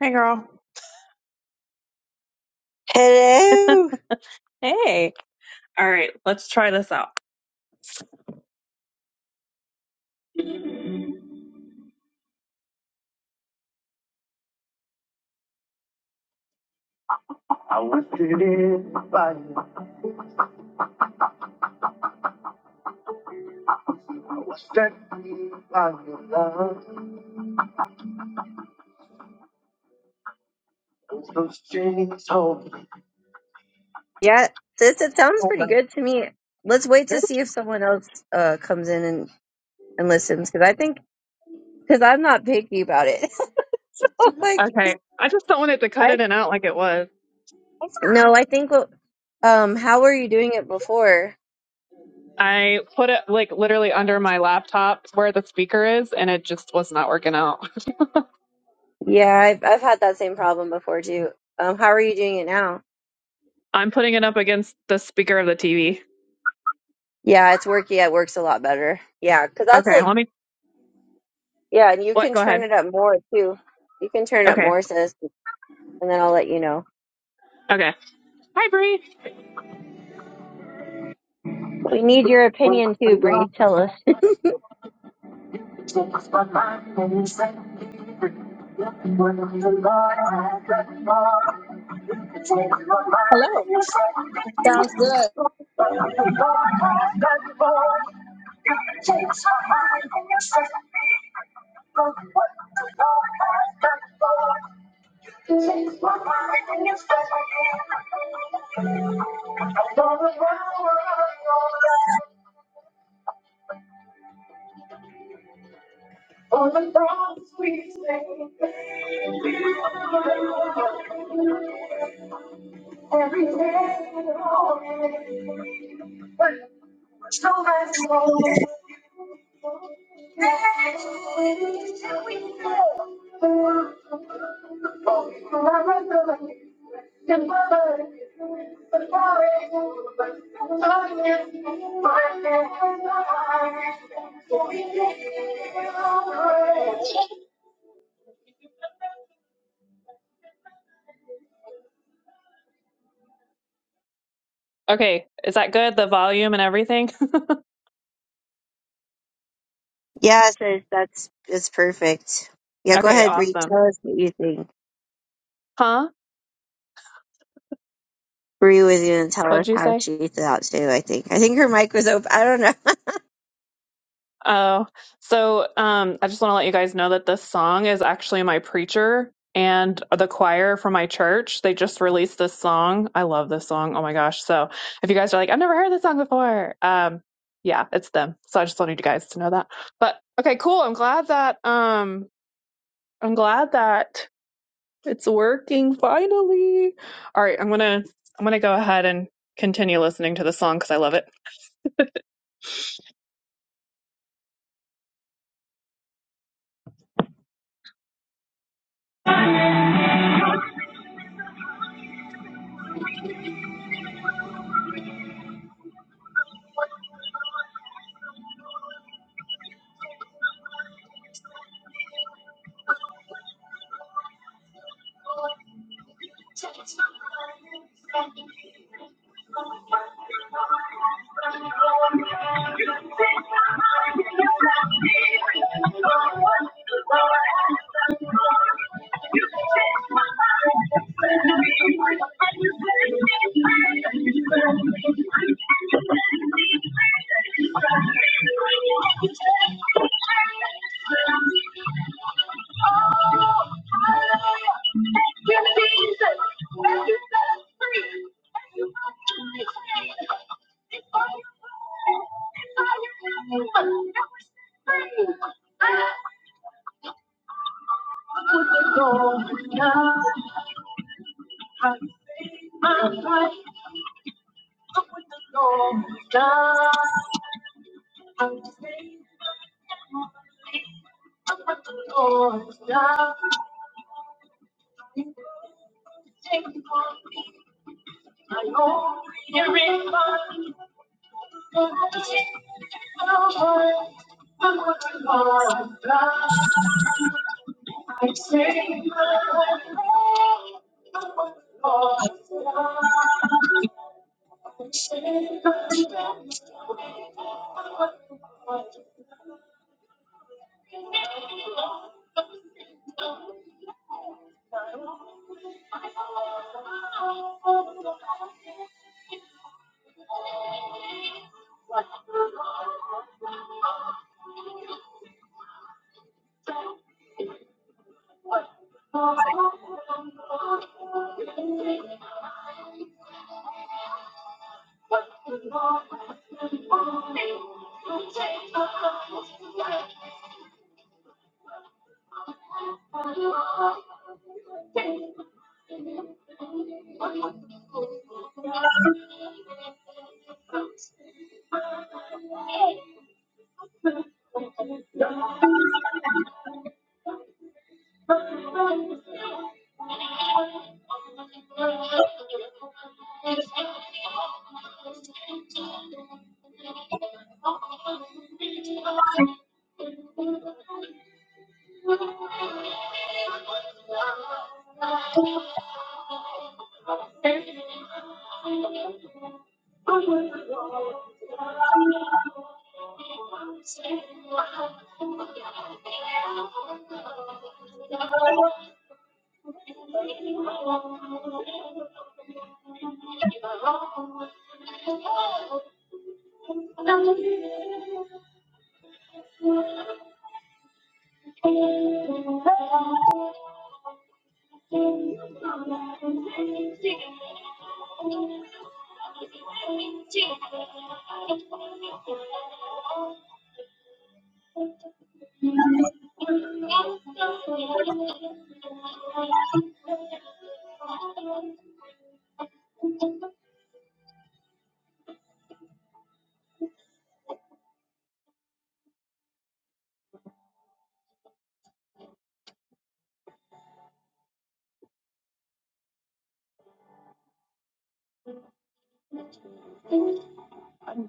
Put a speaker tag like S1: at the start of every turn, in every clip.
S1: Hey, girl.
S2: Hello.
S1: Hey. All right, let's try this out. I was sitting by you. I was standing by your love. Those jeans hold me.
S2: Yeah, this it sounds pretty good to me. Let's wait to see if someone else uh comes in and, and listens because I think because I'm not picky about it. like
S1: Okay, I just don't want it to cut
S2: I
S1: in and out like it was.
S2: no, I think what um how were you doing it before?
S1: I put it like literally under my laptop where the speaker is, and it just was not working out.
S2: Yeah, I've I've had that same problem before too. Um, how are you doing it now?
S1: I'm putting it up against the speaker of the TV.
S2: Yeah, it's working. It works a lot better. Yeah, because that's
S1: Okay,
S2: like
S1: let me.
S2: yeah, and you
S1: What?
S2: can
S1: Go
S2: turn
S1: ahead.
S2: it up more too. You can turn it up
S1: Okay.
S2: more, sis, and then I'll let you know.
S1: Okay. Hi, Bree.
S2: We need your opinion too, Bree. Tell us.
S3: Hello. Sounds good.
S1: Okay, is that good? The volume and everything.
S2: Yes, so that's that's perfect. Yeah, go
S1: okay,
S2: ahead, Bree.
S1: awesome.
S2: Tell us what you think.
S1: Huh?
S2: Bree was gonna tell
S1: What'd
S2: us
S1: you
S2: how
S1: say?
S2: she thought too. I think. I think her mic was open. I don't know.
S1: Oh, so um, I just want to let you guys know that this song is actually my preacher and the choir from my church. They just released this song. I love this song. Oh my gosh. So if you guys are like, I've never heard this song before, um, yeah, it's them. So I just wanted you guys to know that. But okay, cool. I'm glad that um, I'm glad that it's working finally. All right, I'm gonna I'm gonna go ahead and continue listening to the song because I love it.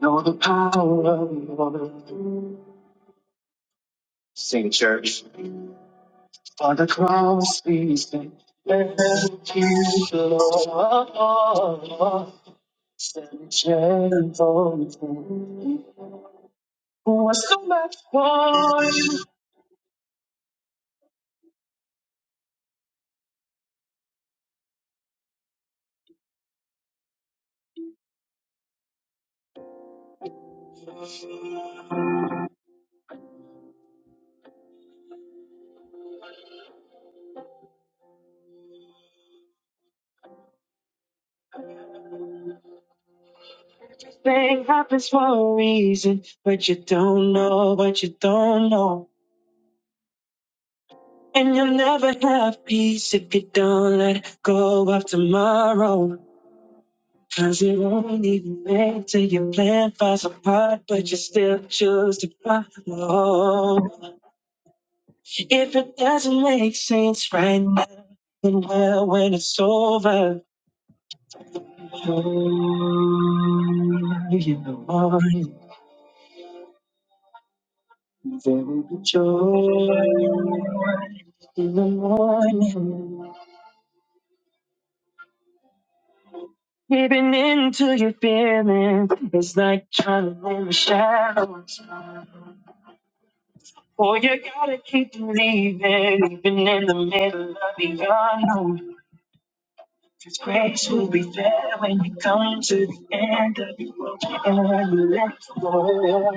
S1: Know the power of love. Sing church. For the cross he's been let you Lord. Send gentle What's so much for you? Thing happens for a reason, but you don't know what you don't know. And you'll never have peace if you don't let go of tomorrow. Cause it won't even make to your plan falls apart, but you still choose to follow. If it doesn't make sense right now, then well, when it's over, oh, you know, there will be joy in the morning. Giving in to your feelings, it's like trying to name a shadow. Boy, you gotta keep believing, even in the middle of the unknown. 'Cause grace will be there when you come to the end of your rope and you let go.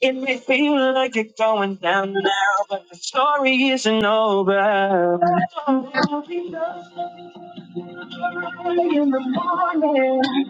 S1: It may feel like you're going down now, but the story isn't over. There'll be joy in the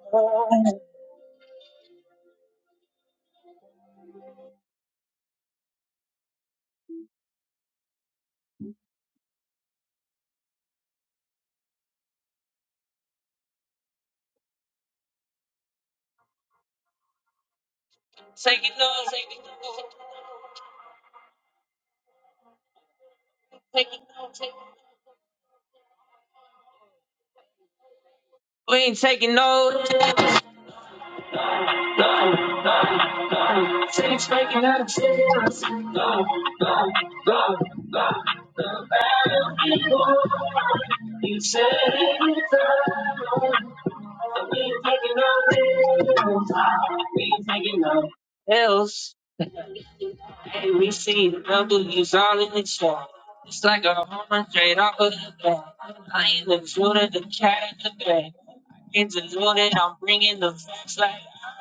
S1: morning. We ain't taking no. Change making out of tears. No, no, no. You said it's time. We ain't taking no else. We ain't taking no else. Hey, we see the number is all in the shot. It's like a home run straight off of the bat. I ain't even shooting the cat in the bag. It's loaded. I'm bringing the flashlight.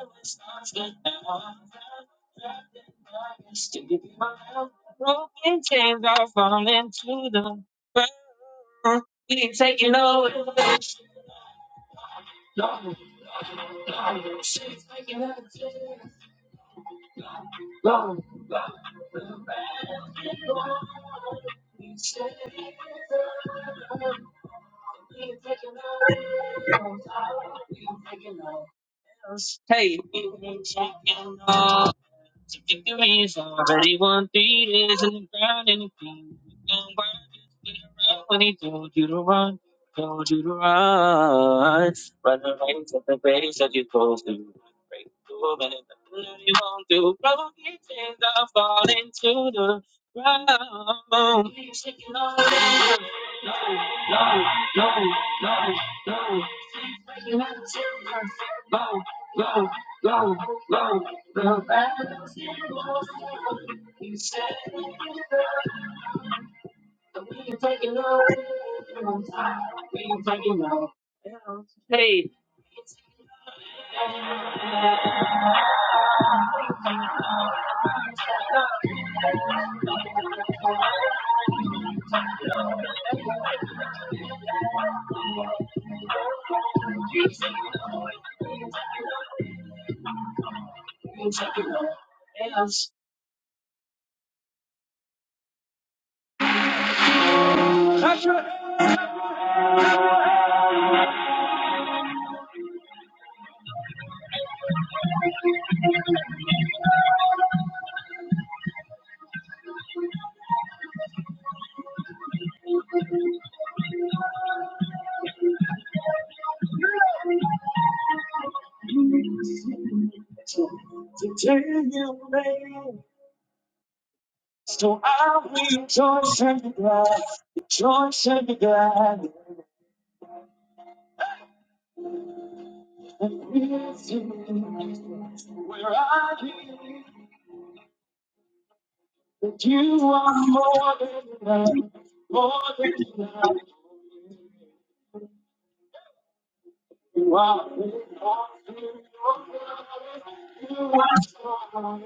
S1: I was lost, but now I'm found. Still keeping my love, broken chains are falling to the ground. We ain't taking no. Hey. we ain't taking no. The victory's already won. Feet is in the ground and the ground. Don't worry, just get around when he told you to run. Told you to run. Run the race at the pace that you're supposed to. Break through and it's nothing that he won't do. Broken chains are falling to the ground. No, no, no, no, no, no, no, no, no. no. So I will Rejoice and be glad. And praise you. Where I live, that you are more than enough, more than enough. You are enough. You are strong.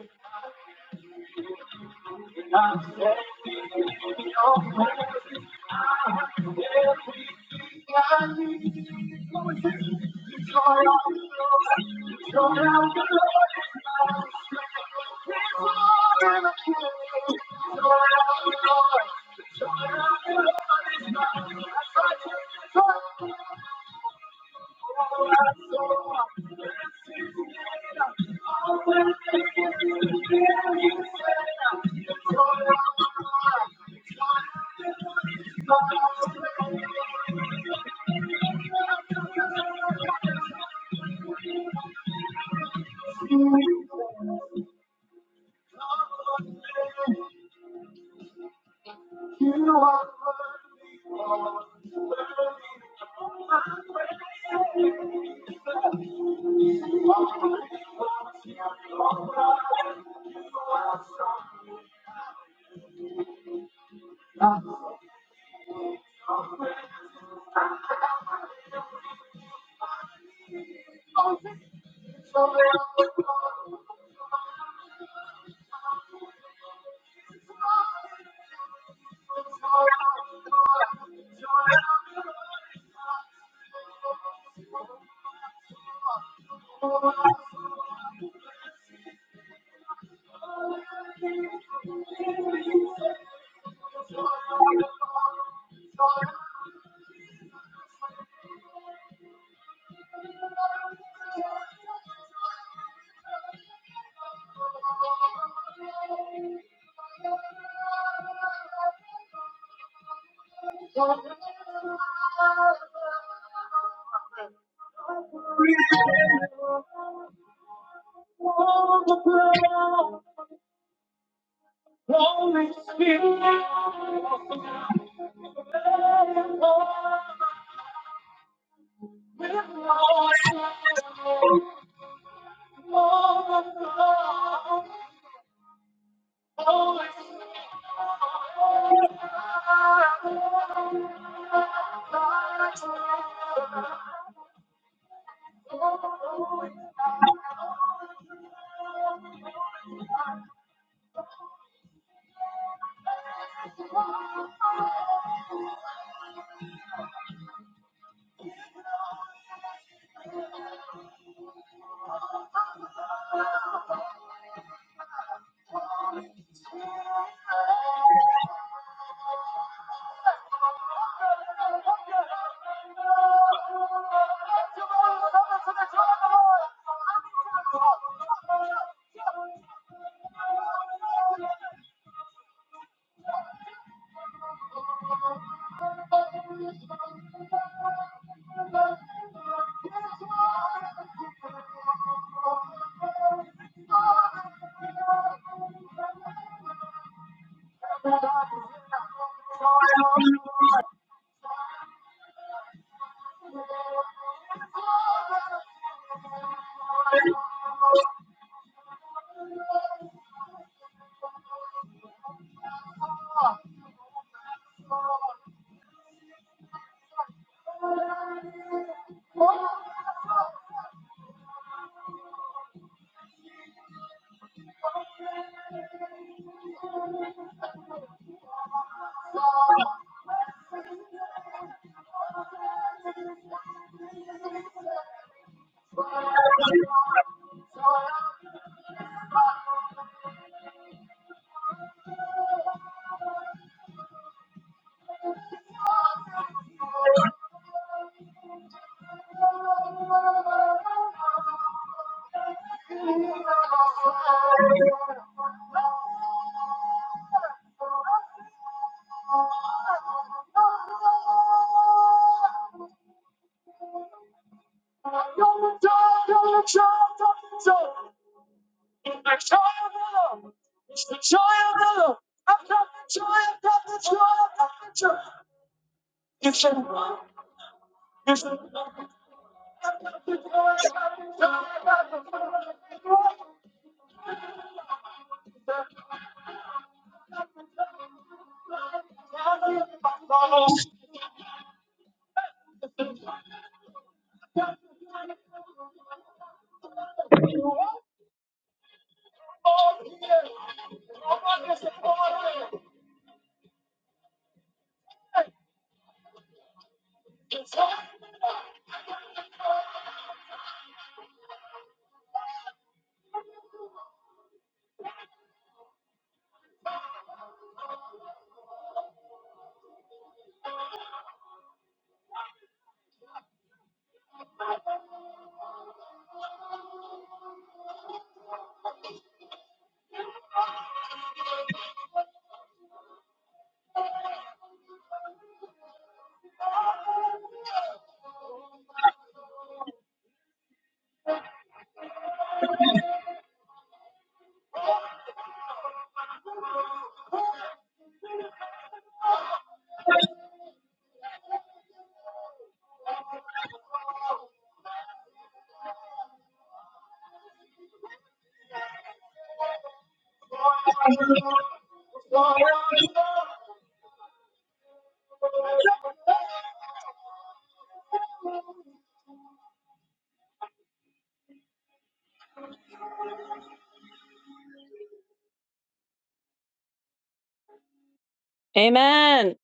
S1: Amen.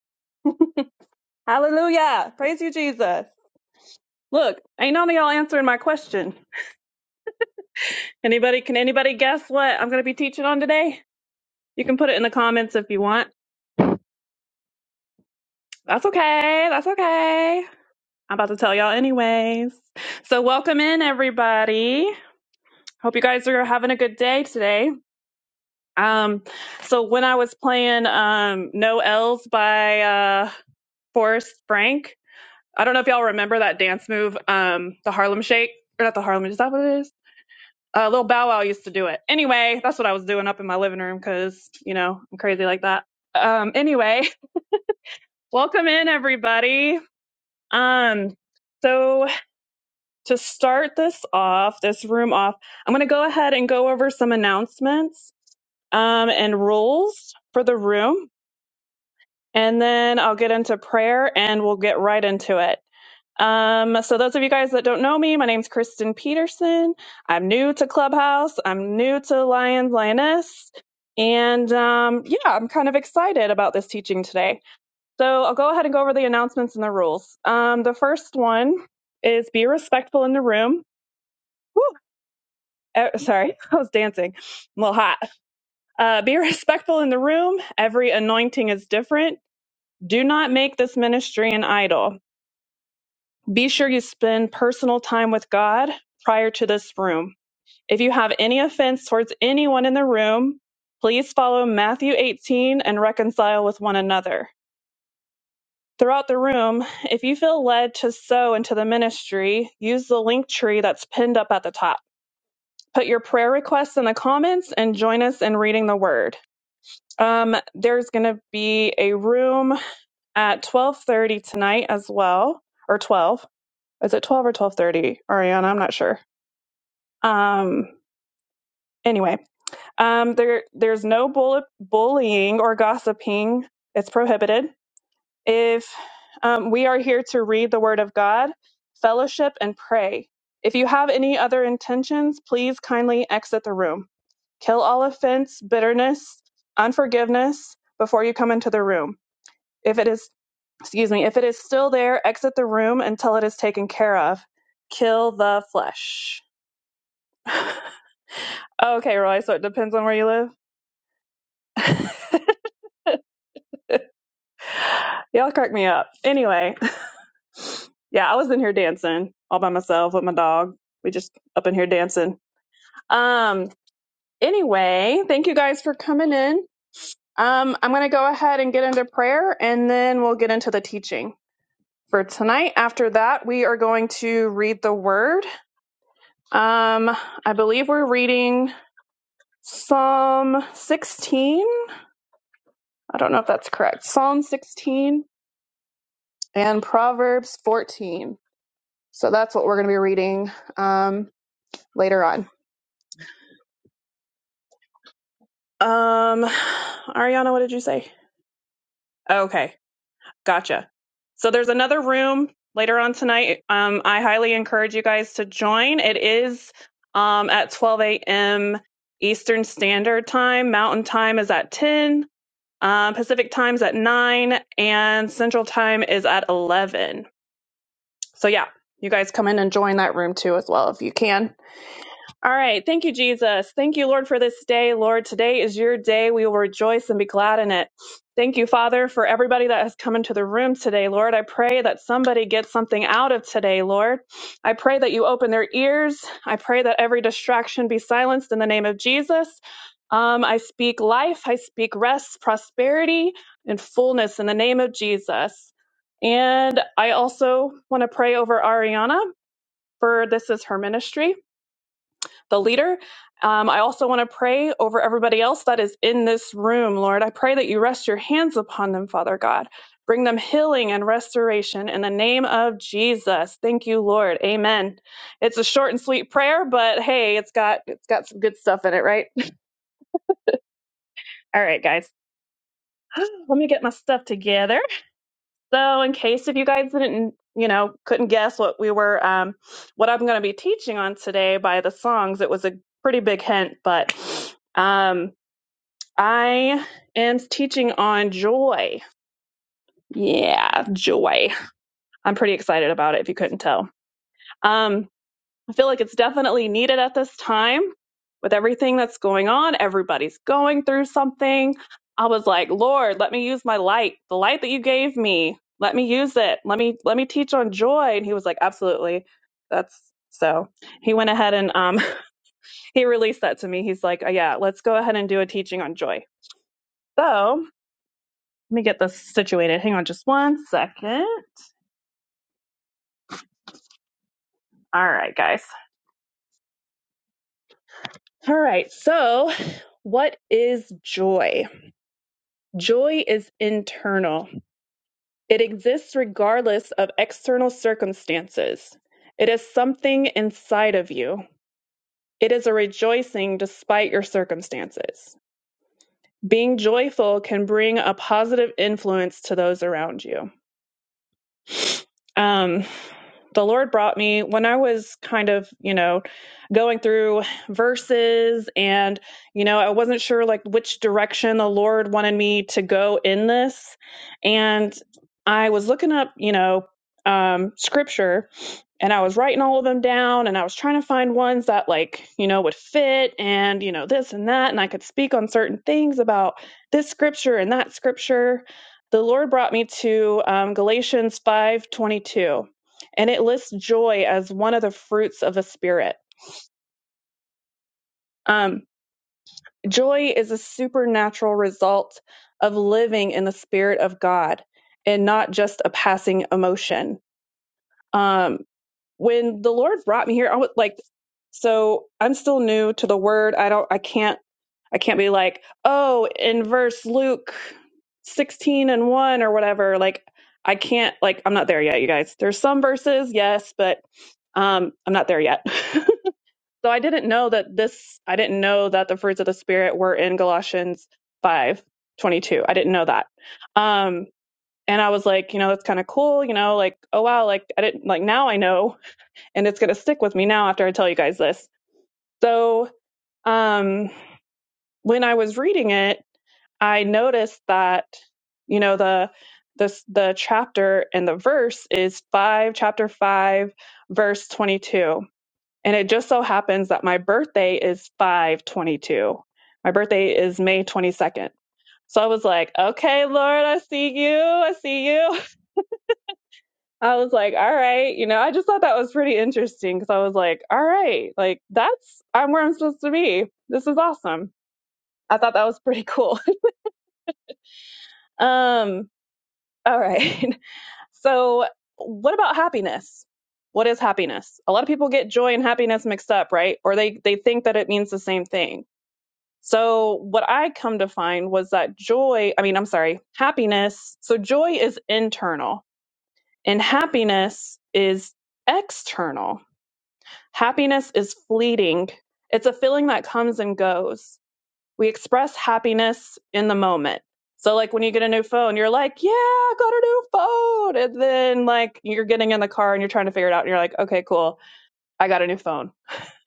S1: Hallelujah. Praise you, Jesus. Look, ain't none of y'all answering my question. Anybody, can anybody guess what I'm going to be teaching on today? You can put it in the comments if you want. That's okay. That's okay. I'm about to tell y'all anyways. So welcome in everybody. Hope you guys are having a good day today. Um so when I was playing um No L's by uh Forrest Frank, I don't know if y'all remember that dance move, um the Harlem Shake or not the Harlem, is that what it is? Uh, Lil Bow Wow used to do it. Anyway, that's what I was doing up in my living room because, you know, I'm crazy like that. Um, anyway, welcome in everybody. Um, so to start this off, this room off, I'm going to go ahead and go over some announcements um, and rules for the room, and then I'll get into prayer and we'll get right into it. Um, so those of you guys that don't know me, my name's Kristen Peterson. I'm new to Clubhouse. I'm new to Lions Lioness, and um, yeah, I'm kind of excited about this teaching today. So I'll go ahead and go over the announcements and the rules. Um, the first one is be respectful in the room. Woo! Eh, sorry, I was dancing. I'm a little hot. Uh, be respectful in the room. Every anointing is different. Do not make this ministry an idol. Be sure you spend personal time with God prior to this room. If you have any offense towards anyone in the room, please follow Matthew 18 and reconcile with one another. Throughout the room, if you feel led to sow into the ministry, use the link tree that's pinned up at the top. Put your prayer requests in the comments and join us in reading the word. Um, there's going to be a room at 12:30 tonight as well, or 12. Is it 12 or 12:30, Ariana? I'm not sure. Um, anyway, um, there there's no bully, bullying or gossiping. It's prohibited. If um, we are here to read the Word of God, fellowship, and pray, if you have any other intentions, please kindly exit the room. Kill all offense, bitterness, unforgiveness before you come into the room. If it is, excuse me, if it is still there, exit the room until it is taken care of. Kill the flesh. okay, Roy, so it depends on where you live. Y'all crack me up. Anyway, yeah, I was in here dancing all by myself with my dog. We just up in here dancing Um, anyway, thank you guys for coming in. Um, I'm going to go ahead and get into prayer and then we'll get into the teaching. For tonight, after that, we are going to read the word. Um, I believe we're reading Psalm 16. I don't know if that's correct. Psalm 16 and Proverbs 14. So that's what we're going to be reading um, later on. Um, Ariana, what did you say? Okay. Gotcha. So there's another room later on tonight. Um, I highly encourage you guys to join. It is um, at 12 a.m. Eastern Standard Time. Mountain Time is at 10. Um, Pacific Time is at 9. And Central Time is at 11. So yeah, you guys come in and join that room too as well if you can. All right. Thank you, Jesus. Thank you, Lord, for this day. Lord, today is your day. We will rejoice and be glad in it. Thank you, Father, for everybody that has come into the room today, Lord. I pray that somebody gets something out of today, Lord. I pray that you open their ears. I pray that every distraction be silenced in the name of Jesus. Um, I speak life, I speak rest, prosperity, and fullness in the name of Jesus. And I also want to pray over Ariana, for this is her ministry the leader. Um, I also want to pray over everybody else that is in this room, Lord. I pray that you rest your hands upon them, Father God. Bring them healing and restoration in the name of Jesus. Thank you, Lord. Amen. It's a short and sweet prayer, but hey, it's got it's got some good stuff in it, right? All right, guys. Let me get my stuff together. So, in case if you guys didn't, you know, couldn't guess what we were, um, what I'm going to be teaching on today by the songs, it was a pretty big hint, but um, I am teaching on joy. Yeah, joy. I'm pretty excited about it if you couldn't tell. Um, I feel like it's definitely needed at this time with everything that's going on. Everybody's going through something. I was like, Lord, let me use my light, the light that you gave me. Let me use it. Let me let me teach on joy. And he was like, Absolutely. That's so he went ahead and um he released that to me. He's like, oh, Yeah, let's go ahead and do a teaching on joy. So Let me get this situated. Hang on just one second. All right, guys. All right. So, what is joy? Joy is internal, it exists regardless of external circumstances. It is something inside of you. It is a rejoicing despite your circumstances. Being joyful can bring a positive influence to those around you. Um, the Lord brought me when I was kind of, you know, going through verses and, you know, I wasn't sure like which direction the Lord wanted me to go in this. And I was looking up, you know, um, scripture and I was writing all of them down and I was trying to find ones that like, you know, would fit and, you know, this and that and I could speak on certain things about this scripture and that scripture. The Lord brought me to um, Galatians 5:22 and it lists joy as one of the fruits of the spirit. Um joy is a supernatural result of living in the spirit of God and not just a passing emotion. Um when the Lord brought me here, I was like, so I'm still new to the word. I don't, I can't, I can't be like, oh, in verse Luke 16 and 1 or whatever. Like, I can't, like, I'm not there yet, you guys. There's some verses, yes, but um, I'm not there yet. so I didn't know that this, I didn't know that the fruits of the Spirit were in Galatians 5 22. I didn't know that. Um, and I was like, you know, that's kind of cool, you know, like, oh wow, like I didn't like now I know and it's going to stick with me now after I tell you guys this. So, um, when I was reading it, I noticed that you know the this the chapter and the verse is five chapter five verse twenty two, and it just so happens that my birthday is five twenty two. My birthday is May twenty second. So I was like, okay, Lord, I see you. I see you. I was like, all right, you know, I just thought that was pretty interesting because I was like, all right, like that's I'm where I'm supposed to be. This is awesome. I thought that was pretty cool. um, all right. so what about happiness? What is happiness? A lot of people get joy and happiness mixed up, right? Or they they think that it means the same thing. So what I come to find was that joy, I mean, I'm sorry, happiness. So joy is internal and happiness is external Happiness is fleeting. It's a feeling that comes and goes. We express happiness in the moment. So, like when you get a new phone, you're like, yeah, I got a new phone. And then, like, you're getting in the car and you're trying to figure it out. And you're like, okay, cool. I got a new phone.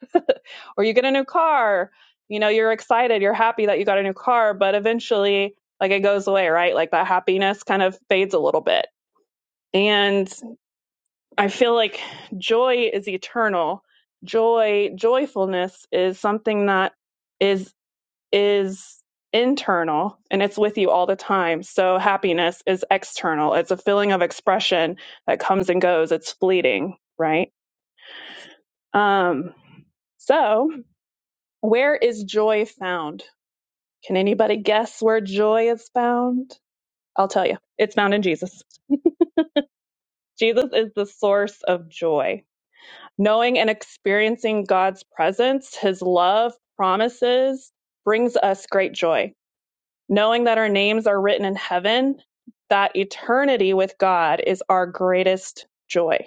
S1: or you get a new car. You know, you're excited. You're happy that you got a new car. But eventually, like, it goes away, right? Like, that happiness kind of fades a little bit. and. I feel like joy is eternal. Joy, joyfulness is something that is is internal and it's with you all the time. So happiness is external. It's a feeling of expression that comes and goes. It's fleeting, right? Um so, where is joy found? Can anybody guess where joy is found? I'll tell you. It's found in Jesus. Jesus is the source of joy Knowing and experiencing God's presence, His love, promises, brings us great joy. Knowing that our names are written in heaven, that eternity with God is our greatest joy.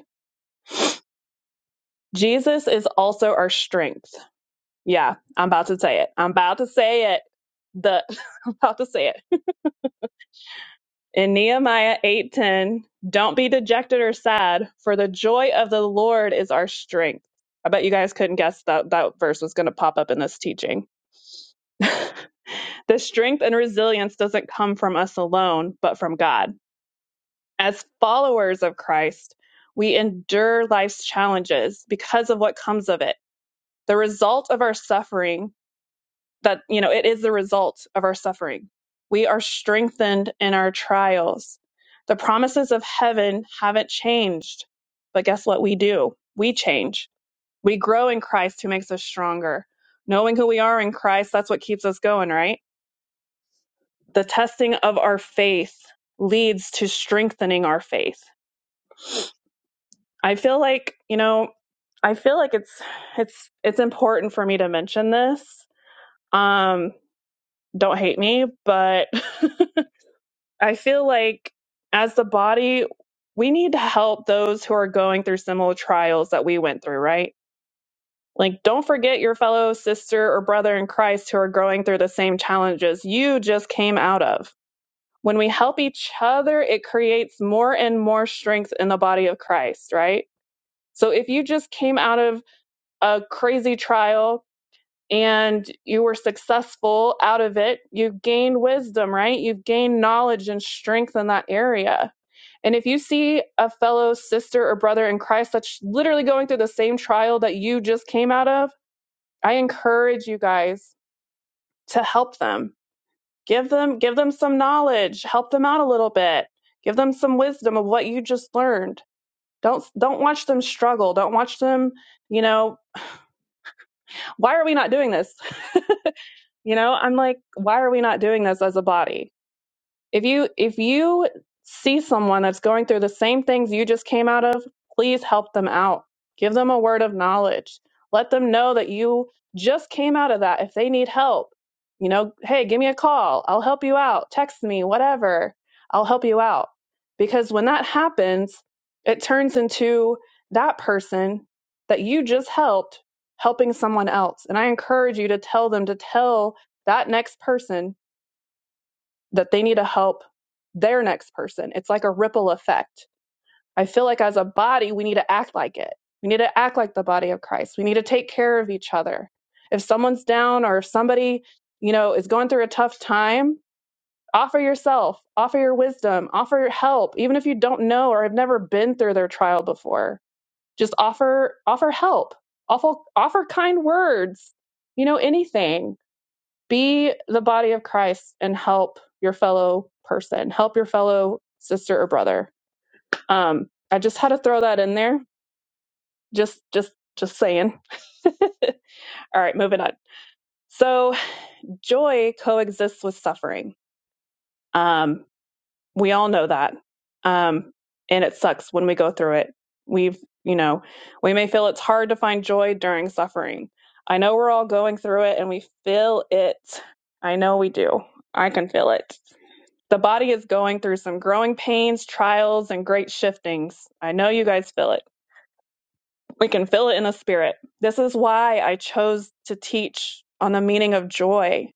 S1: Jesus is also our strength. Yeah, I'm about to say it. I'm about to say it. The I'm about to say it. In Nehemiah 8:10, don't be dejected or sad, for the joy of the Lord is our strength. I bet you guys couldn't guess that that verse was going to pop up in this teaching The strength and resilience doesn't come from us alone, but from God. As followers of Christ, we endure life's challenges because of what comes of it. The result of our suffering, that, you know, it is the result of our suffering. We are strengthened in our trials. The promises of heaven haven't changed. But guess what we do? We change. We grow in Christ who makes us stronger. Knowing who we are in Christ, that's what keeps us going, right? the testing of our faith leads to strengthening our faith. I feel like, you know, I feel like it's it's it's important for me to mention this. Um don't hate me, but I feel like as the body we need to help those who are going through similar trials that we went through, right? Like don't forget your fellow sister or brother in Christ who are going through the same challenges you just came out of When we help each other, it creates more and more strength in the body of Christ, right? So if you just came out of a crazy trial and you were successful out of it, you gained wisdom, right? You gained knowledge and strength in that area. And if you see a fellow sister or brother in Christ that's literally going through the same trial that you just came out of, I encourage you guys to help them give them give them some knowledge help them out a little bit give them some wisdom of what you just learned don't don't watch them struggle don't watch them you know why are we not doing this you know i'm like why are we not doing this as a body if you if you see someone that's going through the same things you just came out of please help them out give them a word of knowledge let them know that you just came out of that if they need help you know hey give me a call i'll help you out text me whatever i'll help you out because when that happens it turns into that person that you just helped helping someone else and i encourage you to tell them to tell that next person that they need to help their next person. It's like a ripple effect. I feel like as a body, we need to act like it. We need to act like the body of Christ. We need to take care of each other. If someone's down or if somebody, you know, is going through a tough time, offer yourself, offer your wisdom, offer your help, even if you don't know or have never been through their trial before. Just offer offer help. Offer offer kind words. You know, anything be the body of Christ and help your fellow person, help your fellow sister or brother. Um, I just had to throw that in there. Just, just, just saying. All right, moving on. So joy coexists with suffering. Um, we all know that, um, and it sucks when we go through it. We've, you know, we may feel it's hard to find joy during suffering. I know we're all going through it, and we feel it. I know we do. I can feel it. The body is going through some growing pains, trials, and great shiftings. I know you guys feel it. We can feel it in the spirit. This is why I chose to teach on the meaning of joy.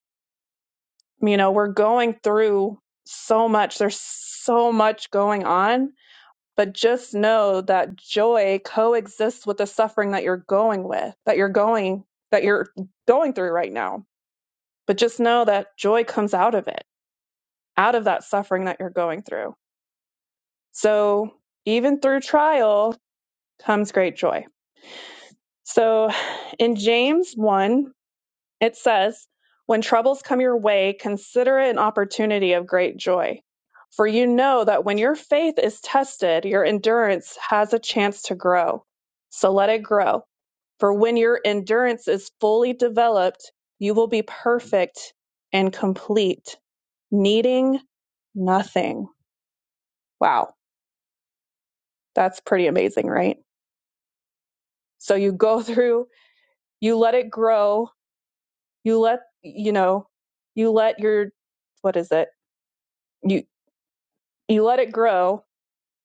S1: You know, we're going through so much, there's so much going on, but just know that joy coexists with the suffering that you're going with, that you're going, that you're going through right now. But just know that joy comes out of it, out of that suffering that you're going through So even through trial comes great joy. So in James 1, it says, When troubles come your way, consider it an opportunity of great joy. For you know that when your faith is tested, your endurance has a chance to grow. So let it grow. For when your endurance is fully developed, you will be perfect and complete, needing nothing. Wow, that's pretty amazing, right? So you go through, you let it grow, you let you know, you let your what is it? You you let it grow,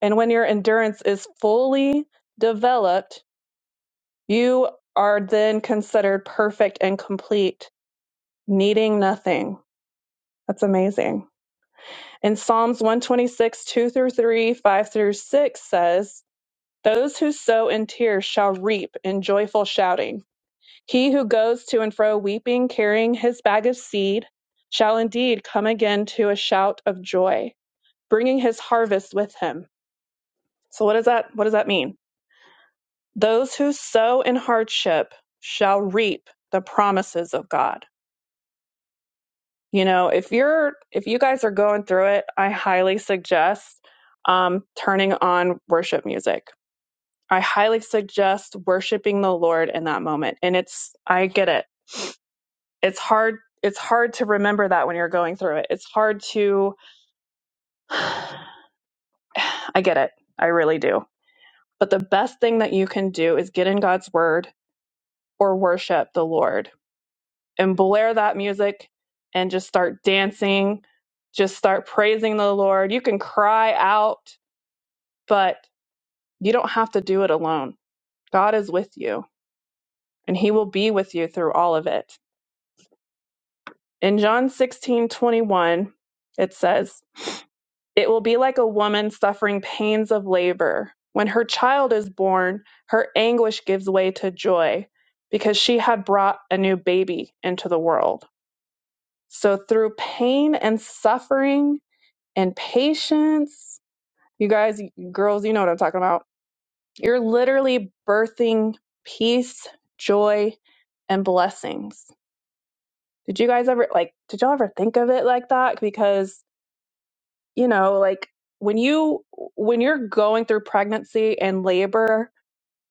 S1: and when your endurance is fully developed, you are then considered perfect and complete, needing nothing. That's amazing. And Psalms 126, 2 through 3, 5 through 6 says, Those who sow in tears shall reap in joyful shouting. He who goes to and fro weeping, carrying his bag of seed, shall indeed come again to a shout of joy, bringing his harvest with him. So what does that what does that mean? Those who sow in hardship shall reap the promises of God. You know, if you're if you guys are going through it, I highly suggest um, turning on worship music. I highly suggest worshiping the Lord in that moment. And it's I get it it's hard it's hard to remember that when you're going through it it's hard to i get it i really do but the best thing that you can do is get in god's word or worship the lord and blare that music and just start dancing just start praising the lord you can cry out but you don't have to do it alone god is with you and he will be with you through all of it in john 16 21, it says It will be like a woman suffering pains of labor. When her child is born, her anguish gives way to joy because she had brought a new baby into the world. So, through pain and suffering and patience, you guys, girls, you know what I'm talking about. You're literally birthing peace, joy, and blessings. Did you guys ever, like, did y'all ever think of it like that? Because you know like when you when you're going through pregnancy and labor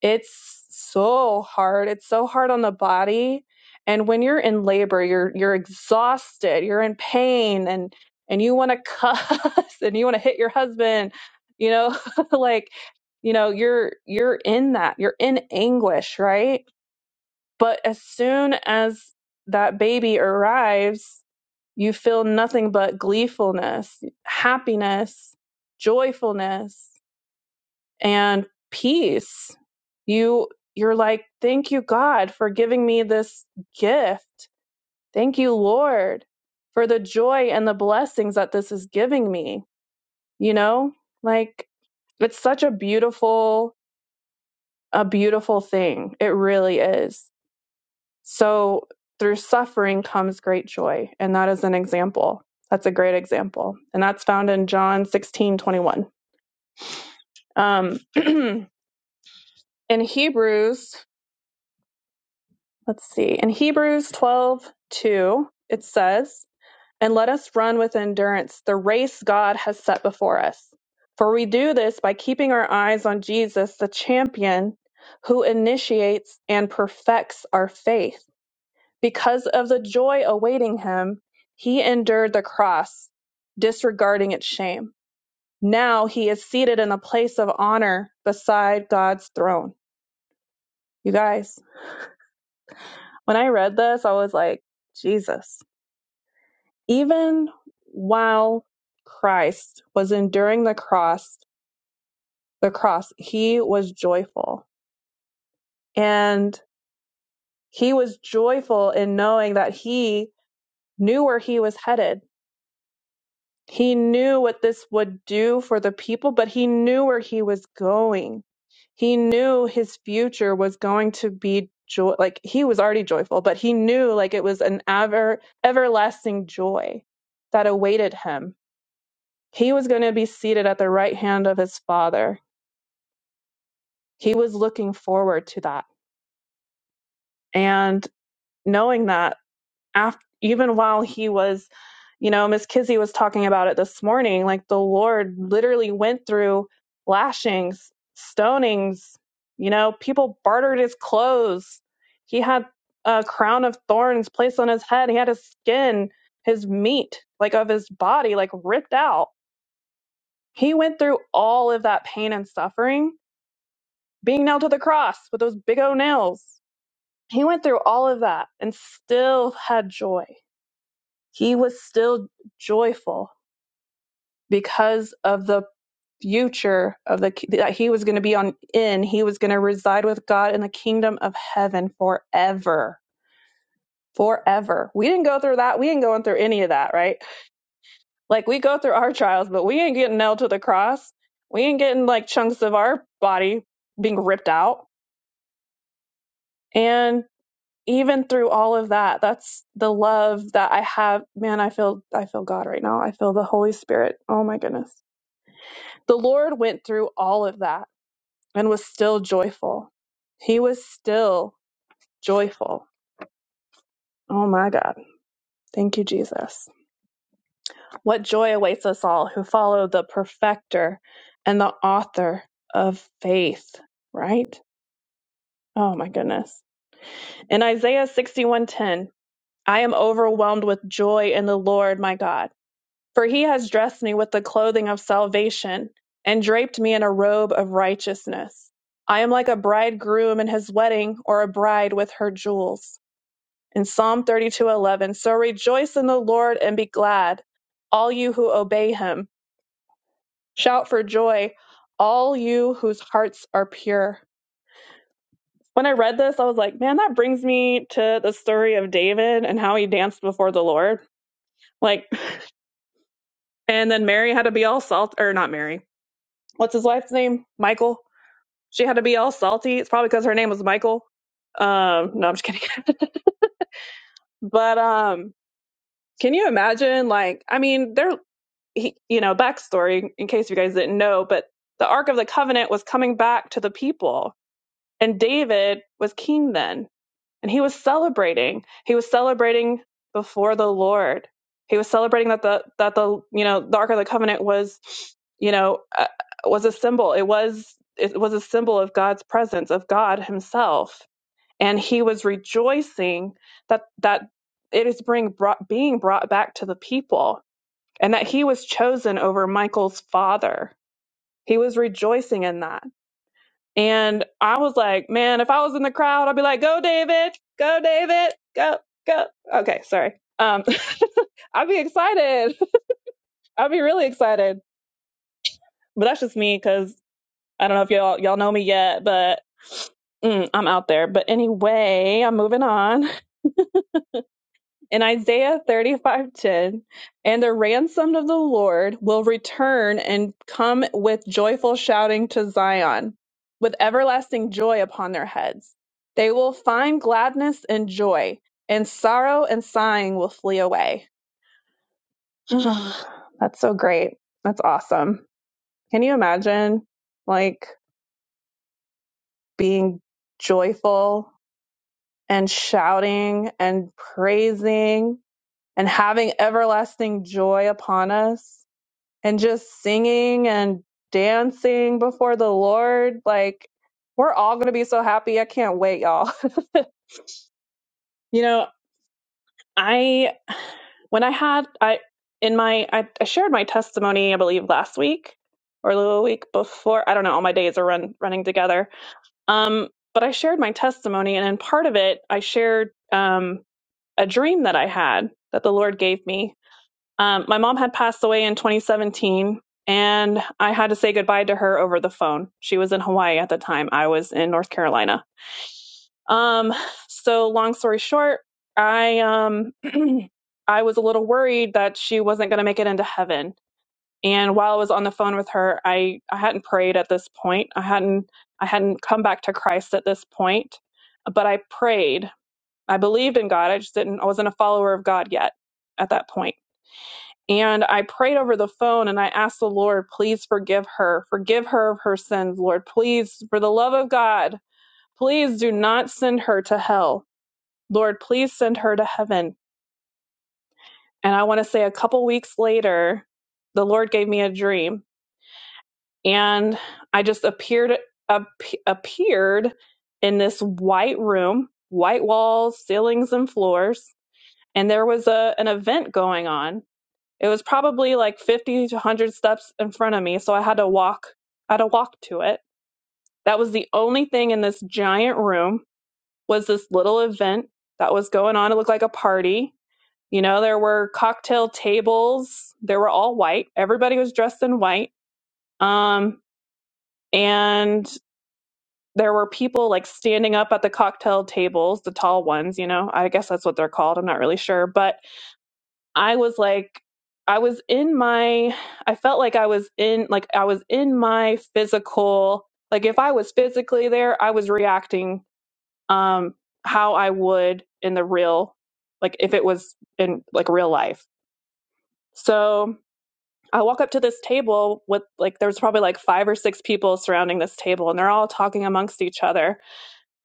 S1: it's so hard it's so hard on the body and when you're in labor you're you're exhausted you're in pain and and you want to cuss and you want to hit your husband you know like you know you're you're in that you're in anguish right but as soon as that baby arrives you feel nothing but gleefulness, happiness, joyfulness, and peace. You you're like, "Thank you God for giving me this gift. Thank you Lord for the joy and the blessings that this is giving me." You know? Like it's such a beautiful a beautiful thing. It really is. So through suffering comes great joy. And that is an example. That's a great example. And that's found in John 16 21. Um, in Hebrews, let's see, in Hebrews 12 2, it says, And let us run with endurance the race God has set before us. For we do this by keeping our eyes on Jesus, the champion who initiates and perfects our faith. Because of the joy awaiting him, he endured the cross, disregarding its shame. Now he is seated in a place of honor beside God's throne. You guys, when I read this, I was like, Jesus. Even while Christ was enduring the cross, the cross, he was joyful. And he was joyful in knowing that he knew where he was headed He knew what this would do for the people, but he knew where he was going. He knew his future was going to be joy. Like he was already joyful, but he knew like it was an ever everlasting joy that awaited him. He was going to be seated at the right hand of his father. He was looking forward to that. And knowing that af even while he was, you know, Miss Kizzy was talking about it this morning, like the Lord literally went through lashings, stonings, you know, people bartered his clothes. He had a crown of thorns placed on his head. He had his skin, his meat, like of his body, like ripped out. He went through all of that pain and suffering, being nailed to the cross with those big old nails. He went through all of that and still had joy he was still joyful because of the future of the that he was going to be on in he was going to reside with God in the kingdom of heaven forever forever we didn't go through that we ain't going through any of that right like we go through our trials but we ain't getting nailed to the cross we ain't getting like chunks of our body being ripped out and even through all of that that's the love that i have man i feel i feel god right now i feel the holy spirit oh my goodness The Lord went through all of that and was still joyful. He was still joyful. Oh my God. Thank you, Jesus. What joy awaits us all who follow the perfecter and the author of faith, right? Oh my goodness. In Isaiah 61:10, I am overwhelmed with joy in the Lord my God. For he has dressed me with the clothing of salvation and draped me in a robe of righteousness. I am like a bridegroom in his wedding or a bride with her jewels. In Psalm 32:11, so rejoice in the Lord and be glad, all you who obey him. Shout for joy, all you whose hearts are pure. When I read this, I was like, man, that brings me to the story of David and how he danced before the Lord. Like, and then Mary had to be all salt, or not Mary. what's his wife's name? Michael. She had to be all salty. It's probably because her name was Michael. Um, no, I'm just kidding. But um, can you imagine? Like, I mean, they're he, you know, backstory in case you guys didn't know, but the Ark of the Covenant was coming back to the people, and David was king then And he was celebrating. He was celebrating before the Lord. He was celebrating that the that the you know the Ark of the Covenant was you know uh, was a symbol. It was it was a symbol of God's presence of God Himself, and he was rejoicing that that it is being brought being brought back to the people, and that he was chosen over Michael's father. He was rejoicing in that and I was like, man, if I was in the crowd, I'd be like, go, David, go, David, go, go. Okay, sorry. Um, I'd be excited. I'd be really excited. But that's just me because I don't know if y'all y'all know me yet, but mm, I'm out there. But anyway, I'm moving on. in Isaiah 35:10, and the ransomed of the Lord will return and come with joyful shouting to Zion, with everlasting joy upon their heads. They will find gladness and joy, and sorrow and sighing will flee away. That's so great. That's awesome. Can you imagine like being joyful and shouting and praising and having everlasting joy upon us? and just singing and dancing before the Lord. Like, we're all going to be so happy. I can't wait, y'all. You know, I, when I had, I, in my, I, I shared my testimony, I believe, last week or the week before. I don't know. All my days are run, running together. Um, but I shared my testimony, and in part of it, I shared um, a dream that I had that the Lord gave me Um, my mom had passed away in 2017, and I had to say goodbye to her over the phone. She was in Hawaii at the time. I was in North Carolina. Um, so long story short, I um, I was a little worried that she wasn't going to make it into heaven. And while I was on the phone with her, I I hadn't prayed at this point. I hadn't I hadn't come back to Christ at this point, but I prayed. I believed in God. I just didn't. I wasn't a follower of God yet at that point and I prayed over the phone and I asked the Lord, please forgive her. Forgive her of her sins, Lord. Please, for the love of God, please do not send her to hell. Lord, please send her to heaven. And I want to say a couple weeks later, the Lord gave me a dream and I just appeared ap- appeared in this white room, white walls, ceilings and floors, and there was a an event going on It was probably like 50 to 100 steps in front of me, so I had to walk. I had to walk to it. That was the only thing in this giant room was this little event that was going on. It looked like a party. You know, there were cocktail tables. They were all white. Everybody was dressed in white. Um, and there were people like standing up at the cocktail tables, the tall ones, you know. I guess that's what they're called. I'm not really sure, but I was like, I was in my, I felt like I was in, like, I was in my physical, like, if I was physically there, I was reacting um, how I would in the real, like, if it was in, like, real life. So I walk up to this table with, like, there's probably like five or six people surrounding this table, and they're all talking amongst each other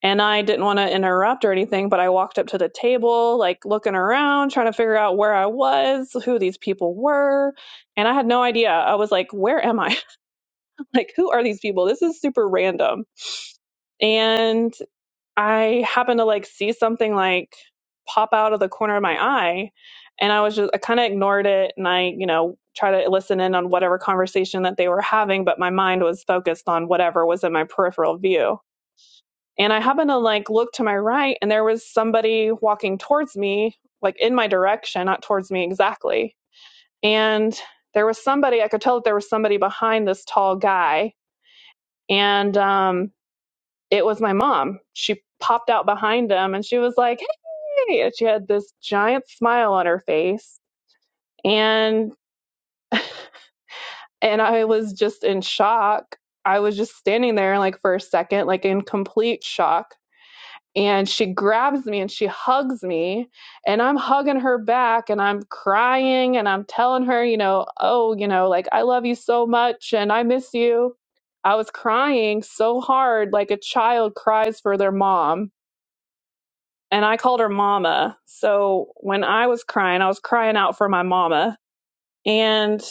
S1: and I didn't want to interrupt or anything, but I walked up to the table, like looking around, trying to figure out where I was, who these people were. And I had no idea. I was like, where am I? like, who are these people? This is super random. And I happened to like see something like pop out of the corner of my eye. And I was just, I kind of ignored it. And I, you know, try to listen in on whatever conversation that they were having, but my mind was focused on whatever was in my peripheral view. And I happened to like look to my right and there was somebody walking towards me, like in my direction, not towards me exactly. And there was somebody, I could tell that there was somebody behind this tall guy. And um, it was my mom. She popped out behind him and she was like, Hey, and she had this giant smile on her face. And and I was just in shock. I was just standing there like for a second, like in complete shock and she grabs me and she hugs me and i'm hugging her back and i'm crying and i'm telling her you know oh you know like i love you so much and i miss you i was crying so hard like a child cries for their mom and i called her mama so when i was crying i was crying out for my mama and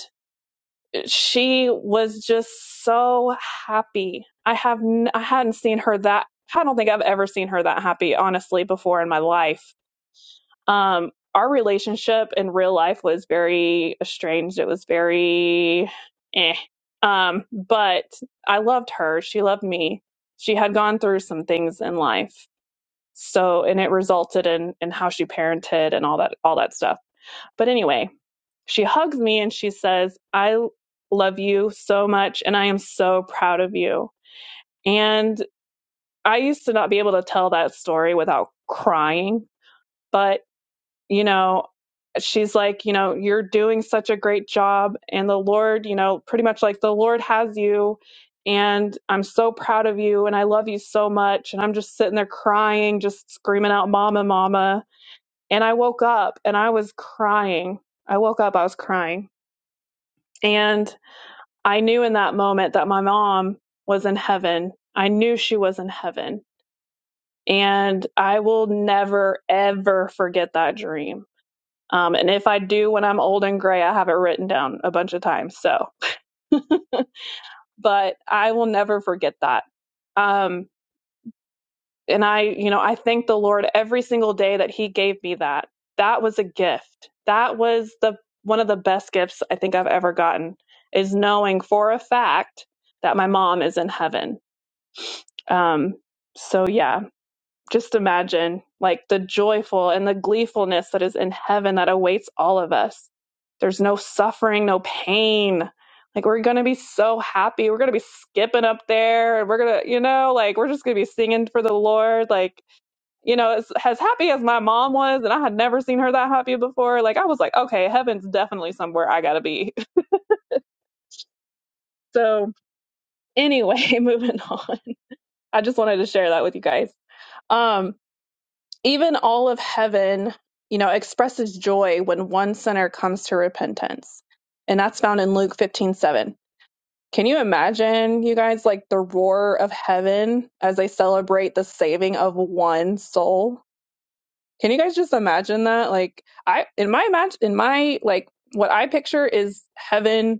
S1: she was just so happy i have n- i hadn't seen her that i don't think i've ever seen her that happy honestly before in my life Um, our relationship in real life was very estranged. It was very eh. Um, but I loved her. She loved me. She had gone through some things in life. So and it resulted in in how she parented and all that all that stuff. But anyway, she hugs me and she says, "I love you so much and I am so proud of you." And I used to not be able to tell that story without crying, but you know, she's like, you know, you're doing such a great job. And the Lord, you know, pretty much like the Lord has you. And I'm so proud of you. And I love you so much. And I'm just sitting there crying, just screaming out, Mama, Mama. And I woke up and I was crying. I woke up, I was crying. And I knew in that moment that my mom was in heaven. I knew she was in heaven. And I will never, ever forget that dream Um, and if I do when I'm old and gray, I have it written down a bunch of times. So, but I will never forget that. Um, and I, you know, I thank the Lord every single day that He gave me that. That was a gift. That was the one of the best gifts I think I've ever gotten is knowing for a fact that my mom is in heaven. Um, so yeah, just imagine like the joyful and the gleefulness that is in heaven that awaits all of us. There's no suffering, no pain. Like we're going to be so happy. We're going to be skipping up there and we're going to, you know, like we're just going to be singing for the Lord. Like, you know, as, as happy as my mom was, and I had never seen her that happy before. Like I was like, okay, heaven's definitely somewhere I got to be. So anyway, moving on. I just wanted to share that with you guys. Um, Even all of heaven, you know, expresses joy when one sinner comes to repentance. And that's found in Luke fifteen seven. Can you imagine, you guys, like the roar of heaven as they celebrate the saving of one soul? Can you guys just imagine that? Like I in my imag- in my like what I picture is heaven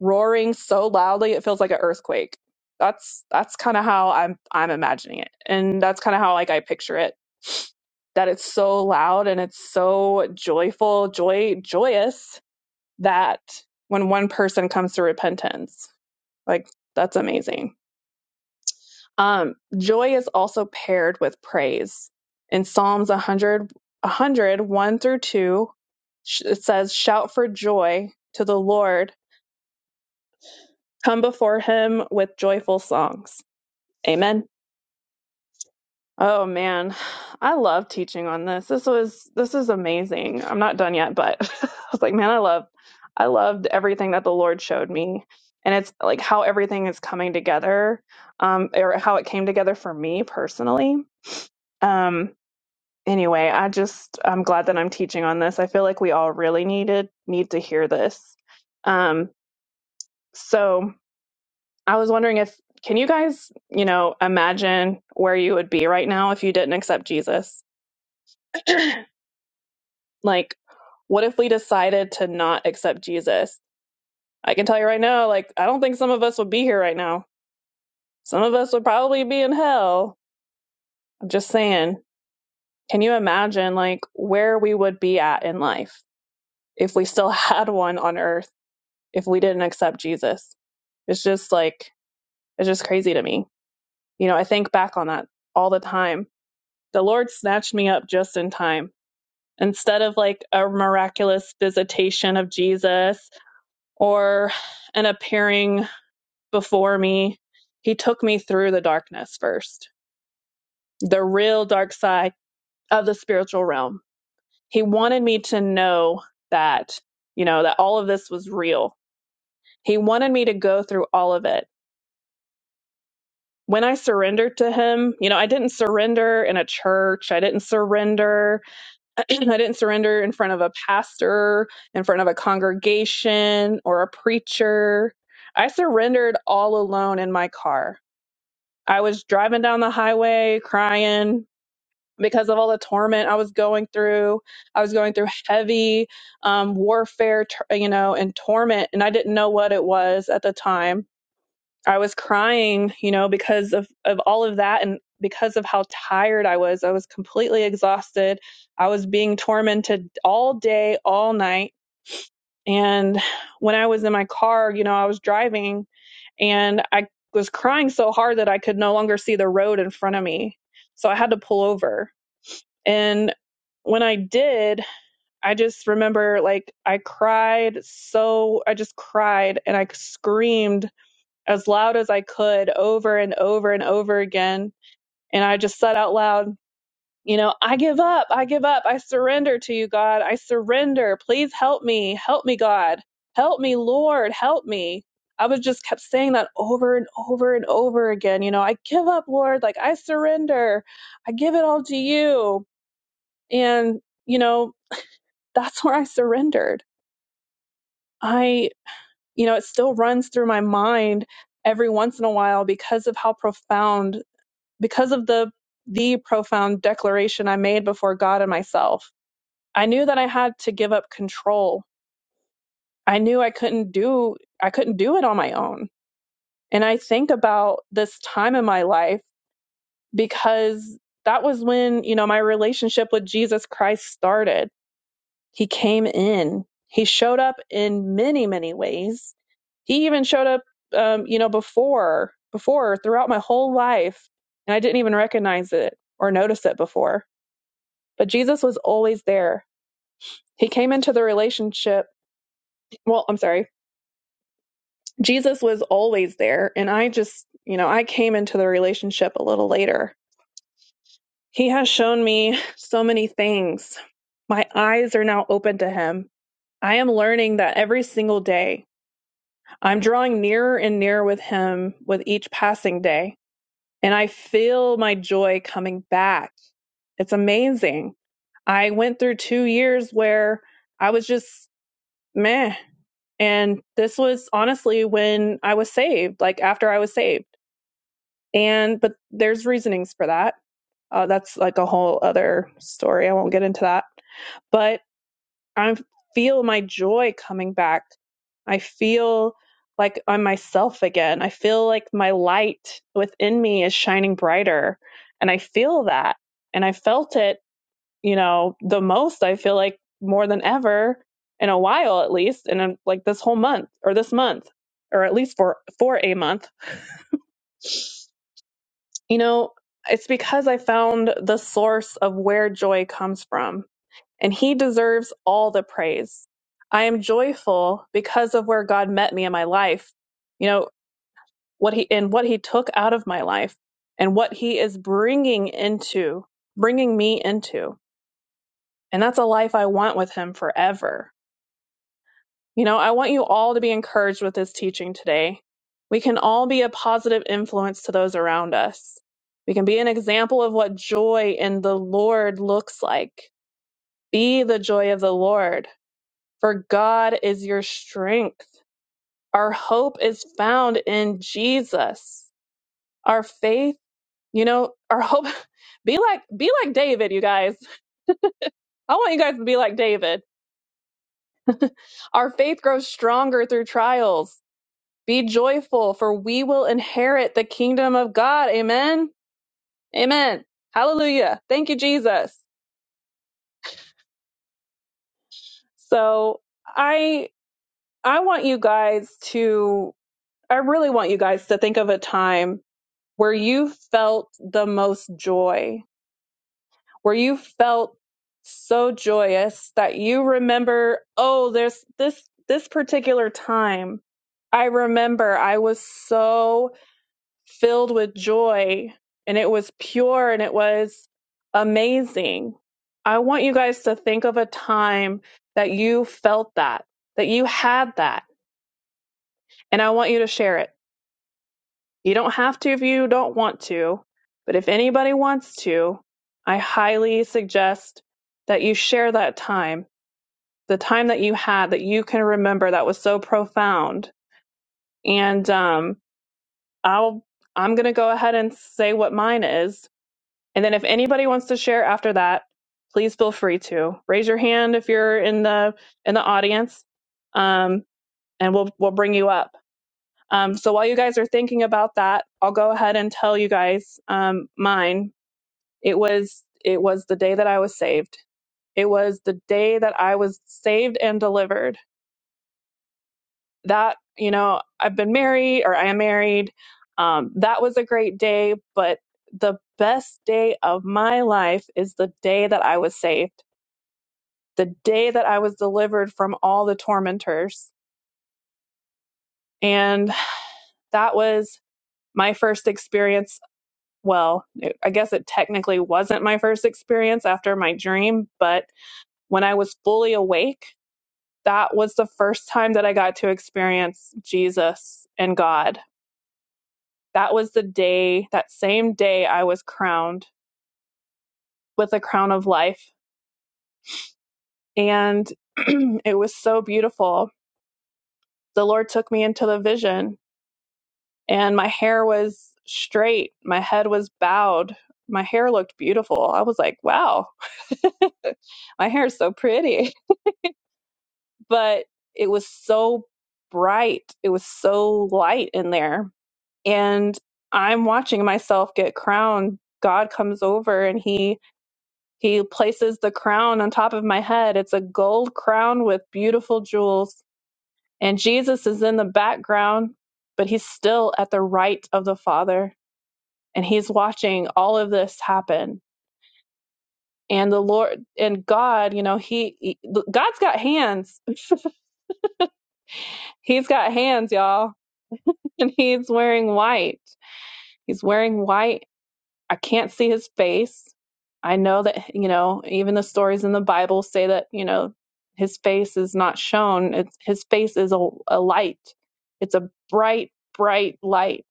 S1: roaring so loudly it feels like an earthquake. That's that's kind of how I'm I'm imagining it. And that's kind of how like I picture it. That it's so loud and it's so joyful, joy joyous that when one person comes to repentance, like that's amazing. Um joy is also paired with praise. In Psalms 100 through 2 sh- it says shout for joy to the Lord Come before him with joyful songs. Amen. Oh man, I love teaching on this. This was this is amazing. I'm not done yet, but I was like, man, I love I loved everything that the Lord showed me. And it's like how everything is coming together, um, or how it came together for me personally. Um, anyway, I just I'm glad that I'm teaching on this. I feel like we all really needed need to hear this. Um, so I was wondering if can you guys, you know, imagine where you would be right now if you didn't accept Jesus? like what if we decided to not accept Jesus? I can tell you right now, like I don't think some of us would be here right now. Some of us would probably be in hell. I'm just saying, can you imagine like where we would be at in life if we still had one on earth if we didn't accept Jesus? It's just like it's just crazy to me. You know, I think back on that all the time The Lord snatched me up just in time. Instead of like a miraculous visitation of Jesus or an appearing before me, He took me through the darkness first, the real dark side of the spiritual realm. He wanted me to know that, you know, that all of this was real. He wanted me to go through all of it when I surrendered to him, you know, I didn't surrender in a church. I didn't surrender I didn't surrender in front of a pastor, in front of a congregation or a preacher. I surrendered all alone in my car. I was driving down the highway crying because of all the torment I was going through. I was going through heavy um, warfare, tor- you know, and torment, and I didn't know what it was at the time I was crying, you know, because of, of all of that and because of how tired I was. I was completely exhausted. I was being tormented all day, all night. And when I was in my car, you know, I was driving and I was crying so hard that I could no longer see the road in front of me. So I had to pull over. And when I did, I just remember like I cried so, I just cried and I screamed as loud as I could over and over and over again. And I just said out loud, you know, I give up. I give up. I surrender to you, God. I surrender. Please help me. Help me, God. Help me, Lord. Help me. I was just kept saying that over and over and over again. You know, I give up, Lord. Like, I surrender. I give it all to you. And, you know, that's where I surrendered. I, you know, it still runs through my mind every once in a while because of how profound because of the the profound declaration I made before God and myself, I knew that I had to give up control. I knew I couldn't do I couldn't do it on my own. And I think about this time in my life because that was when, you know, my relationship with Jesus Christ started. He came in. He showed up in many, many ways. He even showed up um, you know, before before throughout my whole life and I didn't even recognize it or notice it before But Jesus was always there. He came into the relationship. Well, I'm sorry. Jesus was always there. And I just, you know, I came into the relationship a little later. He has shown me so many things. My eyes are now open to him. I am learning that every single day. I'm drawing nearer and nearer with him with each passing day. And I feel my joy coming back. It's amazing. I went through two years where I was just meh. And this was honestly when I was saved, like after I was saved. And, but there's reasonings for that. Uh, that's like a whole other story. I won't get into that. But I feel my joy coming back. I feel like I'm myself again. I feel like my light within me is shining brighter. And I feel that. And I felt it you know, the most I feel like more than ever in a while at least and like this whole month or this month or at least for for a month. You know, it's because I found the source of where joy comes from and he deserves all the praise. I am joyful because of where God met me in my life. You know, what he and what he took out of my life and what he is bringing into bringing me into. And that's a life I want with him forever You know, I want you all to be encouraged with this teaching today. We can all be a positive influence to those around us. We can be an example of what joy in the Lord looks like. Be the joy of the Lord, for God is your strength. Our hope is found in Jesus. Our faith, you know, our hope be like be like David, you guys. I want you guys to be like David. Our faith grows stronger through trials. Be joyful, for we will inherit the kingdom of God. Amen. Amen. Hallelujah. Thank you, Jesus. So I I want you guys to I really want you guys to think of a time where you felt the most joy, where you felt so joyous that you remember, oh, there's this this particular time. I remember I was so filled with joy and it was pure and it was amazing. I want you guys to think of a time that you felt that, that you had that, and I want you to share it. You don't have to if you don't want to, but if anybody wants to, I highly suggest that you share that time, the time that you had that you can remember that was so profound. And um, I'll I'm going to go ahead and say what mine is And then if anybody wants to share after that, please feel free to raise your hand if you're in the in the audience, um, and we'll we'll bring you up. Um, so while you guys are thinking about that, I'll go ahead and tell you guys um, mine. It was it was the day that I was saved. It was the day that I was saved and delivered that you know i've been married or i am married um, that was a great day but the best day of my life is the day that i was saved the day that i was delivered from all the tormentors and that was my first experience well it- i guess it technically wasn't my first experience after my dream but when i was fully awake that was the first time that i got to experience jesus and god That was the day, that same day, I was crowned with a crown of life. And it was so beautiful. The Lord took me into the vision, and my hair was straight, my head was bowed. My hair looked beautiful. I was like, wow, my hair is so pretty. But it was so bright. It was so light in there. And I'm watching myself get crowned. God comes over and he He places the crown on top of my head. It's a gold crown with beautiful jewels. And Jesus is in the background, but he's still at the right of the Father. And he's watching all of this happen. And the Lord and God, you know, he, he- God's got hands. He's got hands, y'all. And he's wearing white. He's wearing white I can't see his face. I know that, you know, even the stories in the Bible say that, you know, his face is not shown. It's, his face is a, a light, it's a bright, bright light.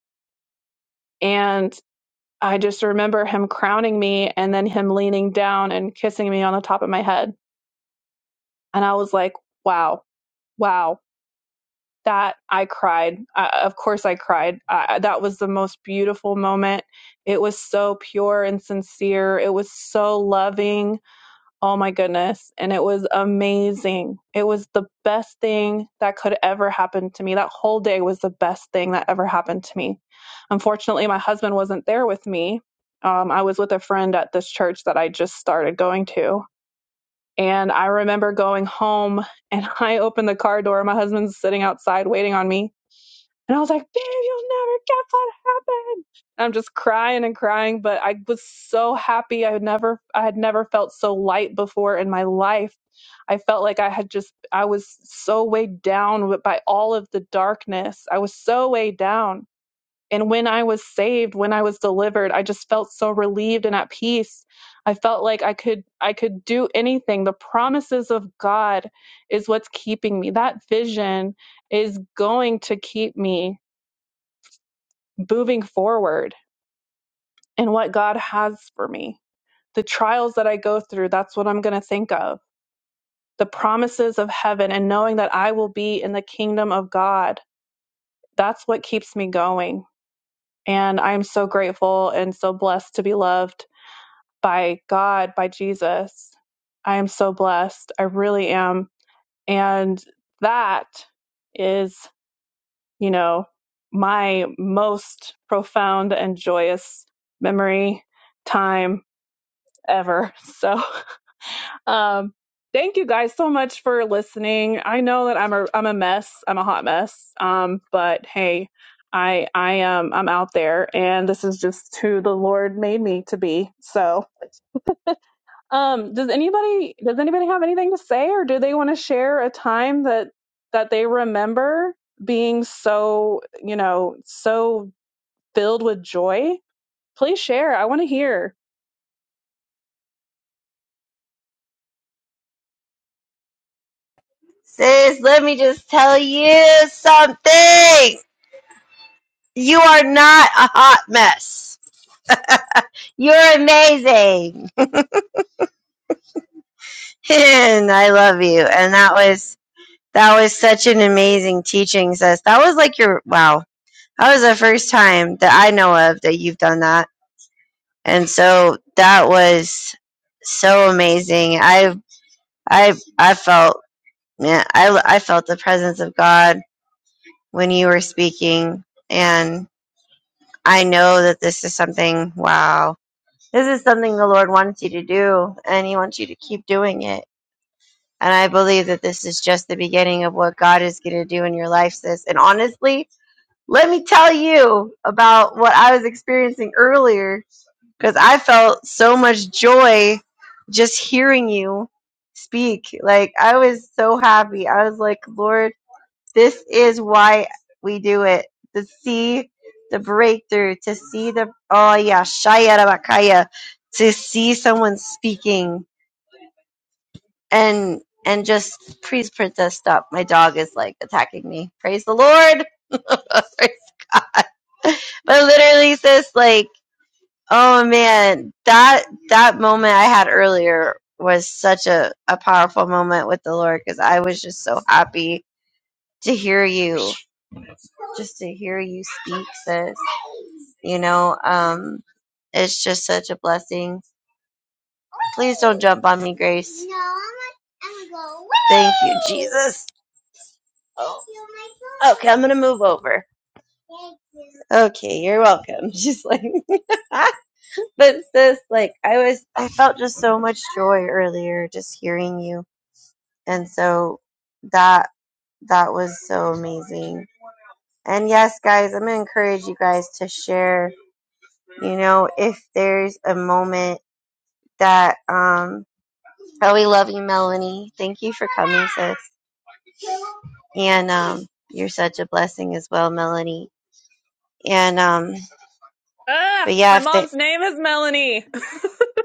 S1: And I just remember him crowning me and then him leaning down and kissing me on the top of my head. And I was like, wow, wow, that I cried. Uh, of course, I cried. Uh, that was the most beautiful moment. It was so pure and sincere, it was so loving Oh my goodness. And it was amazing. It was the best thing that could ever happen to me. That whole day was the best thing that ever happened to me. Unfortunately, my husband wasn't there with me. Um, I was with a friend at this church that I just started going to. And I remember going home and I opened the car door. My husband's sitting outside waiting on me. And I was like, babe, you'll never guess what happened. And I'm just crying and crying, but I was so happy. I had never, I had never felt so light before in my life. I felt like I had just, I was so weighed down with- by all of the darkness. I was so weighed down. And when I was saved, when I was delivered, I just felt so relieved and at peace. I felt like I could, I could do anything. The promises of God is what's keeping me. That vision is going to keep me moving forward and what God has for me. The trials that I go through, that's what I'm going to think of. The promises of heaven and knowing that I will be in the kingdom of God, that's what keeps me going. And I'm so grateful and so blessed to be loved by God, by Jesus. I am so blessed. I really am. And that is, you know, my most profound and joyous memory time ever. So, um, thank you guys so much for listening. I know that I'm a I'm a mess. I'm a hot mess. Um, but hey, I I am I'm out there, and this is just who the Lord made me to be. So, um, does anybody does anybody have anything to say, or do they want to share a time that that they remember being so you know so filled with joy? Please share. I want to hear.
S2: Sis, let me just tell you something. You are not a hot mess. You're amazing. and I love you. And that was that was such an amazing teaching, sis. That was like your wow. That was the first time that I know of that you've done that. and so that was so amazing i i i felt yeah i i felt the presence of god when you were speaking and i know that this is something wow this is something the lord wants you to do and he wants you to keep doing it and i believe that this is just the beginning of what god is going to do in your life sis and honestly let me tell you about what i was experiencing earlier because I felt so much joy just hearing you speak. Like, I was so happy. I was like, Lord, this is why we do it to see the breakthrough, to see the, oh yeah, Shaya Rabakaya, to see someone speaking and, and just, please, princess, stop. My dog is like attacking me. Praise the Lord. Praise God. but literally, sis, like, Oh man, that that moment I had earlier was such a, a powerful moment with the Lord because I was just so happy to hear you, just to hear you speak, sis. You know, um, it's just such a blessing. Please don't jump on me, Grace. Thank you, Jesus. Oh. Okay, I'm gonna move over. Okay, you're welcome. She's like. But sis, like I was, I felt just so much joy earlier just hearing you, and so that that was so amazing. And yes, guys, I'm gonna encourage you guys to share. You know, if there's a moment that um, oh, we love you, Melanie. Thank you for coming, sis, and um, you're such a blessing as well, Melanie. And um,
S1: Ah,
S2: but yeah,
S1: my
S2: if they
S1: mom's name is Melanie.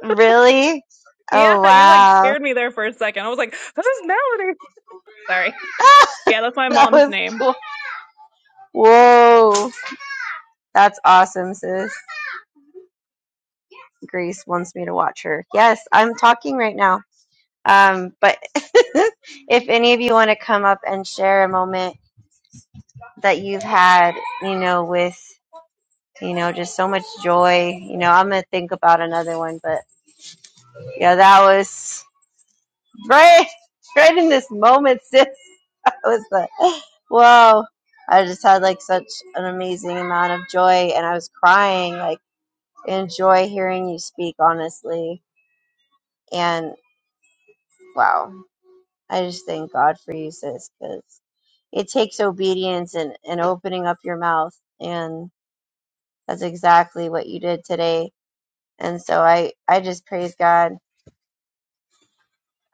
S2: really,
S1: Yeah,
S2: oh
S1: you like
S2: wow,
S1: scared me there for a second. I was like, this is Melanie. Sorry. Yeah, that's my
S2: that
S1: mom's
S2: was
S1: name.
S2: cool. Whoa. That's awesome, sis. Grace wants me to watch her. Yes, I'm talking right now. Um, but if any of you want to come up and share a moment that you've had, you know, with you know, just so much joy. You know, I'm gonna think about another one, but yeah, that was right, right in this moment, sis. That was the whoa. I just had like such an amazing amount of joy, and I was crying. Like, enjoy hearing you speak, honestly. And wow i just thank god for you sis because it takes obedience and, and opening up your mouth and that's exactly what you did today and so i i just praise god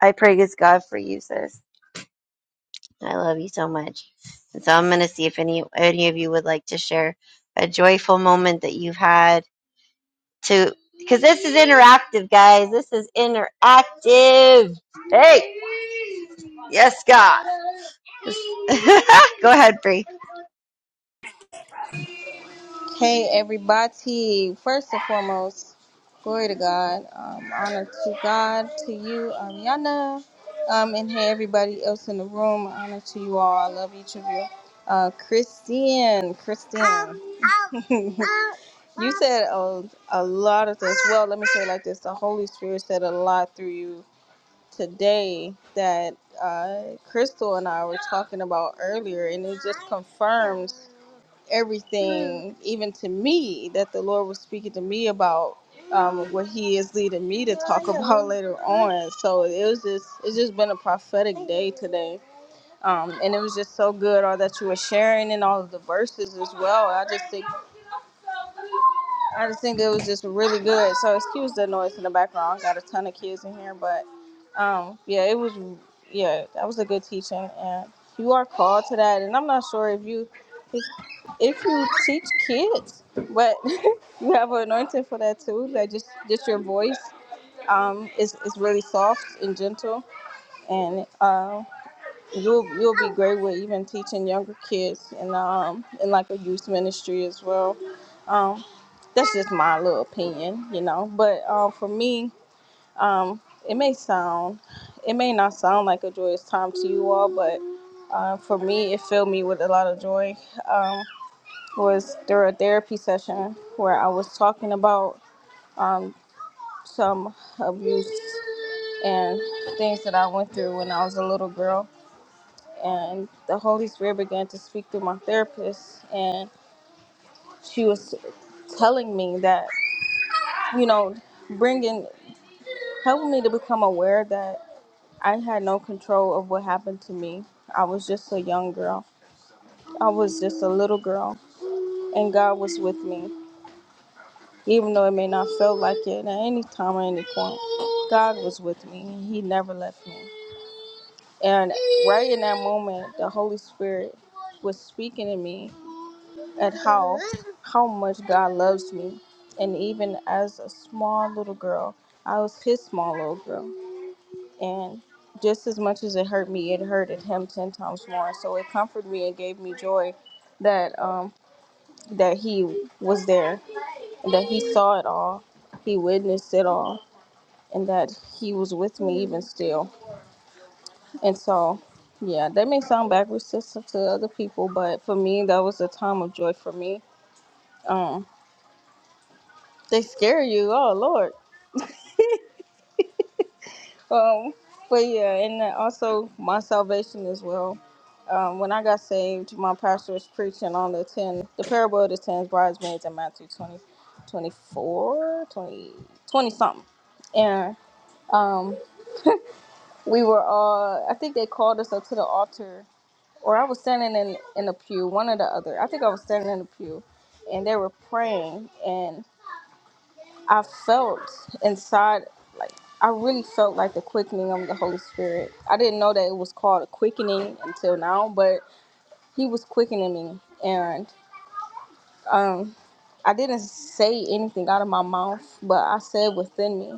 S2: i praise god for you sis i love you so much and so i'm going to see if any any of you would like to share a joyful moment that you've had to because this is interactive guys this is interactive hey yes god Go ahead, Bree.
S3: Hey, everybody. First and foremost, glory to God. Um, honor to God, to you, um, Yana, um, and hey, everybody else in the room. Honor to you all. I love each of you. Uh, Christine, Christine. you said a, a lot of things. Well, let me say it like this the Holy Spirit said a lot through you today that uh, Crystal and I were talking about earlier, and it just confirms. everything, even to me, that the Lord was speaking to me about um, what He is leading me to talk about later on. So it was just, it's just been a prophetic day today. Um, and it was just so good, all that you were sharing and all of the verses as well. I just think. I just think it was just really good. So excuse the noise in the background. I got a ton of kids in here, but um, yeah, it was yeah, that was a good teaching, and you are called to that. And I'm not sure if you if, if you teach kids, but you have an anointing for that too. That just just your voice um is is really soft and gentle, and uh, you'll you'll be great with even teaching younger kids and um in like a youth ministry as well. Um, that's just my little opinion, you know. But um, for me, um, it may sound, it may not sound like a joyous time to you all, but uh, for me, it filled me with a lot of joy. Um, was through a therapy session where I was talking about um, some abuse and things that I went through when I was a little girl, and the Holy Spirit began to speak through my therapist, and she was telling me that you know bringing helped me to become aware that I had no control of what happened to me. I was just a young girl. I was just a little girl, and God was with me, even though it may not feel like it at any time or any point. God was with me, and He never left me. And right in that moment, the Holy Spirit was speaking to me at how how much God loves me, and even as a small little girl, I was His small little girl And just as much as it hurt me, it hurted him ten times more. So it comforted me and gave me joy that um, that he was there, and that he saw it all, he witnessed it all, and that he was with me even still. And so, yeah, that may sound backwards to, to other people, but for me, that was a time of joy for me. Um, they scare you, oh Lord. Um, but yeah, and then also my salvation as well. Um, when I got saved, my pastor was preaching on the ten, the parable of the ten bridesmaids in Matthew 20, 24, 20 20 something. And um, we were all, I think they called us up to the altar, or I was standing in, in the pew, one or the other. I think I was standing in the pew, and they were praying. and. I felt inside, like, I really felt like the quickening of the Holy Spirit. I didn't know that it was called a quickening until now, but He was quickening me. And um, I didn't say anything out of my mouth, but I said within me,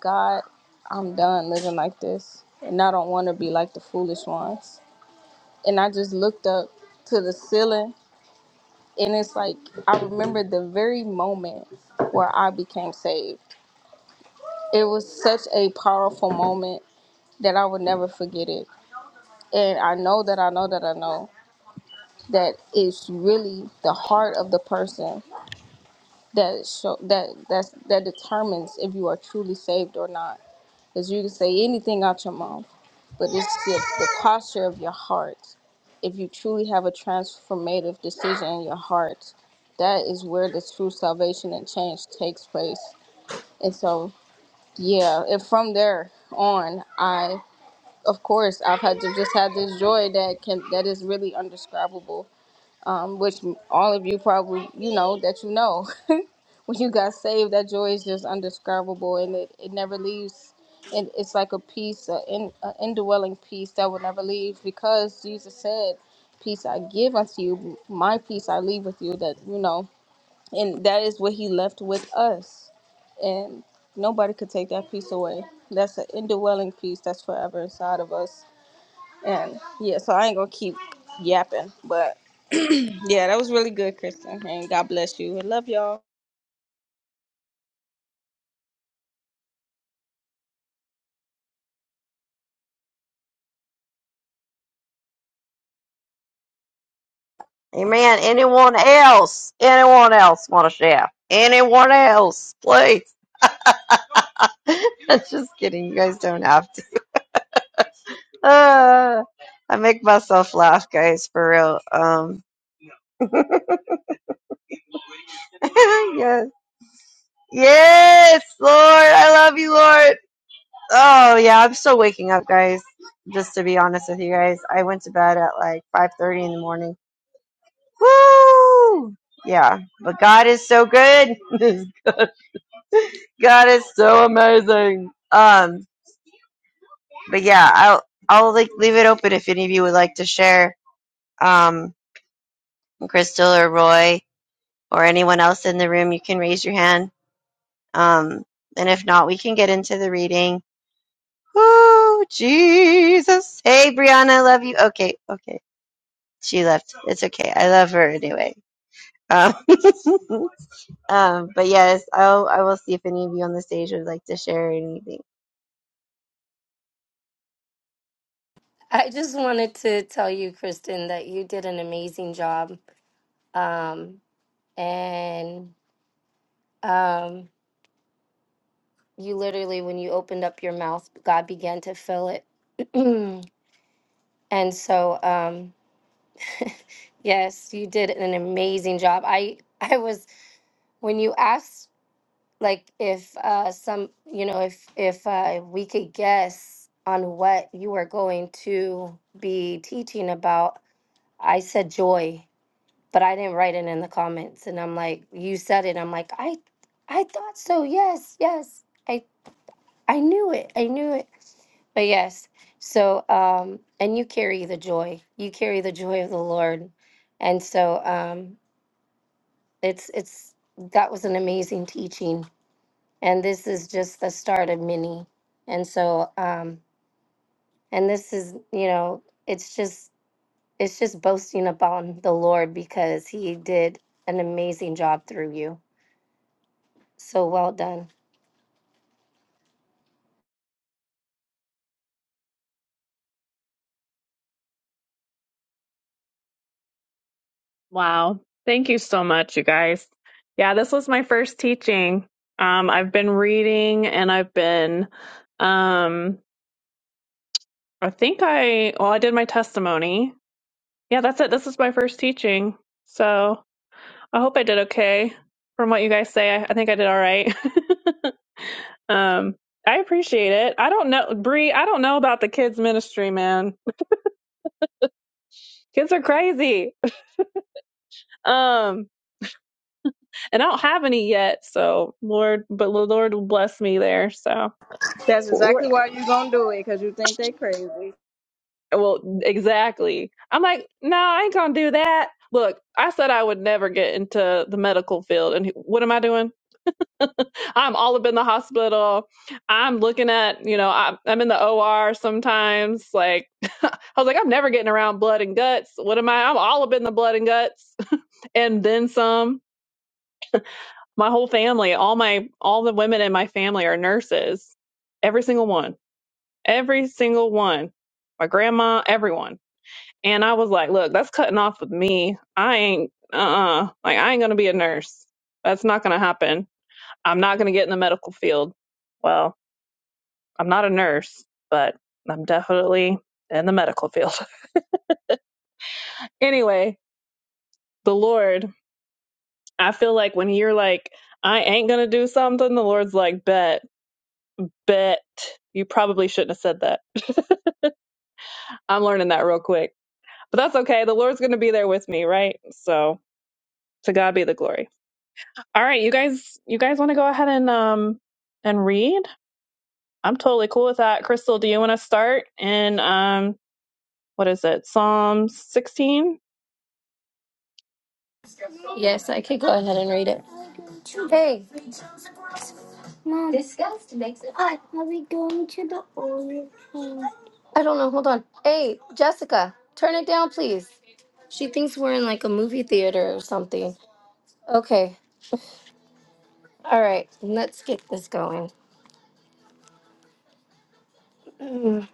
S3: God, I'm done living like this. And I don't want to be like the foolish ones. And I just looked up to the ceiling, and it's like, I remember the very moment where I became saved. It was such a powerful moment that I will never forget it. And I know that I know that I know that it's really the heart of the person that show that that's that determines if you are truly saved or not. Because you can say anything out your mouth, but it's the, the posture of your heart. If you truly have a transformative decision in your heart, that is where the true salvation and change takes place. And so, yeah, if from there on, I. of course i've had to just had this joy that can that is really undescribable um which all of you probably you know that you know when you got saved that joy is just undescribable and it, it never leaves and it's like a peace an in, a indwelling peace that will never leave because jesus said peace i give unto you my peace i leave with you that you know and that is what he left with us and nobody could take that peace away that's an indwelling peace that's forever inside of us and yeah, so I ain't gonna keep yapping. But yeah, that was really good, Kristen. And God bless you. I love y'all.
S2: Amen. Anyone else? Anyone else want to share? Anyone else? Please. I'm just kidding. You guys don't have to. Uh, I make myself laugh, guys, for real. Um, yes. Yes, Lord. I love you, Lord. Oh, yeah. I'm still waking up, guys. Just to be honest with you guys, I went to bed at like 5.30 in the morning. Woo! Yeah. But God is so good. God is so amazing. Um, but yeah, I'll I'll like leave it open if any of you would like to share. Um, Crystal or Roy or anyone else in the room, you can raise your hand. Um, and if not, we can get into the reading. Woo, Jesus. Hey, Brianna, I love you. Okay, okay. She left. It's okay. I love her anyway. Um, um, but yes, I'll I will see if any of you on the stage would like to share anything.
S4: I just wanted to tell you, Kristen, that you did an amazing job. Um, and um, you literally, when you opened up your mouth, God began to fill it. and so, um, yes, you did an amazing job. I, I was, when you asked, like, if uh, some, you know, if, if uh, we could guess on what you were going to be teaching about, I said joy but I didn't write it in the comments. And I'm like, you said it. I'm like, I, I thought so. Yes, yes. I, I knew it. I knew it. But yes, so um, and you carry the joy. You carry the joy of the Lord, and so um, it's it's that was an amazing teaching, and this is just the start of many. And so um, and this is you know it's just it's just boasting upon the Lord because He did an amazing job through you So well done.
S1: Wow. Thank you so much, you guys. Yeah, this was my first teaching. Um, I've been reading and I've been, um, I think I, well, I did my testimony. Yeah, that's it. This is my first teaching. So I hope I did okay from what you guys say. I, I think I did all right. Um, I appreciate it. I don't know, Bree. I don't know about the kids ministry, man. Kids are crazy. Um, and I don't have any yet. So Lord, but the Lord will bless me there. So
S3: That's
S1: Or-
S3: exactly why you gonna do it, cause you think they crazy.
S1: well, exactly. I'm like, no, I ain't gonna do that. Look, I said I would never get into the medical field, and what am I doing? I'm all up in the hospital. I'm looking at, you know, I'm, I'm in the OR sometimes. Like, I was like, I'm never getting around blood and guts. What am I? I'm all up in the blood and guts. and then some. My whole family, all my all the women in my family are nurses. Every single one. Every single one. My grandma, everyone. And I was like, look, that's cutting off with me. I ain't uh uh like I ain't gonna be a nurse. That's not gonna happen. I'm not gonna get in the medical field. Well, I'm not a nurse, but I'm definitely in the medical field. anyway, the Lord, I feel like when you're like, I ain't gonna do something, the Lord's like, bet Bet you probably shouldn't have said that. I'm learning that real quick. But that's okay. The Lord's going to be there with me, right? So to God be the glory. All right, you guys you guys want to go ahead and um and read? I'm totally cool with that. Crystal, do you want to start in um what is it? Psalm 16?
S4: Yes, I could go ahead and read it. Hey, mom. Disgust makes it. What? Are we going to the oil? I don't know. Hold on. Hey, Jessica, turn it down, please. She thinks we're in like a movie theater or something. Okay. All right. Let's get this going. Mm,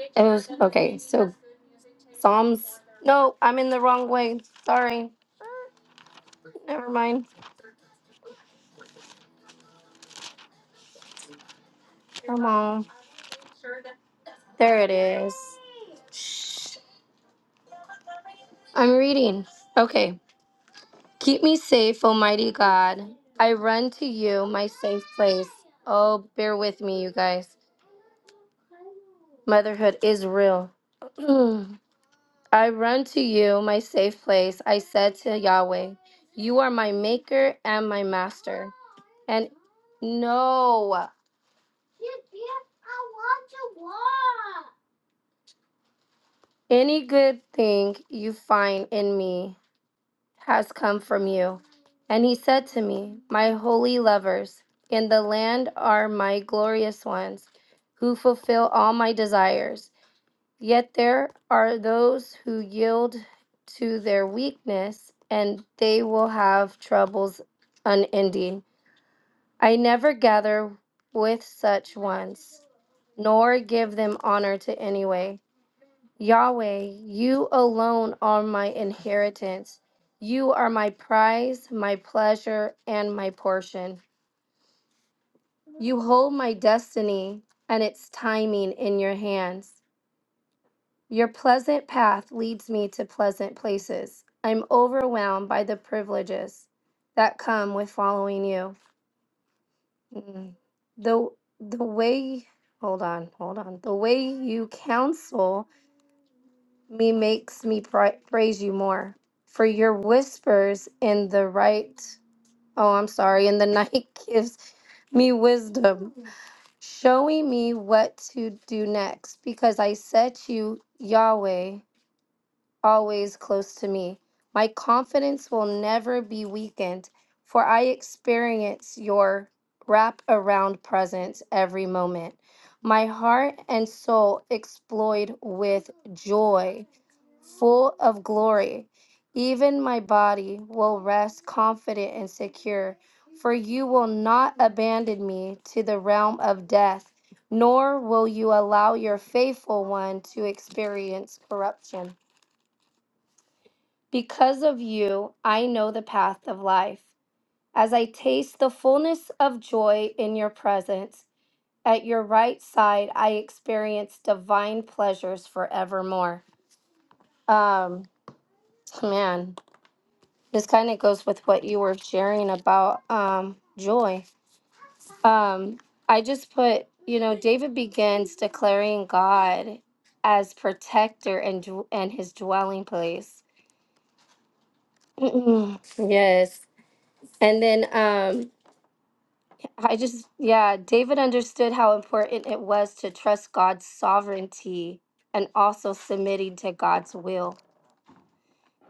S4: It was okay. So Psalms. No, I'm in the wrong way. Sorry. Never mind. Come on. There it is. Shh. I'm reading. Okay. Keep me safe, Almighty God. I run to you, my safe place. Oh, bear with me, you guys. Motherhood is real. I run to you, my safe place. I said to Yahweh, You are my maker and my master. And no, any good thing you find in me. has come from you. And he said to me, My holy lovers in the land are my glorious ones, who fulfill all my desires. Yet there are those who yield to their weakness, and they will have troubles unending. I never gather with such ones, nor give them honor to any way. Yahweh, you alone are my inheritance. You are my prize, my pleasure, and my portion. You hold my destiny and its timing in your hands. Your pleasant path leads me to pleasant places. I'm overwhelmed by the privileges that come with following you. Mm. The the way hold on, hold on. The way you counsel me makes me pri- praise you more. For your whispers in the right, oh, I'm sorry, in the night gives me wisdom, showing me what to do next, because I set you, Yahweh, always close to me. My confidence will never be weakened, for I experience your wrap around presence every moment. My heart and soul explode with joy full of glory. Even my body will rest confident and secure, for you will not abandon me to the realm of death, nor will you allow your faithful one to experience corruption. Because of you, I know the path of life. As I taste the fullness of joy in your presence, at your right side, I experience divine pleasures forevermore. Um, man, this kind of goes with what you were sharing about um, joy. Um, I just put, you know, David begins declaring God as protector and dw- and his dwelling place. Mm, yes. And then um, I just, yeah, David understood how important it was to trust God's sovereignty and also submitting to God's will.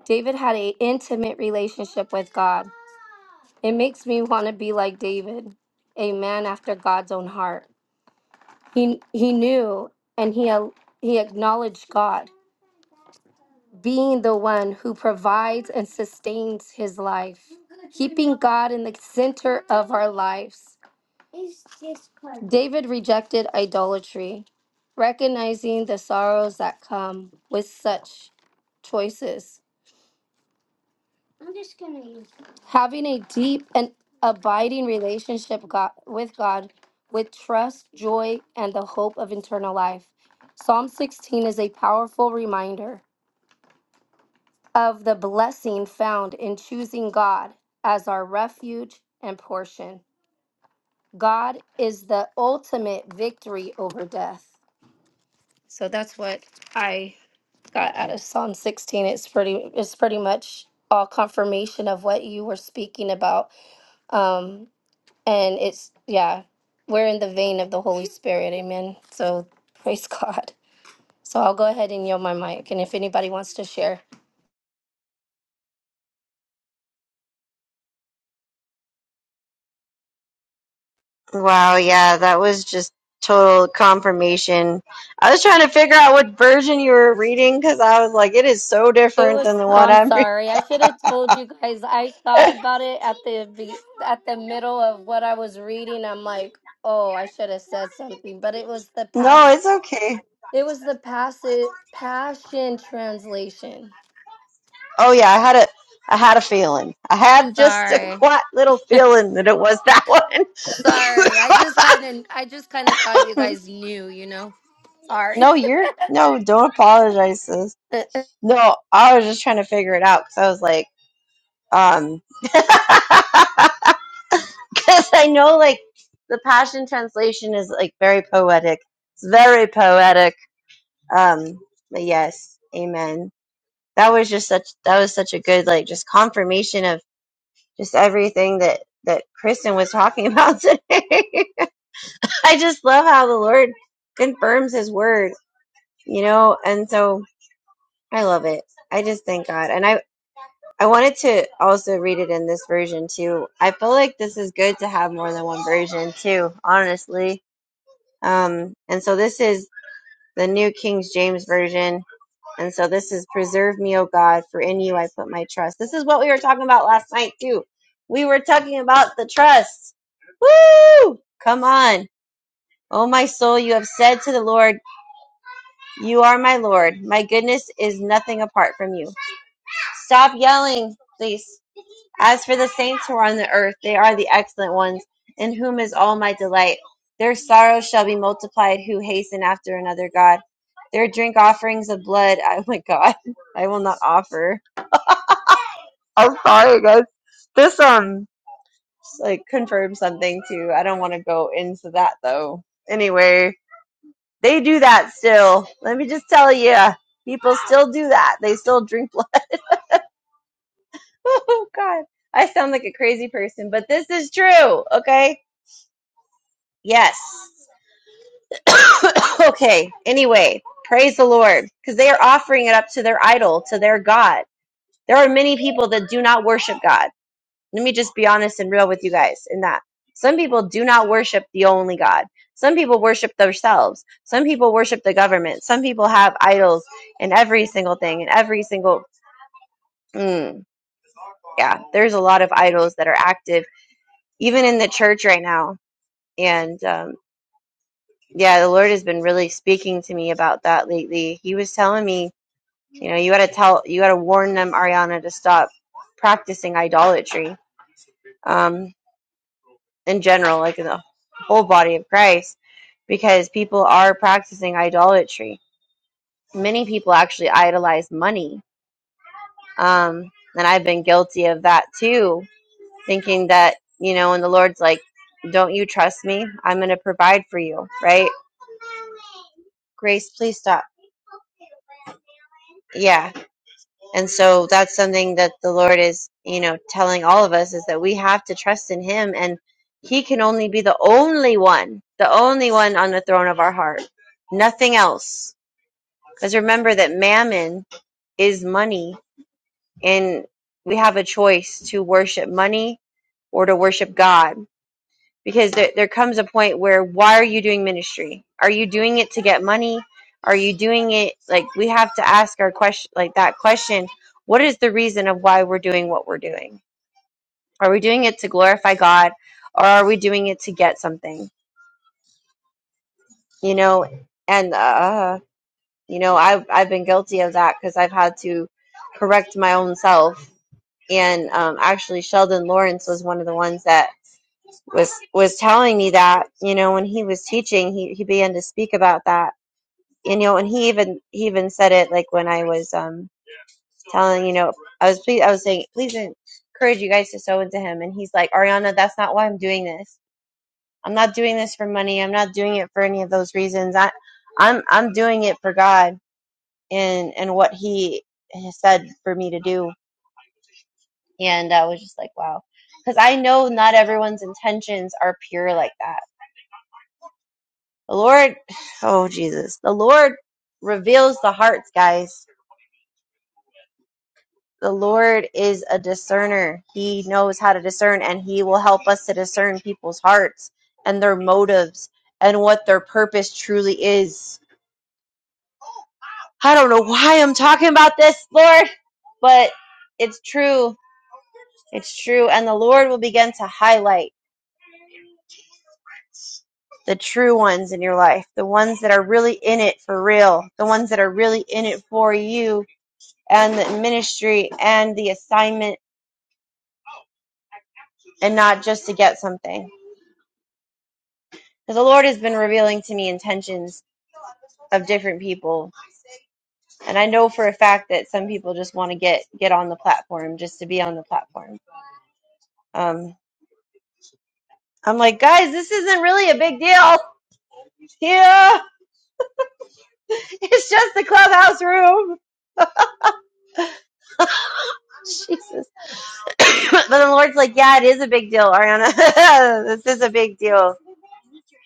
S4: David had an intimate relationship with God It makes me want to be like David, a man after God's own heart. He he knew and he al- he acknowledged God being the one who provides and sustains his life, keeping God in the center of our lives. David rejected idolatry, recognizing the sorrows that come with such choices. Having a deep and abiding relationship God, with God with trust, joy, and the hope of eternal life. Psalm 16 is a powerful reminder of the blessing found in choosing God as our refuge and portion. God is the ultimate victory over death. So that's what I got out of Psalm 16. It's pretty it's pretty much all confirmation of what you were speaking about. Um. And it's, yeah, we're in the vein of the Holy Spirit. Amen. So praise God. So I'll go ahead and yield my mic. And if anybody wants to share,
S2: Wow, yeah, that was just total confirmation. I was trying to figure out what version you were reading because I was like, it is so
S4: it
S2: different
S4: was,
S2: than the one
S4: I'm
S2: I'm reading.
S4: sorry. I should have told you guys. I thought about it at the, be- at the middle of what I was reading. I'm like, oh, I should have said something, but it was the
S2: No,
S4: past.
S2: it's okay.
S4: It was the passage, passion translation.
S2: Oh yeah, I had a I had a feeling. I had just a
S4: Sorry.
S2: quiet little feeling that it was that
S4: Sorry. I just kind of, I just kind of thought you
S2: one.
S4: guys knew, you know, sorry.
S2: no, you're no, don't apologize, sis. No, I was just trying to figure it out because I was like, um, because I know like the Passion Translation is like very poetic. It's very poetic Um, but yes, amen. That was just such that was such a good like just confirmation of just everything that that Kristen was talking about today. I just love how the Lord confirms his word, you know, and so I love it. I just thank God. And I I wanted to also read it in this version too. I feel like this is good to have more than one version too, honestly. Um and so this is the New King James version And so this is preserve me, O God, for in you I put my trust. This is what we were talking about last night too. We were talking about the trust. Woo! Come on. O my soul, you have said to the Lord, you are my Lord. My goodness is nothing apart from you. Stop yelling, please. As for the saints who are on the earth, they are the excellent ones, in whom is all my delight. Their sorrows shall be multiplied who hasten after another God. Their drink offerings of blood, oh my God, I will not offer. I'm sorry, guys. This um like confirms something too. I don't want to go into that though. Anyway, they do that still. Let me just tell you, people still do that. They still drink blood. oh God, I sound like a crazy person, but this is true. Okay, yes. okay. Anyway, praise the Lord because they are offering it up to their idol, to their god. There are many people that do not worship God. Let me just be honest and real with you guys in that. Some people do not worship the only God. Some people worship themselves. Some people worship the government. Some people have idols in every single thing, in every single. Mm, yeah, there's a lot of idols that are active, even in the church right now. And um, yeah, the Lord has been really speaking to me about that lately. He was telling me, you know, you got to tell, you got to warn them, Ariana, to stop practicing idolatry. Um, in general, like in the whole body of Christ, because people are practicing idolatry. Many people actually idolize money. Um, and I've been guilty of that too, thinking that, you know, and the Lord's like, don't you trust me? I'm going to provide for you, right? Grace, please stop. Yeah And so that's something that the Lord is, you know, telling all of us is that we have to trust in Him and He can only be the only one, the only one on the throne of our heart, nothing else. Because remember that mammon is money and we have a choice to worship money or to worship God because there, there comes a point where why are you doing ministry are you doing it to get money are you doing it like we have to ask our question like that question what is the reason of why we're doing what we're doing are we doing it to glorify god or are we doing it to get something you know and uh you know i've i've been guilty of that because i've had to correct my own self and um actually sheldon lawrence was one of the ones that was was telling me that you know when he was teaching he he began to speak about that you know and he even he even said it like when I was um telling you know I was please I was saying please encourage you guys to sow into him and he's like Ariana that's not why I'm doing this I'm not doing this for money I'm not doing it for any of those reasons I I'm I'm doing it for God and and what he has said for me to do and I was just like wow because I know not everyone's intentions are pure like that The Lord, oh Jesus, the Lord reveals the hearts, guys. The Lord is a discerner. He knows how to discern and he will help us to discern people's hearts and their motives and what their purpose truly is. I don't know why I'm talking about this, Lord, but it's true. It's true. And the Lord will begin to highlight the true ones in your life, the ones that are really in it for real, the ones that are really in it for you and the ministry and the assignment and not just to get something. Because the Lord has been revealing to me intentions of different people. And I know for a fact that some people just want to get, get on the platform just to be on the platform. Um, I'm like, guys, this isn't really a big deal. Yeah, it's just a clubhouse room. Jesus. but the Lord's like, yeah, it is a big deal, Ariana. this is a big deal.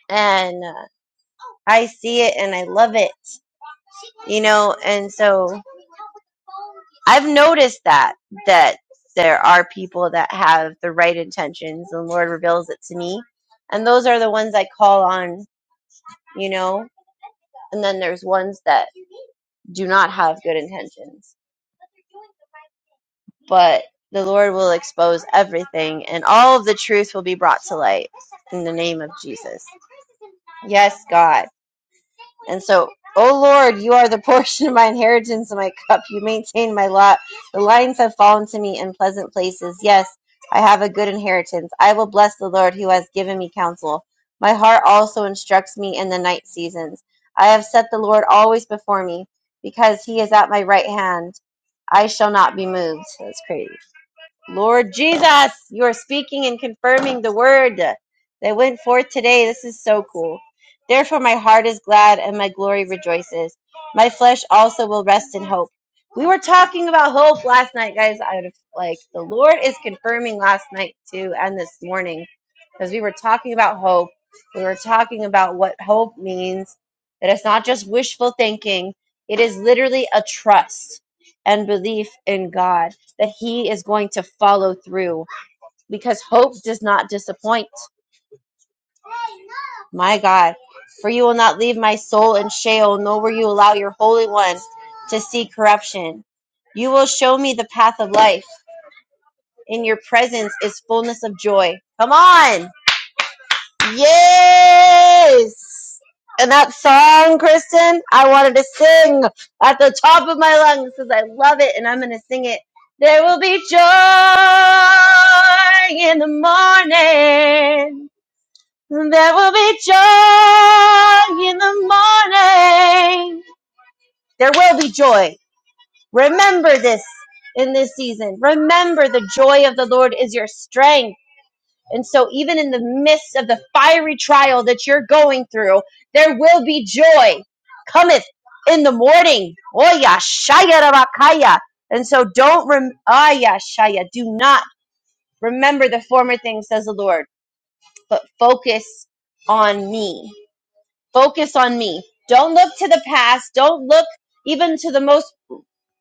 S2: And uh, I see it and I love it. you know and so i've noticed that that there are people that have the right intentions the lord reveals it to me and those are the ones i call on you know and then there's ones that do not have good intentions but the lord will expose everything and all of the truth will be brought to light in the name of jesus yes god And so, O Lord, you are the portion of my inheritance and my cup. You maintain my lot. The lines have fallen to me in pleasant places. Yes, I have a good inheritance. I will bless the Lord who has given me counsel. My heart also instructs me in the night seasons. I have set the Lord always before me because he is at my right hand. I shall not be moved. That's crazy. Lord Jesus, you are speaking and confirming the word that went forth today. This is so cool. Therefore, my heart is glad and my glory rejoices. My flesh also will rest in hope. We were talking about hope last night, guys. I would have, like, the Lord is confirming last night too and this morning because we were talking about hope. We were talking about what hope means, that it's not just wishful thinking, it is literally a trust and belief in God that he is going to follow through because hope does not disappoint. My God, for you will not leave my soul in Sheol, nor will you allow your Holy One to see corruption. You will show me the path of life. In your presence is fullness of joy. Come on! Yes! And that song, Kristen, I wanted to sing at the top of my lungs because I love it and I'm going to sing it. There will be joy in the morning. There will be joy in the morning. There will be joy. Remember this in this season. Remember the joy of the Lord is your strength. And so, even in the midst of the fiery trial that you're going through, there will be joy cometh in the morning. Oh, yeah, shaya rabakaya. And so, don't, rem- ah, yeah, shaya, do not remember the former things, says the Lord, but focus on me. Focus on me. Don't look to the past. Don't look even to the most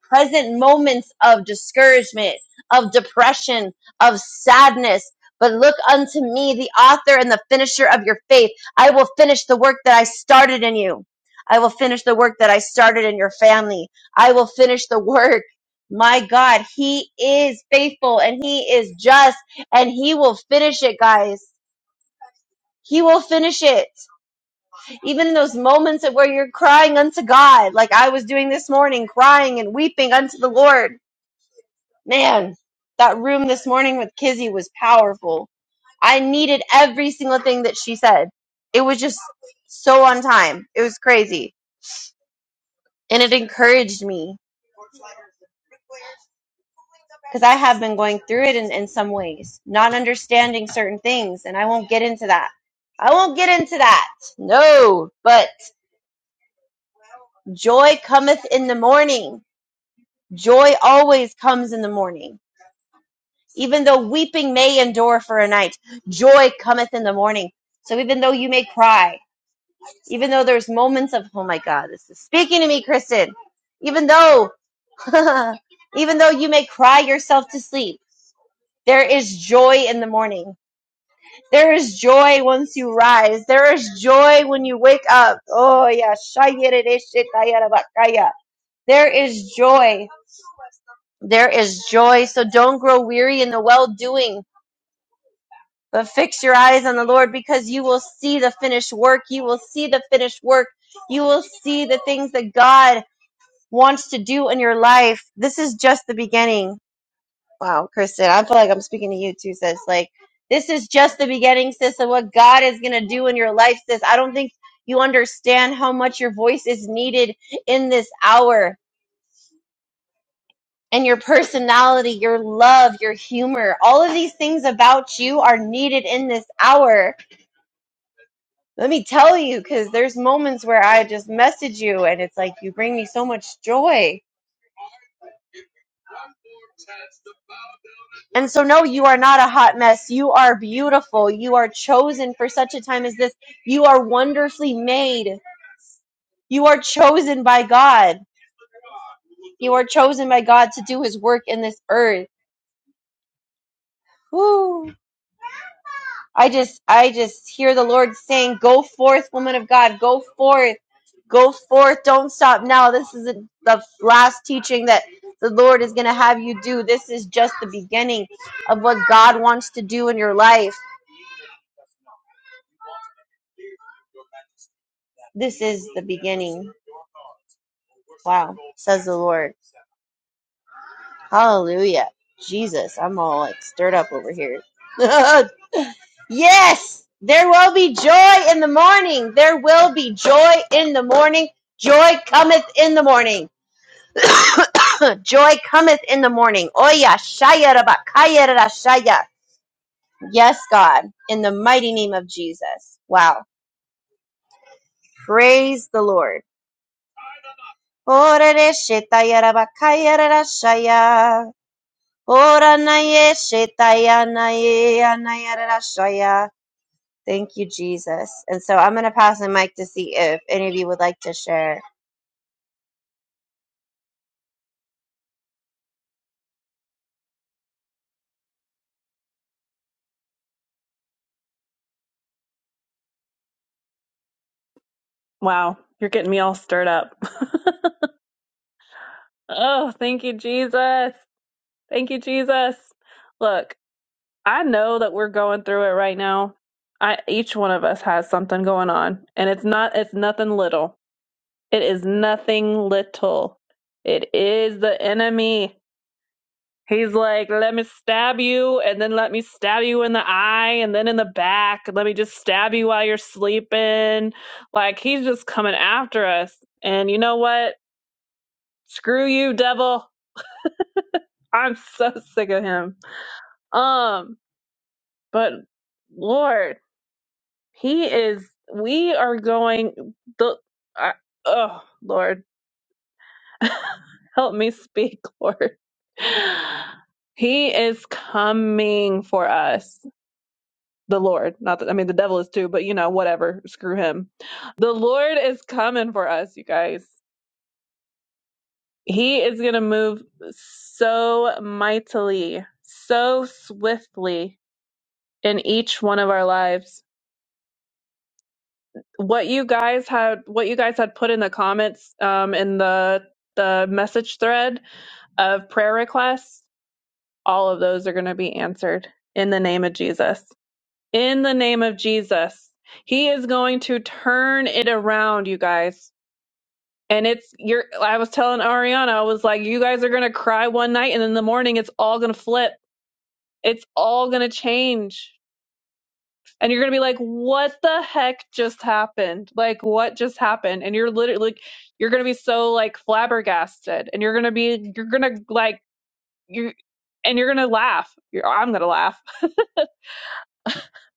S2: present moments of discouragement, of depression, of sadness. But look unto me, the author and the finisher of your faith. I will finish the work that I started in you. I will finish the work that I started in your family. I will finish the work. My God, He is faithful and He is just and He will finish it, guys. He will finish it. Even in those moments of where you're crying unto God, like I was doing this morning, crying and weeping unto the Lord man, that room this morning with Kizzy was powerful. I needed every single thing that she said. It was just so on time. It was crazy. And it encouraged me because I have been going through it in, in some ways, not understanding certain things. And I won't get into that. I won't get into that. No, but joy cometh in the morning. Joy always comes in the morning. Even though weeping may endure for a night, joy cometh in the morning. So even though you may cry, Even though there's moments of, oh my God, this is speaking to me, Kristen. Even though, even though you may cry yourself to sleep, there is joy in the morning. There is joy once you rise. There is joy when you wake up. Oh yeah, Shayeredeshitayarabakaya. there is joy. There is joy. So don't grow weary in the well doing, but fix your eyes on the Lord because you will see the finished work. You will see the finished work. You will see the things that God wants to do in your life. This is just the beginning. Wow, Kristen, I feel like I'm speaking to you too, sis. Like, this is just the beginning, sis, of what God is going to do in your life, sis. I don't think you understand how much your voice is needed in this hour and your personality, your love, your humor. All of these things about you are needed in this hour. Let me tell you, because there's moments where I just message you and it's like, you bring me so much joy And so, no, you are not a hot mess. You are beautiful. You are chosen for such a time as this. You are wonderfully made. You are chosen by God. You are chosen by God to do his work in this earth. Woo. I just I just hear the Lord saying, Go forth, woman of God, go forth. Go forth. Don't stop now. This is the the last teaching that the Lord is going to have you do. This is just the beginning of what God wants to do in your life. This is the beginning. Wow, says the Lord. Hallelujah. Jesus, I'm all like stirred up over here. yes, there will be joy in the morning. There will be joy in the morning. Joy cometh in the morning. joy cometh in the morning. Oya shaya rabakaya rashaya. Yes, God, in the mighty name of Jesus. Wow. Praise the Lord. Ora re shetaya rabakaya rashaya. Ora na ye shetaya na ye anaya rarashaya. Thank you, Jesus. And so I'm going to pass the mic to see if any of you would like to share.
S1: Wow, you're getting me all stirred up. oh, thank you Jesus. Thank you Jesus. Look, I know that we're going through it right now. I each one of us has something going on, and it's not it's nothing little. It is nothing little. It is the enemy. He's like, let me stab you, and then let me stab you in the eye, and then in the back. Let me just stab you while you're sleeping. Like he's just coming after us. And you know what? Screw you, devil. I'm so sick of him. Um, but Lord. He is. We are going. The. I, oh Lord, help me speak, Lord. He is coming for us. The Lord, not that I mean the devil is too, but you know whatever. Screw him. The Lord is coming for us, you guys. He is going to move so mightily, so swiftly in each one of our lives. what you guys had what you guys had put in the comments um, in the the message thread of prayer requests all of those are going to be answered in the name of jesus in the name of jesus he is going to turn it around you guys and it's you're i was telling ariana i was like you guys are going to cry one night and in the morning it's all going to flip it's all going to change and you're gonna be like, "What the heck just happened? Like, what just happened?" And you're literally like, you're gonna be so like flabbergasted, and you're gonna be, you're gonna like you, and you're gonna laugh. You're, I'm gonna laugh.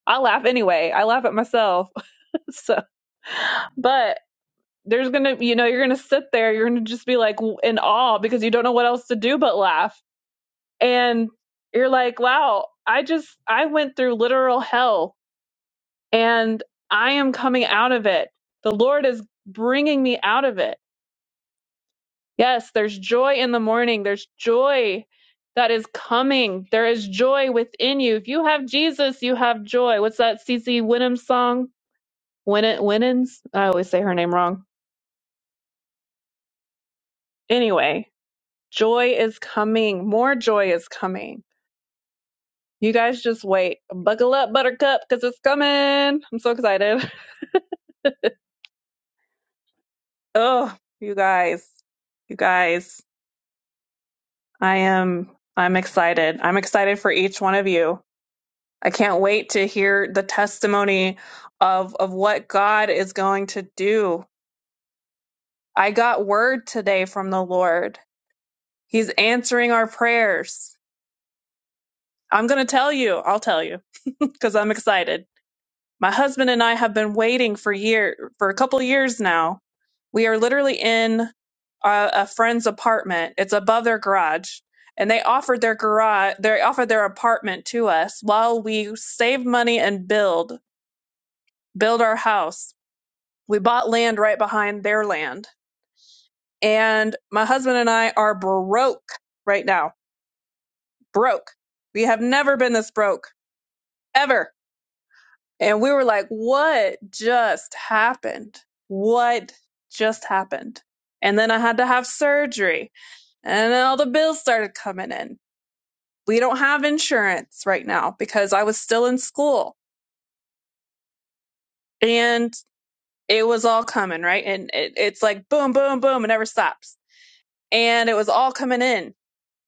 S1: I laugh anyway. I laugh at myself. so, but there's gonna, you know, you're gonna sit there. You're gonna just be like w- in awe because you don't know what else to do but laugh, and you're like, "Wow." I just I went through literal hell and I am coming out of it. The Lord is bringing me out of it. Yes, there's joy in the morning. There's joy that is coming. There is joy within you. If you have Jesus, you have joy. What's that CC Winham song? Win- Winans? I always say her name wrong. Anyway, joy is coming. More joy is coming. You guys just wait. Buckle up, Buttercup, because it's coming. I'm so excited. Oh, you guys. You guys. I am I'm excited. I'm excited for each one of you. I can't wait to hear the testimony of of what God is going to do. I got word today from the Lord. He's answering our prayers. I'm going to tell you. I'll tell you cuz I'm excited. My husband and I have been waiting for year for a couple years now We are literally in a, a friend's apartment. It's above their garage, and they offered their garage, they offered their apartment to us while we saved money and build build our house. We bought land right behind their land, and my husband and I are broke right now. Broke. We have never been this broke ever. And we were like, "What just happened? What just happened?" And then I had to have surgery And then all the bills started coming in. We don't have insurance right now because I was still in school and it was all coming, right? And it, it's like boom, boom, boom, it never stops. And it was all coming in.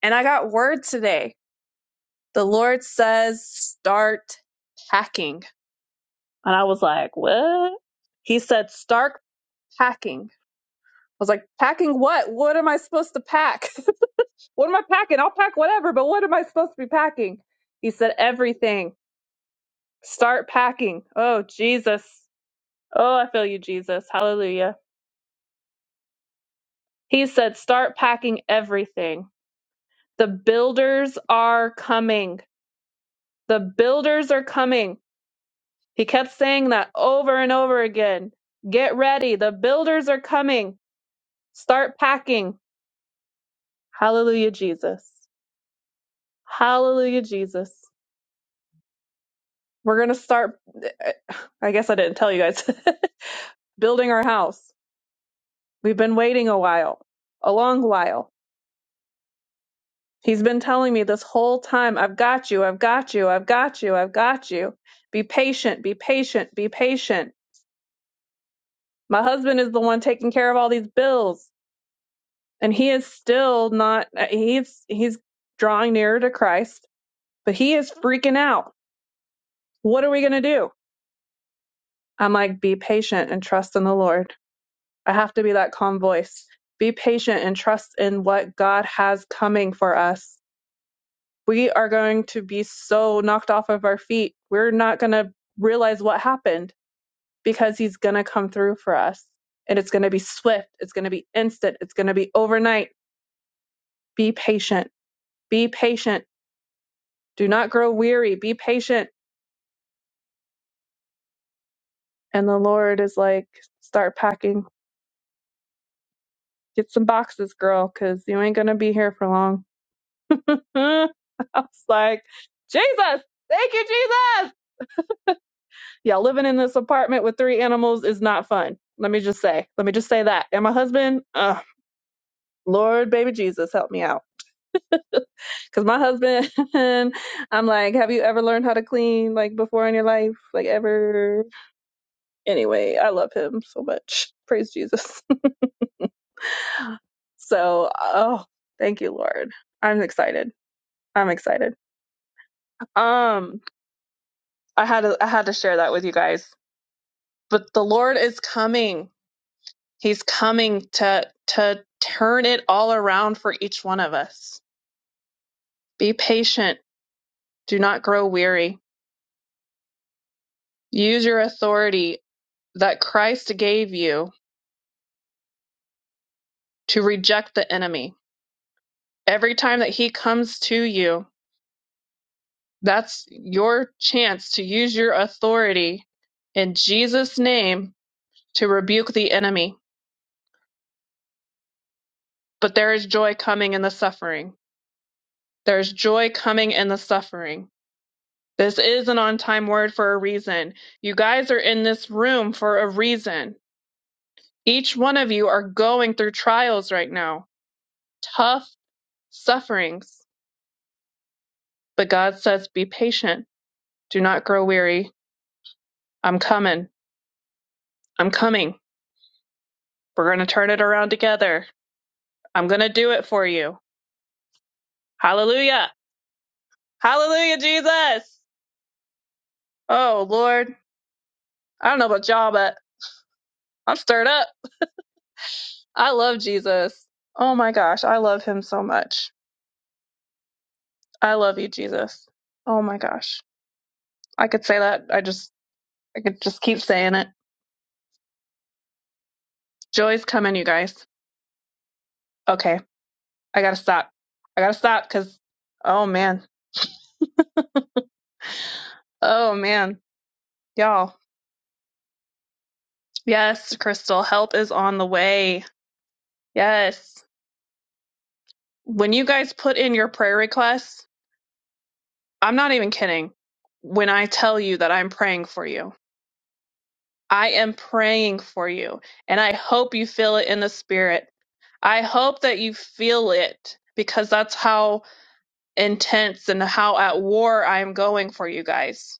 S1: And I got word today. The Lord says, start packing. And I was like, what? He said, start packing. I was like, packing what? What am I supposed to pack? what am I packing? I'll pack whatever, but what am I supposed to be packing? He said, everything Start packing. Oh, Jesus. Oh, I feel you, Jesus. Hallelujah. He said, Start packing everything. The builders are coming. The builders are coming. He kept saying that over and over again. Get ready. The builders are coming. Start packing. Hallelujah, Jesus. Hallelujah, Jesus. We're going to start. I guess I didn't tell you guys. building our house. We've been waiting a while, a long while He's been telling me this whole time, I've got you, I've got you, I've got you, I've got you. Be patient, be patient, be patient. My husband is the one taking care of all these bills, and he is still not uh, he's he's drawing nearer to Christ, but he is freaking out. What are we going to do? I'm like, be patient and trust in the Lord. I have to be that calm voice. Be patient and trust in what God has coming for us. we are going to be so knocked off of our feet. We're not going to realize what happened because he's going to come through for us. And it's going to be swift. It's going to be instant. It's going to be overnight. Be patient. Be patient. Do not grow weary. Be patient. And the Lord is like, start packing. Get some boxes, girl, because you ain't going to be here for long. I was like, Jesus, thank you, Jesus. Yeah, living in this apartment with three animals is not fun. Let me just say. Let me just say that. And my husband, uh, Lord, baby Jesus, help me out. Because my husband, I'm like, have you ever learned how to clean like before in your life? Like ever? Anyway, I love him so much. Praise Jesus. so, oh, thank you, Lord. I'm excited. I'm excited. Um, I had to, I had to share that with you guys. But the Lord is coming. He's coming to to turn it all around for each one of us. Be patient, do not grow weary. Use your authority that Christ gave you to reject the enemy. Every time that he comes to you, that's your chance to use your authority in Jesus name to rebuke the enemy. But there is joy coming in the suffering. There's joy coming in the suffering This is an on time word for a reason. You guys are in this room for a reason. Each one of you are going through trials right now, tough sufferings. But God says, be patient. Do not grow weary. I'm coming. I'm coming. We're going to turn it around together. I'm going to do it for you. Hallelujah. Hallelujah, Jesus. Oh, Lord. I don't know about y'all, but I'm stirred up. I love Jesus. Oh my gosh. I love him so much. I love you, Jesus. Oh my gosh. I could say that. I just I could just keep saying it. Joy's coming, you guys. Okay. I gotta stop. I gotta stop because oh man. Oh man. Y'all. Yes, Crystal, help is on the way. Yes. When you guys put in your prayer requests, I'm not even kidding. When I tell you that I'm praying for you, I am praying for you. And I hope you feel it in the spirit. I hope that you feel it because that's how intense and how at war I am going for you guys.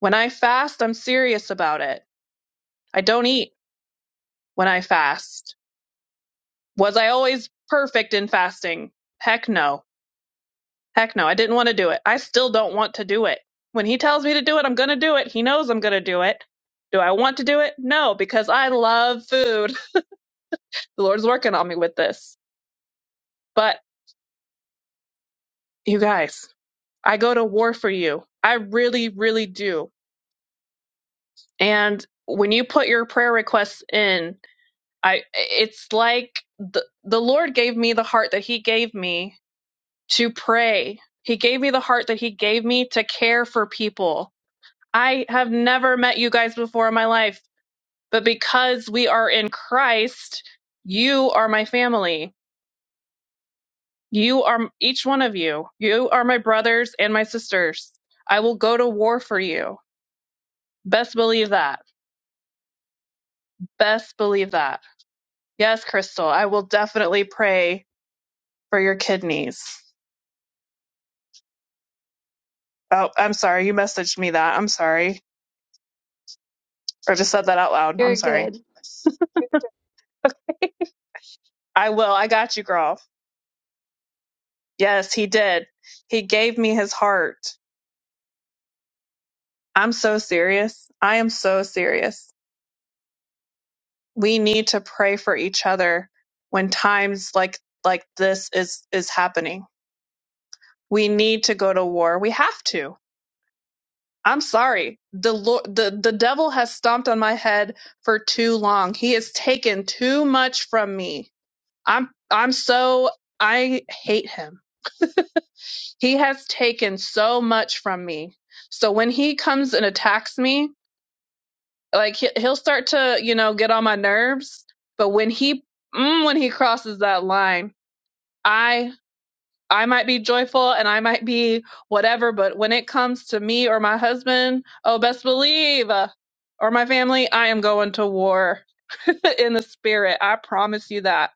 S1: When I fast, I'm serious about it. I don't eat when I fast. Was I always perfect in fasting? Heck no. Heck no. I didn't want to do it. I still don't want to do it. When he tells me to do it, I'm going to do it. He knows I'm going to do it. Do I want to do it? No, because I love food. The Lord's working on me with this. But you guys, I go to war for you. I really, really do. And when you put your prayer requests in, I it's like the, the Lord gave me the heart that he gave me to pray. He gave me the heart that he gave me to care for people. I have never met you guys before in my life, but because we are in Christ, you are my family. You are each one of you. You are my brothers and my sisters. I will go to war for you. Best believe that. Best believe that. Yes, Crystal, I will definitely pray for your kidneys. Oh, I'm sorry. You messaged me that. I'm sorry. Or just said that out loud. I'm
S4: You're
S1: sorry.
S4: good.
S1: I will. I got you, girl. Yes, he did. He gave me his heart. I'm so serious. I am so serious. We need to pray for each other when times like like this is is happening. We need to go to war. We have to. I'm sorry. The Lord, the the devil has stomped on my head for too long. He has taken too much from me. I'm I'm so I hate him. He has taken so much from me. So when he comes and attacks me, like he- he'll start to, you know, get on my nerves. But when he mm, when he crosses that line, I I might be joyful and I might be whatever, but when it comes to me or my husband, oh best believe, uh, or my family, I am going to war in the spirit. I promise you that.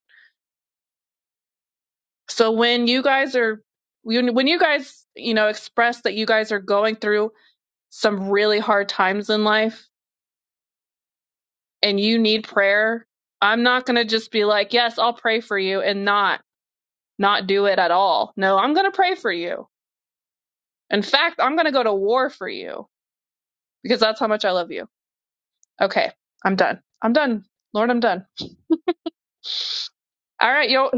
S1: So when you guys are when when you guys, you know, express that you guys are going through some really hard times in life and you need prayer, I'm not going to just be like, "Yes, I'll pray for you" and not not do it at all. No, I'm going to pray for you. In fact, I'm going to go to war for you because that's how much I love you. Okay, I'm done. I'm done. Lord, I'm done. All right, yo,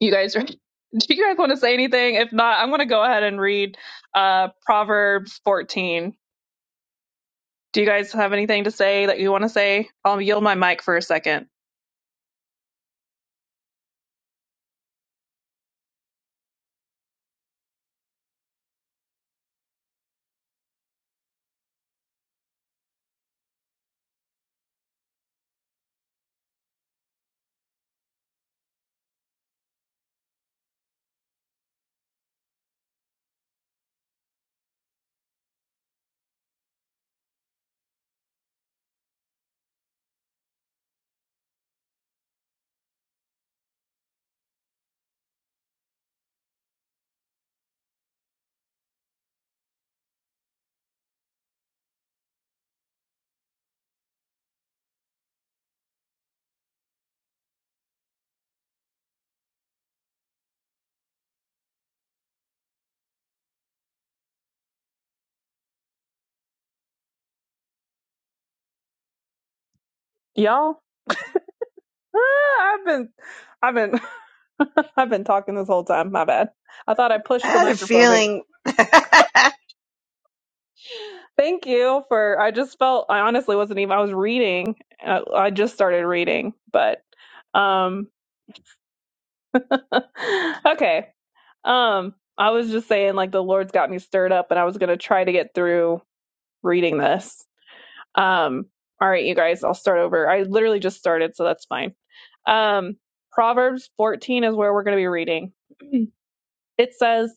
S1: you guys Do you guys want to say anything? If not, I'm going to go ahead and read uh, Proverbs 14. Do you guys have anything to say that you want to say? I'll yield my mic for a second. Y'all, ah, I've been, I've been, I've been talking this whole time. My bad. I thought I
S2: I
S1: pushed the
S2: had a
S1: microphone. Thank
S2: feeling.
S1: thank you for. I just felt. I honestly wasn't even. I was reading. I, I just started reading, but um, okay. Um, I was just saying like the Lord's got me stirred up, and I was gonna try to get through reading this. Um, all right, you guys. I'll start over. I literally just started, so that's fine. Um, Proverbs 14 is where we're gonna be reading. It says.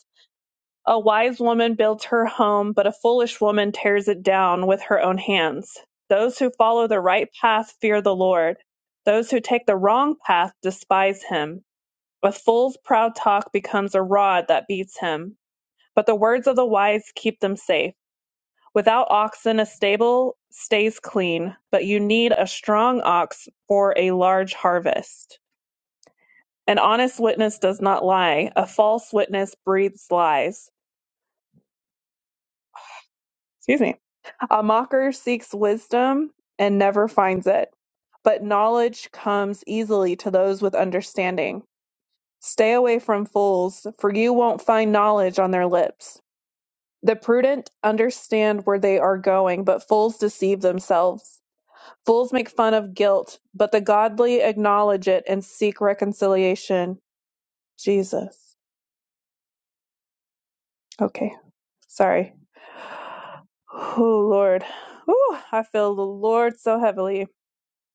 S1: A wise woman builds her home, but a foolish woman tears it down with her own hands. Those who follow the right path fear the Lord. Those who take the wrong path despise him. A fool's proud talk becomes a rod that beats him, but the words of the wise keep them safe. Without oxen, a stable stays clean, but you need a strong ox for a large harvest. An honest witness does not lie, a false witness breathes lies. Excuse me. A mocker seeks wisdom and never finds it, but knowledge comes easily to those with understanding. Stay away from fools, for you won't find knowledge on their lips. The prudent understand where they are going, but fools deceive themselves. Fools make fun of guilt, but the godly acknowledge it and seek reconciliation. Jesus. Okay, sorry. Oh, Lord. Ooh, I feel the Lord so heavily.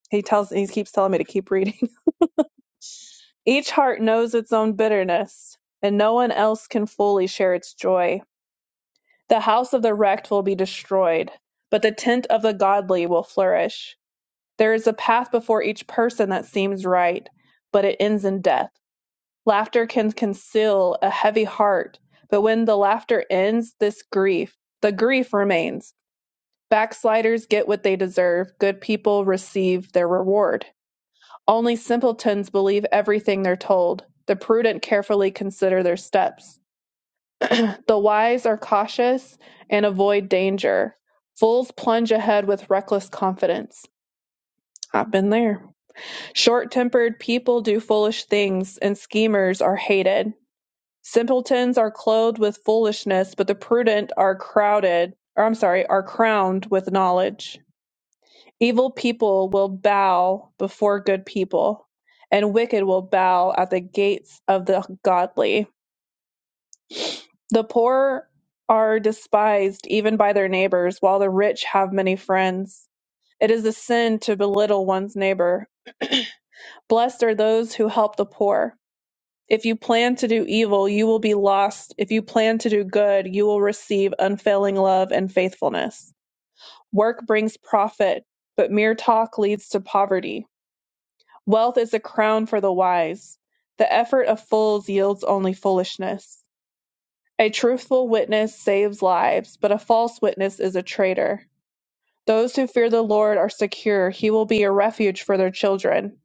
S1: He tells he keeps telling me to keep reading. Each heart knows its own bitterness, and no one else can fully share its joy. The house of the wrecked will be destroyed, but the tent of the godly will flourish. There is a path before each person that seems right, but it ends in death. Laughter can conceal a heavy heart, but when the laughter ends, this grief, the grief remains. Backsliders get what they deserve. Good people receive their reward. Only simpletons believe everything they're told. The prudent carefully consider their steps. the wise are cautious and avoid danger. Fools plunge ahead with reckless confidence. I've been there. Short tempered people do foolish things, and schemers are hated. Simpletons are clothed with foolishness, but the prudent are crowded, or I'm sorry, are crowned with knowledge. Evil people will bow before good people, and wicked will bow at the gates of the godly. The poor are despised even by their neighbors, while the rich have many friends. It is a sin to belittle one's neighbor. Blessed are those who help the poor. If you plan to do evil, you will be lost. If you plan to do good, you will receive unfailing love and faithfulness. Work brings profit, but mere talk leads to poverty. Wealth is a crown for the wise. The effort of fools yields only foolishness. A truthful witness saves lives, but a false witness is a traitor. Those who fear the Lord are secure. He will be a refuge for their children.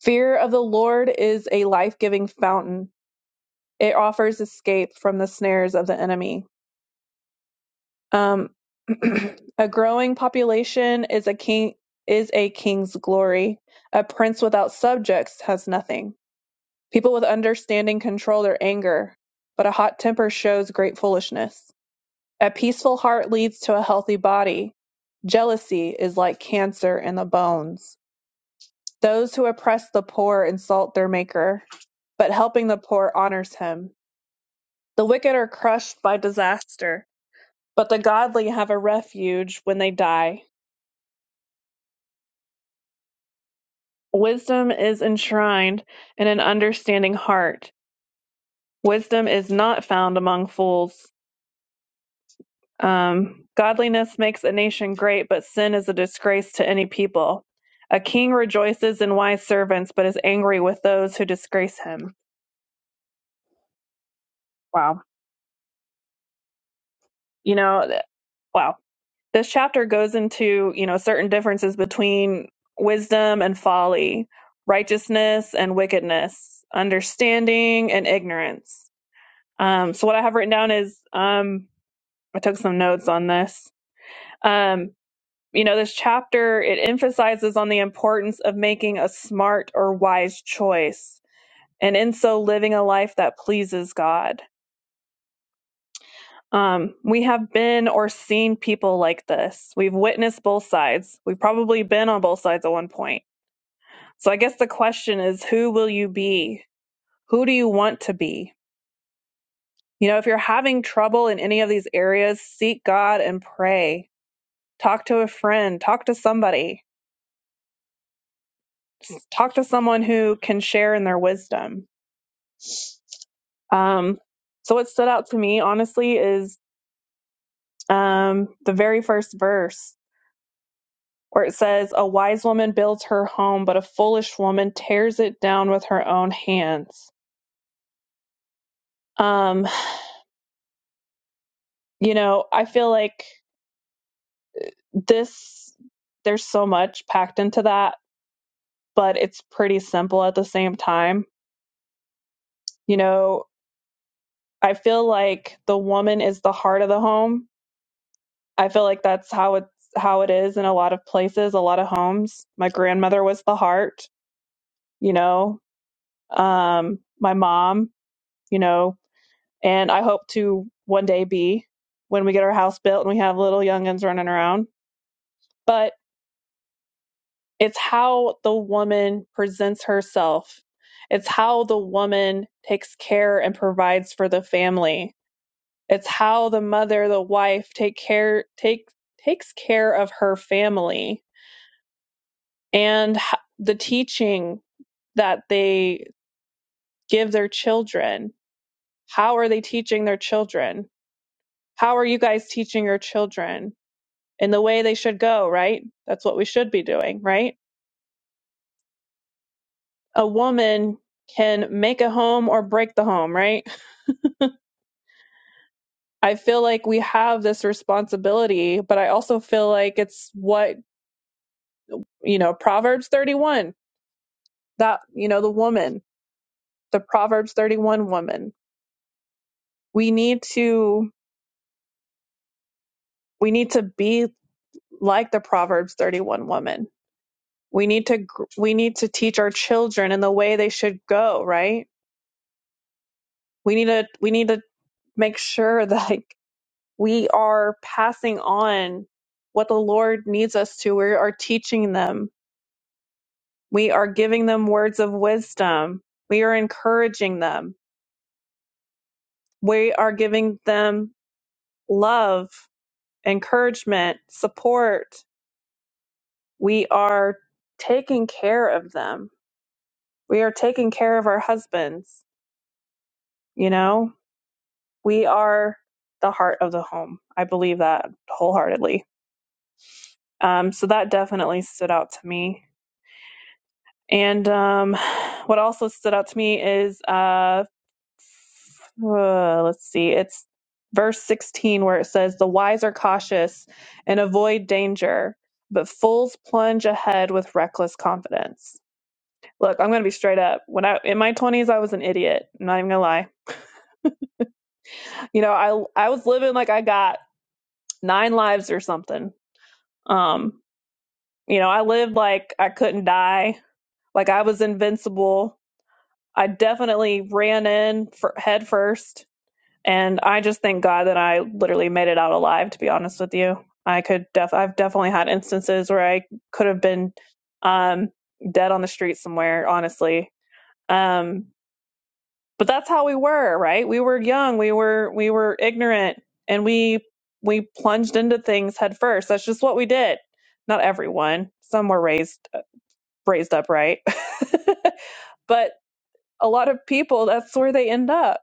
S1: Fear of the Lord is a life giving fountain, it offers escape from the snares of the enemy. Um, a growing population is a king is a king's glory. A prince without subjects has nothing. People with understanding control their anger, but a hot temper shows great foolishness. A peaceful heart leads to a healthy body. Jealousy is like cancer in the bones. Those who oppress the poor insult their maker, but helping the poor honors him. The wicked are crushed by disaster, but the godly have a refuge when they die. Wisdom is enshrined in an understanding heart. Wisdom is not found among fools. Um, Godliness makes a nation great, but sin is a disgrace to any people. A king rejoices in wise servants, but is angry with those who disgrace him. Wow. You know, th- wow. This chapter goes into, you know, certain differences between wisdom and folly, righteousness and wickedness, understanding and ignorance. Um, so, what I have written down is um, I took some notes on this. um. you know this chapter it emphasizes on the importance of making a smart or wise choice and in so living a life that pleases god um, we have been or seen people like this we've witnessed both sides we've probably been on both sides at one point so i guess the question is who will you be who do you want to be you know if you're having trouble in any of these areas seek god and pray talk to a friend talk to somebody talk to someone who can share in their wisdom Um, so what stood out to me, honestly, is um, the very first verse where it says, "A wise woman builds her home, but a foolish woman tears it down with her own hands." Um, you know, I feel like this. There's so much packed into that, but it's pretty simple at the same time. You know, I feel like the woman is the heart of the home. I feel like that's how it's how it is in a lot of places, a lot of homes. My grandmother was the heart you know, um, my mom, you know, and I hope to one day be when we get our house built and we have little youngins running around. But it's how the woman presents herself. It's how the woman takes care and provides for the family. It's how the mother, the wife take care take takes care of her family and h- the teaching that they give their children. How are they teaching their children? How are you guys teaching your children in the way they should go, right? That's what we should be doing, right? A woman can make a home or break the home, right? I feel like we have this responsibility, but I also feel like it's what, you know, Proverbs 31, that, you know, the woman, the Proverbs 31 woman. We need to we need to be like the Proverbs 31 woman. We need to gr- we need to teach our children in the way they should go, right? We need to we need to make sure that like, we are passing on what the Lord needs us to. We are teaching them. We are giving them words of wisdom. We are encouraging them. We are giving them love, encouragement, support. We are taking care of them. We are taking care of our husbands. You know, we are the heart of the home. I believe that wholeheartedly. Um, so that definitely stood out to me And um, what also stood out to me is, uh, uh, let's see, it's verse 16 where it says, The wise are cautious and avoid danger, but fools plunge ahead with reckless confidence. Look, I'm going to be straight up. When I in my 20s, I was an idiot. I'm not even going to lie. You know, I I was living like I got nine lives or something. Um, you know, I lived like I couldn't die, like I was invincible. I definitely ran in for, head first And I just thank God that I literally made it out alive, to be honest with you. I could def I've definitely had instances where I could have been um dead on the street somewhere, honestly. Um but that's how we were, right? We were young, we were we were ignorant and we we plunged into things head first. That's just what we did. Not everyone. Some were raised raised up right. but a lot of people that's where they end up.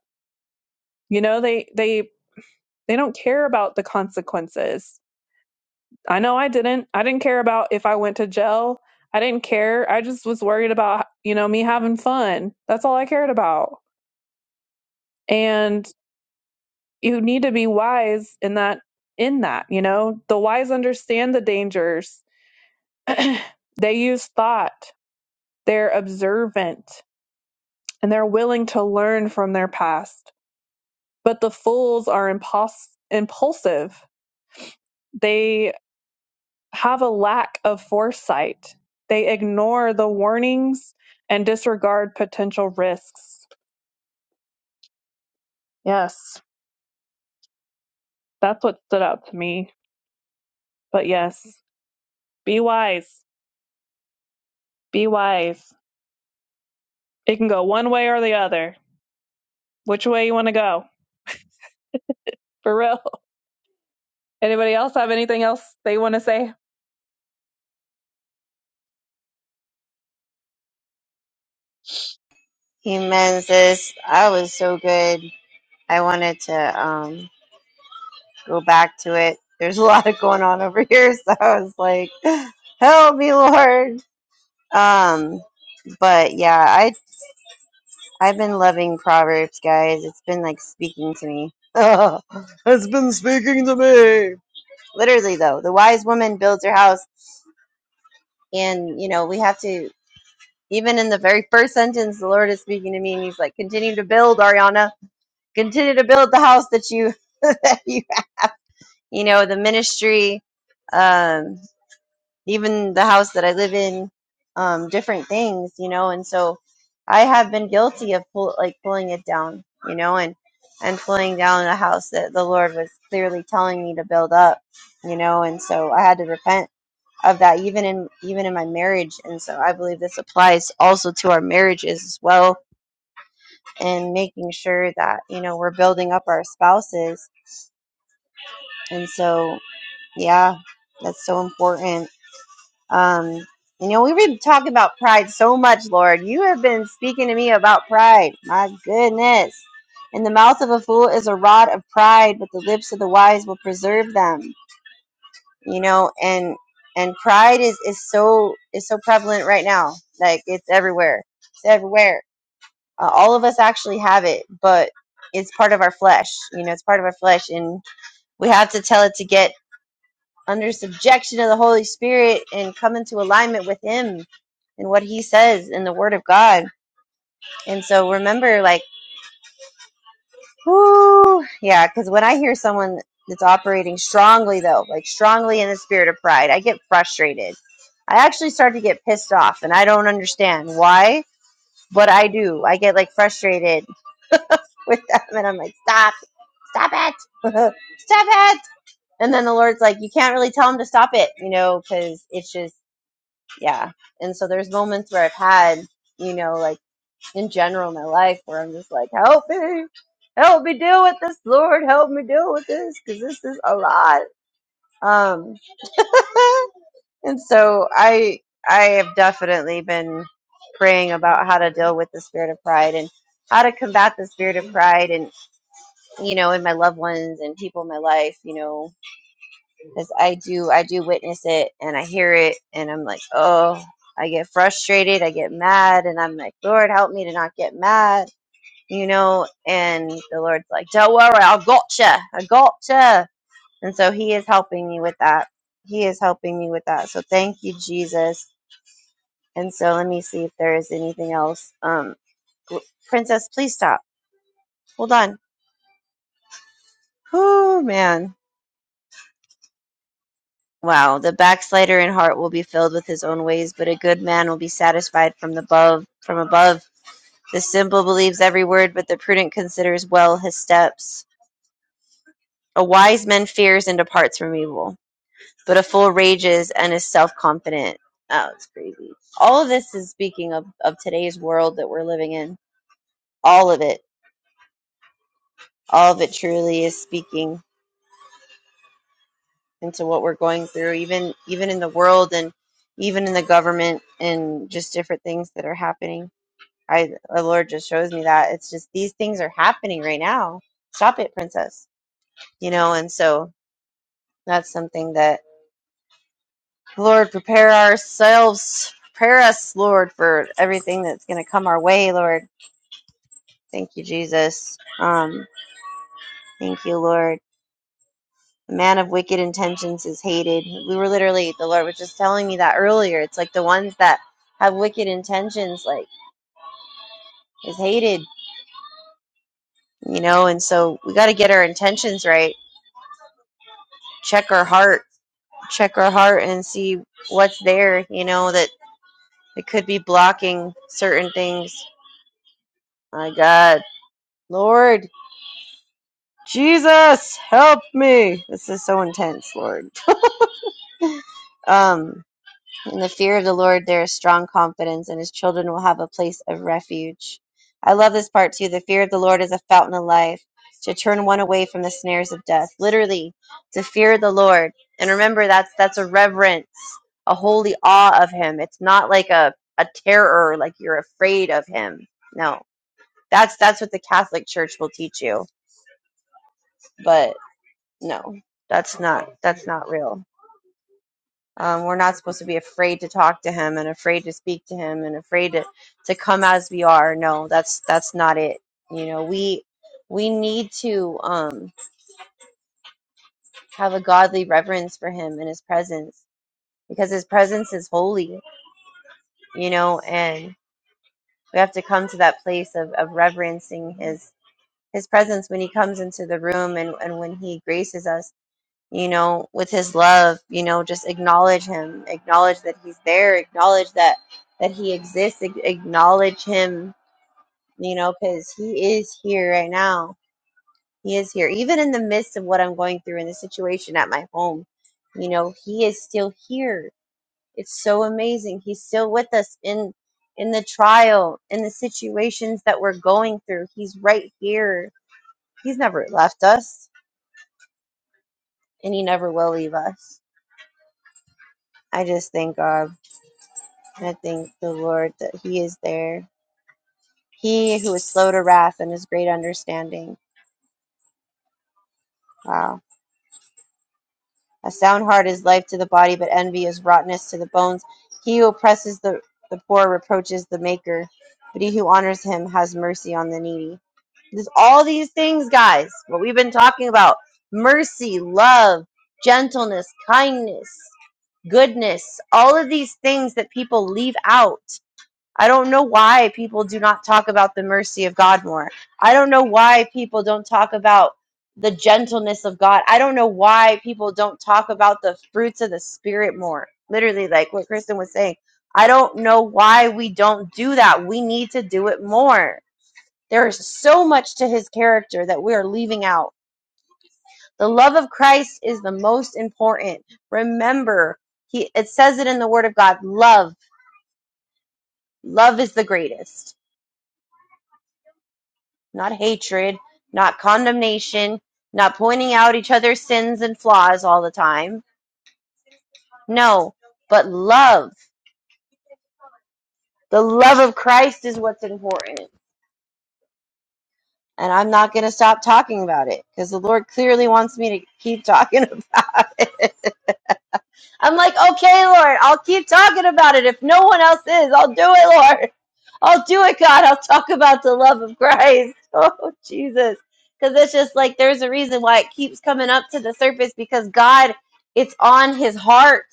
S1: You know, they they They don't care about the consequences. I know I didn't. I didn't care about if I went to jail. I didn't care. I just was worried about, you know, me having fun. That's all I cared about. And you need to be wise in that in that, you know. The wise understand the dangers. They use thought. They're observant and they're willing to learn from their past. But the fools are impuls- impulsive. They have a lack of foresight. They ignore the warnings and disregard potential risks. Yes, that's what stood out to me. But yes, be wise. Be wise. It can go one way or the other. Which way you want to go? For real. Anybody else have anything else they want to say?
S2: Amen, sis. I was so good. I wanted to um, go back to it. There's a lot of going on over here, so I was like, help me, Lord. Um, but yeah, I. I've been loving Proverbs, guys. It's been like speaking to me. Oh, it's been speaking to me. Literally, though, the wise woman builds her house, and you know we have to. Even in the very first sentence, the Lord is speaking to me, and He's like, "Continue to build, Ariana. Continue to build the house that you, that you, you know, the ministry." Um, even the house that I live in, um, different things, you know. And so I have been guilty of pull, like pulling it down, you know, and and pulling down a house that the Lord was clearly telling me to build up, you know. And so I had to repent of that, even in even in my marriage. And so I believe this applies also to our marriages as well, and making sure that you know we're building up our spouses. And so yeah, that's so important Um, you know, we've been talking about pride so much, Lord. You have been speaking to me about pride. My goodness. In the mouth of a fool is a rod of pride, but the lips of the wise will preserve them. You know, and and pride is is so is so prevalent right now. Like it's everywhere. It's everywhere. Uh, all of us actually have it, but it's part of our flesh. You know, it's part of our flesh, and we have to tell it to get under subjection of the Holy Spirit and come into alignment with Him and what He says in the Word of God. And so remember, like, whoo, yeah, because when I hear someone that's operating strongly, though, like strongly in the spirit of pride, I get frustrated. I actually start to get pissed off and I don't understand why, but I do. I get like frustrated with them and I'm like, stop, stop it, stop it. And then the Lord's like, you can't really tell them to stop it, you know, because it's just, yeah. And so there's moments where I've had, you know, like in general in my life where I'm just like, help me, help me deal with this, Lord, help me deal with this because this is a lot. Um, and so I, I have definitely been praying about how to deal with the spirit of pride and how to combat the spirit of pride and you know in my loved ones and people in my life you know because I do I do witness it and I hear it and I'm like, oh, I get frustrated, I get mad, and I'm like, Lord, help me to not get mad, you know. And the Lord's like, don't worry, I gotcha, I gotcha. And so He is helping me with that. He is helping me with that. So thank you, Jesus. And so let me see if there is anything else. Um, Princess, please stop. Hold on. Oh man. Wow, the backslider in heart will be filled with his own ways, but a good man will be satisfied from above. From above, the simple believes every word, but the prudent considers well his steps. A wise man fears and departs from evil, but a fool rages and is self-confident. Oh, it's crazy. All of this is speaking of of today's world that we're living in. All of it, all of it, truly is speaking into what we're going through, even even in the world and even in the government and just different things that are happening I the Lord just shows me that it's just these things are happening right now. Stop it, princess. You know, and so that's something that Lord prepare ourselves, prepare us, Lord, for everything that's going to come our way, Lord. Thank you, Jesus. Um, thank you, Lord. The man of wicked intentions is hated. We were literally the Lord was just telling me that earlier. It's like the ones that have wicked intentions, like is hated, you know. And so we got to get our intentions right. Check our heart check our heart and see what's there, you know, that it could be blocking certain things. My God. Lord Jesus, help me. This is so intense, Lord. Um In the fear of the Lord, there is strong confidence, and his children will have a place of refuge. I love this part too. The fear of the Lord is a fountain of life to turn one away from the snares of death. Literally, to fear the Lord. And remember, that's that's a reverence, a holy awe of him. It's not like a, a terror, like you're afraid of him. No, that's that's what the Catholic Church will teach you. But no, that's not that's not real. Um, we're not supposed to be afraid to talk to him and afraid to speak to him and afraid to, to come as we are. No, that's that's not it. You know, we we need to um, have a godly reverence for him and his presence because his presence is holy. You know, and we have to come to that place of, of reverencing his his presence when he comes into the room and, and when he graces us you know, with his love, you know, just acknowledge him, acknowledge that he's there, acknowledge that that he exists, ac- acknowledge him, you know, cuz he is here right now. He is here even in the midst of what I'm going through in the situation at my home. You know, he is still here. It's so amazing. He's still with us in in the trial, in the situations that we're going through. He's right here. He's never left us and he never will leave us. I just thank God. I thank the Lord that He is there. He who is slow to wrath and is great understanding. Wow. A sound heart is life to the body, but envy is rottenness to the bones. He who oppresses the, the poor reproaches the maker, but he who honors him has mercy on the needy. There's all these things, guys, what we've been talking about mercy, love, gentleness, kindness, goodness, all of these things that people leave out I don't know why people do not talk about the mercy of God more. I don't know why people don't talk about the gentleness of God. I don't know why people don't talk about the fruits of the Spirit more. Literally, like what Kristen was saying. I don't know why we don't do that. We need to do it more. There is so much to his character that we are leaving out. The love of Christ is the most important. Remember, he it says it in the word of God, love. Love is the greatest not hatred, not condemnation, not pointing out each other's sins and flaws all the time. No, but love. The love of Christ is what's important. And I'm not going to stop talking about it because the Lord clearly wants me to keep talking about it. I'm like, okay, Lord, I'll keep talking about it. If no one else is, I'll do it, Lord. I'll do it, God. I'll talk about the love of Christ. Oh, Jesus. Because it's just like there's a reason why it keeps coming up to the surface because God, it's on his heart.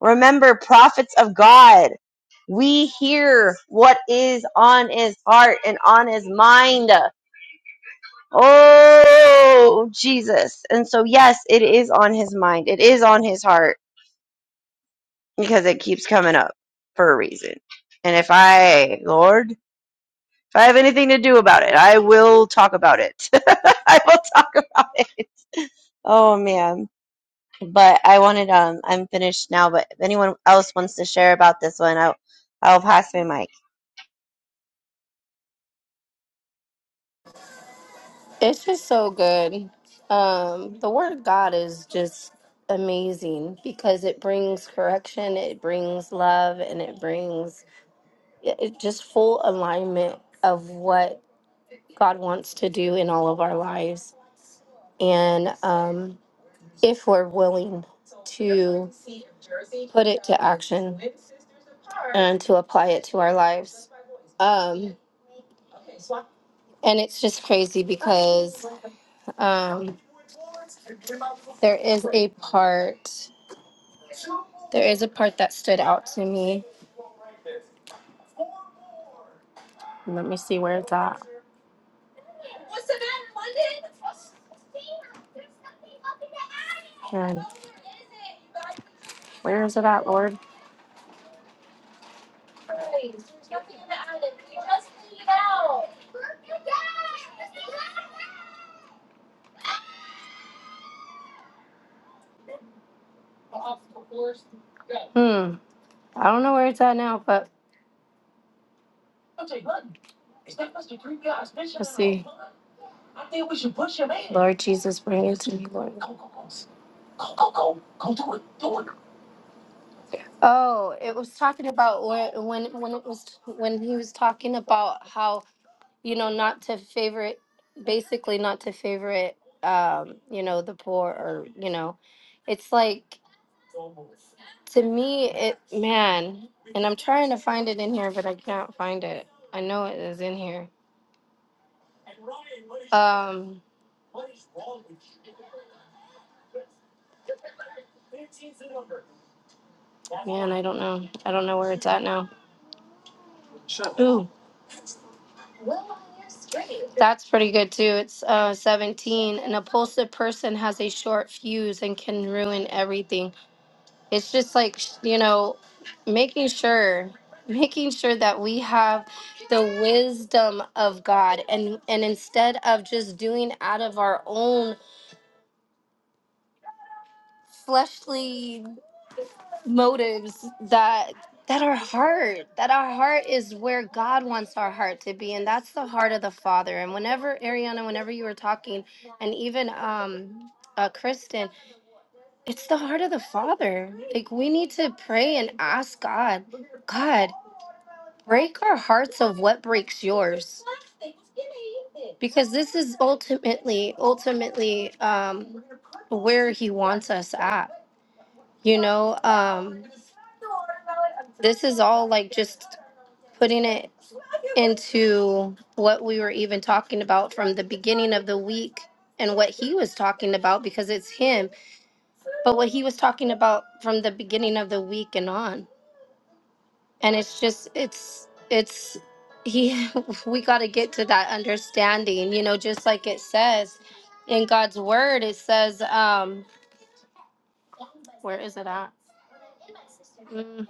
S2: Remember, prophets of God, we hear what is on his heart and on his mind. Oh, Jesus. And so, yes, it is on his mind, it is on his heart because it keeps coming up for a reason. And if I, Lord, If I have anything to do about it, I will talk about it. I will talk about it. Oh man. But I wanted um I'm finished now, but if anyone else wants to share about this one, I'll I'll pass my mic.
S4: It's just so good. Um, the word of God is just amazing because it brings correction, it brings love, and it brings it it just full alignment of what God wants to do in all of our lives. And um, if we're willing to put it to action and to apply it to our lives. Um, and it's just crazy because um, there is a part. There is a part that stood out to me. Let me see where it's at. And where is it at, Lord? Hmm. I don't know where it's at now, but let's see. Lord Jesus, bring it to me, Lord. Oh, it was talking about when when when it was when he was talking about how you know, not to favorite, basically not to favorite, um, you know, the poor or, you know, it's like, to me, it, man, and I'm trying to find it in here, but I can't find it. I know it is in here. Um, man, I don't know. I don't know where it's at now. Ooh, that's pretty good too. It's uh 17. An impulsive person has a short fuse and can ruin everything. it's just like sh- you know making sure making sure that we have the wisdom of god and and instead of just doing out of our own fleshly motives that that our heart that our heart is where god wants our heart to be and that's the heart of the father and whenever ariana whenever you were talking and even um uh, kristen it's the heart of the father like we need to pray and ask god God, break our hearts of what breaks yours because this is ultimately ultimately um where he wants us at you know um this is all like just putting it into what we were even talking about from the beginning of the week and what he was talking about because it's him but what he was talking about from the beginning of the week and on and it's just it's it's he we got to get to that understanding you know just like it says in god's word it says um where is it at Mm,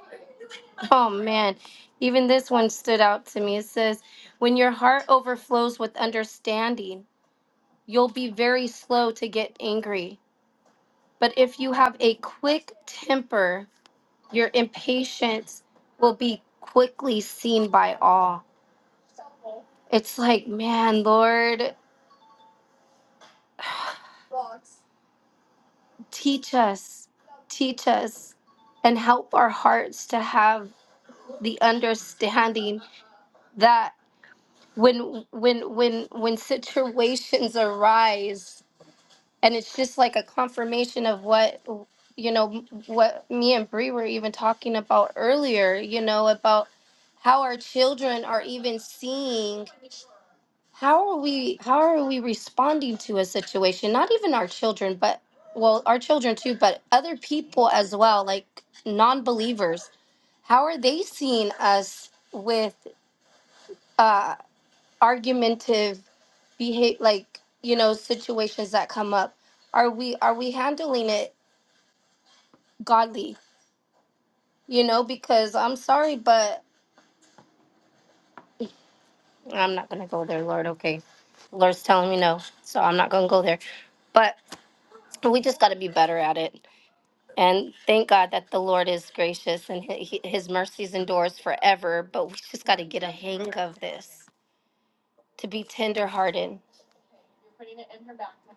S4: oh man even this one stood out to me it says when your heart overflows with understanding you'll be very slow to get angry but if you have a quick temper your impatience will be quickly seen by all It's like, man, Lord, teach us, teach us, and help our hearts to have the understanding that when when when when situations arise, and it's just like a confirmation of what you know what me and Bree were even talking about earlier. You know about how our children are even seeing how are we how are we responding to a situation not even our children but well our children too but other people as well like non-believers how are they seeing us with uh argumentative behave like you know situations that come up are we are we handling it godly you know because i'm sorry but i'm not gonna go there lord okay lord's telling me no so i'm not gonna go there but we just got to be better at it And thank God that the Lord is gracious and hi- hi- his mercies endures forever. But we just got to get a hang of this to be tenderhearted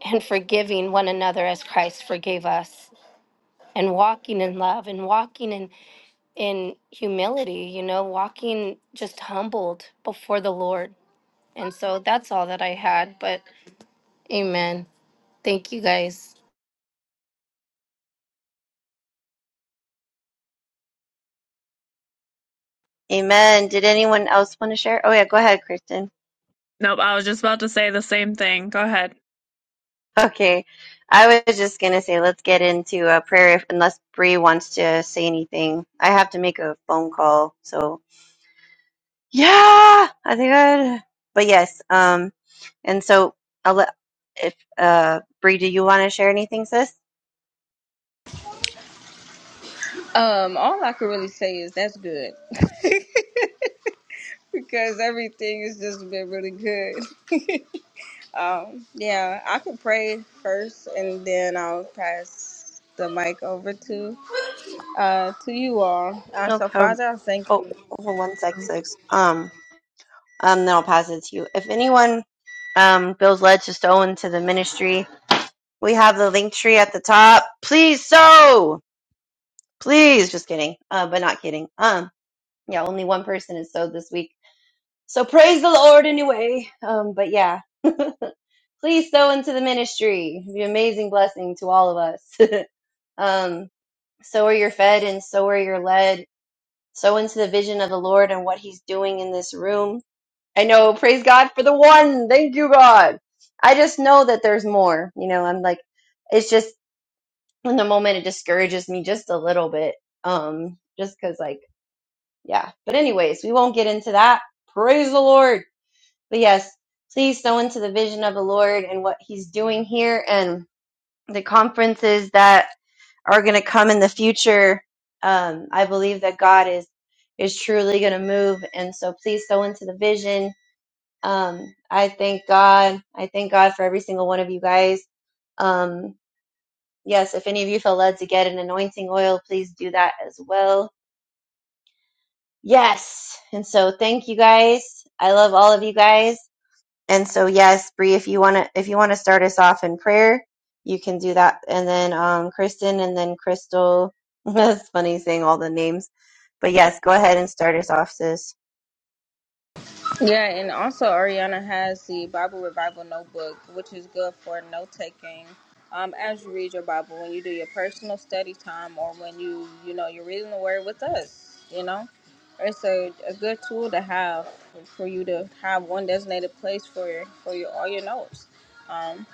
S4: and forgiving one another as Christ forgave us and walking in love and walking in, in humility, you know, walking just humbled before the Lord. And so that's all that I had. But amen. Thank you guys.
S2: Amen. Did anyone else want to share? Oh yeah, go ahead, Kristen.
S1: Nope, I was just about to say the same thing. Go ahead.
S2: Okay. I was just gonna say let's get into a prayer if, unless Bree wants to say anything. I have to make a phone call, so Yeah, I think I. But yes, um, and so I'll let if uh, Bree, do you want to share anything, sis?
S3: Um, all I could really say is that's good. because everything has just been really good. um, yeah, I could pray first and then I'll pass the mic over to uh to you all. Uh,
S2: No.
S3: so
S2: Um,
S3: Father, I thank
S2: oh,
S3: you.
S2: hold one sec, six. Um, um, then I'll pass it to you. If anyone um feels led to sow into the ministry, we have the link tree at the top. Please sow. Please, just kidding. Uh, but not kidding. Um, yeah, only one person has sowed this week. So praise the Lord anyway. Um, but yeah, please sow into the ministry. It'd be an amazing blessing to all of us. um, so are you're fed and so are you're led. Sow into the vision of the Lord and what he's doing in this room. I know, praise God for the one. Thank you, God. I just know that there's more. You know, I'm like, it's just in the moment it discourages me just a little bit. Um, just cause like, yeah. But anyways, we won't get into that. Praise the Lord. But yes, please sow into the vision of the Lord and what He's doing here and the conferences that are going to come in the future. Um, I believe that God is is truly going to move, and so please sow into the vision. Um, I thank God. I thank God for every single one of you guys. Um, yes, if any of you feel led to get an anointing oil, please do that as well. Yes, and so thank you guys. I love all of you guys And so, yes, Bree, if you want to, if you want to start us off in prayer, you can do that. And then, um, Kristen and then Crystal. That's funny saying all the names, but yes, go ahead and start us off, sis.
S3: Yeah, and also Ariana has the Bible Revival Notebook, which is good for note taking. Um, as you read your Bible, when you do your personal study time, or when you you know you're reading the Word with us, you know, it's a, a good tool to have for you to have one designated place for your for your all your notes. Um,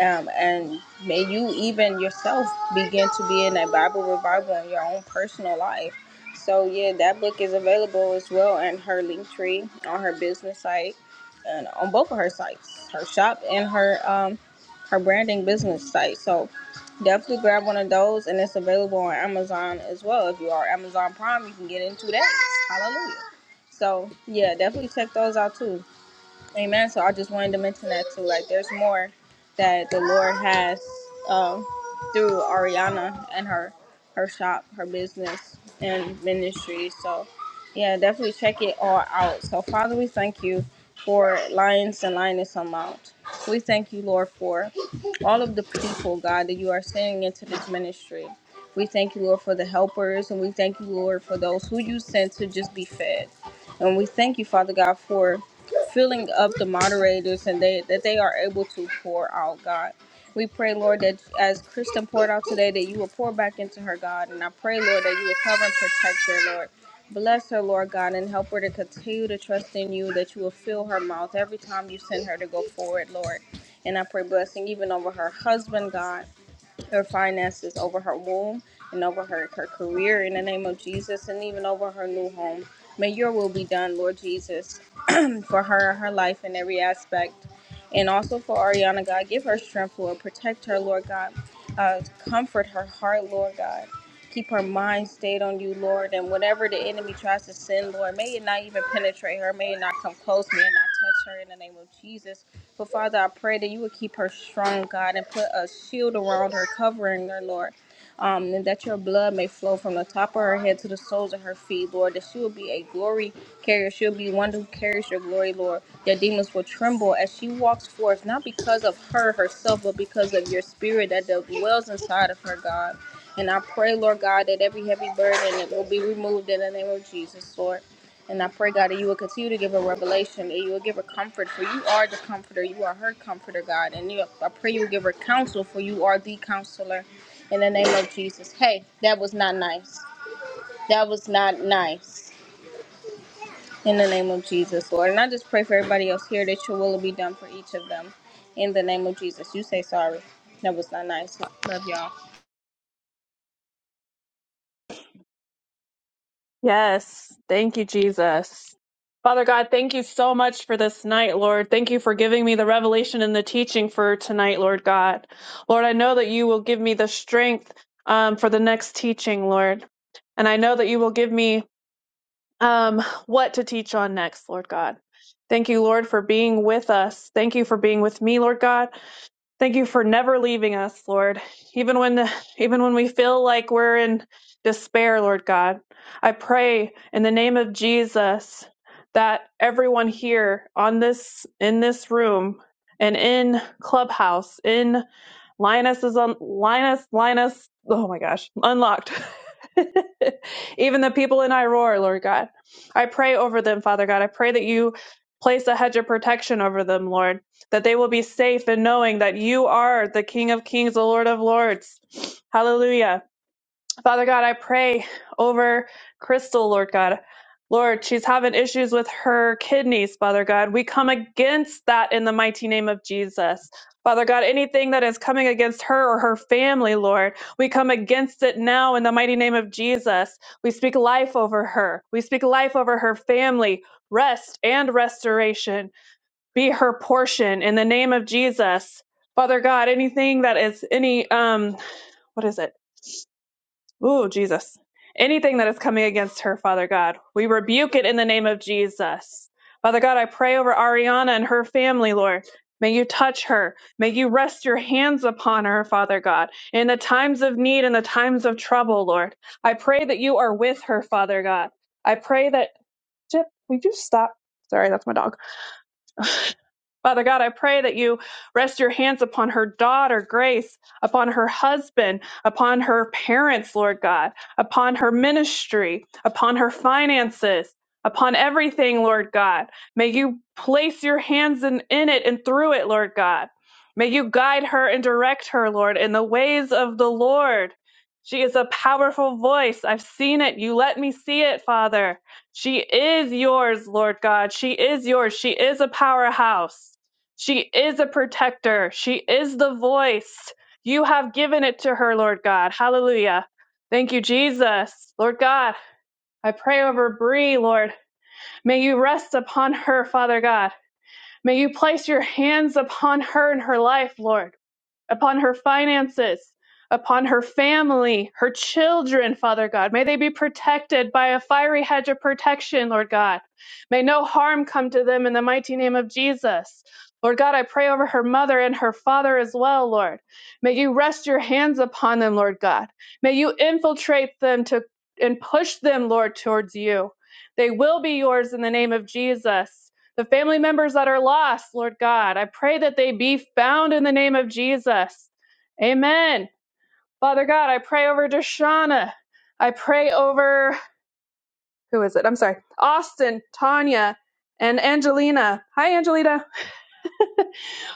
S3: um, and may you even yourself begin to be in a Bible revival in your own personal life. So yeah, that book is available as well in her link tree on her business site and on both of her sites, her shop and her um, her branding business site. So definitely grab one of those, and it's available on Amazon as well. If you are Amazon Prime, you can get it in two days. Hallelujah. So yeah, definitely check those out too. Amen. So I just wanted to mention that too. Like, there's more that the Lord has um, through Ariana and her her shop, her business, and ministry. So, yeah, definitely check it all out. So, Father, we thank you for Lions and Lioness on Mount. We thank you, Lord, for all of the people, God, that you are sending into this ministry. We thank you, Lord, for the helpers, and we thank you, Lord, for those who you sent to just be fed. And we thank you, Father God, for filling up the moderators and they that they are able to pour out god we pray lord that as kristen poured out today that you will pour back into her god and i pray lord that you will cover and protect her lord bless her lord god and help her to continue to trust in you that you will fill her mouth every time you send her to go forward lord and i pray blessing even over her husband god her finances over her womb and over her, her career in the name of jesus and even over her new home may your will be done lord jesus for her and her life in every aspect. And also for Ariana, God, give her strength, Lord. Protect her, Lord God. Uh, comfort her heart, Lord God. Keep her mind stayed on you, Lord. And whatever the enemy tries to send, Lord, may it not even penetrate her. May it not come close. May it not touch her in the name of Jesus. But Father, I pray that you would keep her strong, God, and put a shield around her, covering her, Lord. Um, and that your blood may flow from the top of her head to the soles of her feet, Lord. That she will be a glory carrier. She'll be one who carries your glory, Lord. Their demons will tremble as she walks forth, not because of her herself, but because of your spirit that dwells inside of her, God. And I pray, Lord God, that every heavy burden it will be removed in the name of Jesus, Lord. And I pray, God, that you will continue to give her revelation, that you will give her comfort, for you are the comforter. You are her comforter, God. And you, I pray you will give her counsel, for you are the counselor. In the name of Jesus. Hey, that was not nice. That was not nice. In the name of Jesus, Lord. And I just pray for everybody else here that your will will be done for each of them. In the name of Jesus. You say sorry. That was not nice. Love y'all.
S1: Yes. Thank you, Jesus. Father God, thank you so much for this night, Lord. Thank you for giving me the revelation and the teaching for tonight, Lord God. Lord, I know that you will give me the strength um, for the next teaching, Lord. And I know that you will give me um, what to teach on next, Lord God. Thank you, Lord, for being with us. Thank you for being with me, Lord God. Thank you for never leaving us, Lord. Even when even when we feel like we're in despair, Lord God. I pray in the name of Jesus that everyone here on this in this room and in Clubhouse, in Linus is on Linus, Linus. Oh my gosh, unlocked. Even the people in I roar, Lord God. I pray over them, Father God. I pray that you place a hedge of protection over them, Lord, that they will be safe in knowing that you are the King of Kings, the Lord of Lords. Hallelujah. Father God, I pray over Crystal, Lord God. Lord, she's having issues with her kidneys, Father God. We come against that in the mighty name of Jesus. Father God, anything that is coming against her or her family, Lord, we come against it now in the mighty name of Jesus. We speak life over her. We speak life over her family. Rest and restoration be her portion in the name of Jesus. Father God, anything that is any um what is it? Ooh, Jesus. Anything that is coming against her, Father God, we rebuke it in the name of Jesus. Father God, I pray over Ariana and her family, Lord. May you touch her. May you rest your hands upon her, Father God, in the times of need and the times of trouble, Lord. I pray that you are with her, Father God. I pray that. Chip, would you stop? Sorry, that's my dog. Father God, I pray that you rest your hands upon her daughter, Grace, upon her husband, upon her parents, Lord God, upon her ministry, upon her finances, upon everything, Lord God. May you place your hands in, in it and through it, Lord God. May you guide her and direct her, Lord, in the ways of the Lord. She is a powerful voice. I've seen it. You let me see it, Father. She is yours, Lord God. She is yours. She is a powerhouse. She is a protector. She is the voice. You have given it to her, Lord God. Hallelujah. Thank you, Jesus. Lord God, I pray over Bree, Lord. May you rest upon her, Father God. May you place your hands upon her and her life, Lord upon her finances, upon her family, her children, Father God. May they be protected by a fiery hedge of protection, Lord God. May no harm come to them in the mighty name of Jesus. Lord God, I pray over her mother and her father as well, Lord. May you rest your hands upon them, Lord God. May you infiltrate them to and push them, Lord, towards you. They will be yours in the name of Jesus. The family members that are lost, Lord God, I pray that they be found in the name of Jesus. Amen. Father God, I pray over Deshauna. I pray over, who is it? I'm sorry, Austin, Tanya, and Angelina. Hi, Angelina.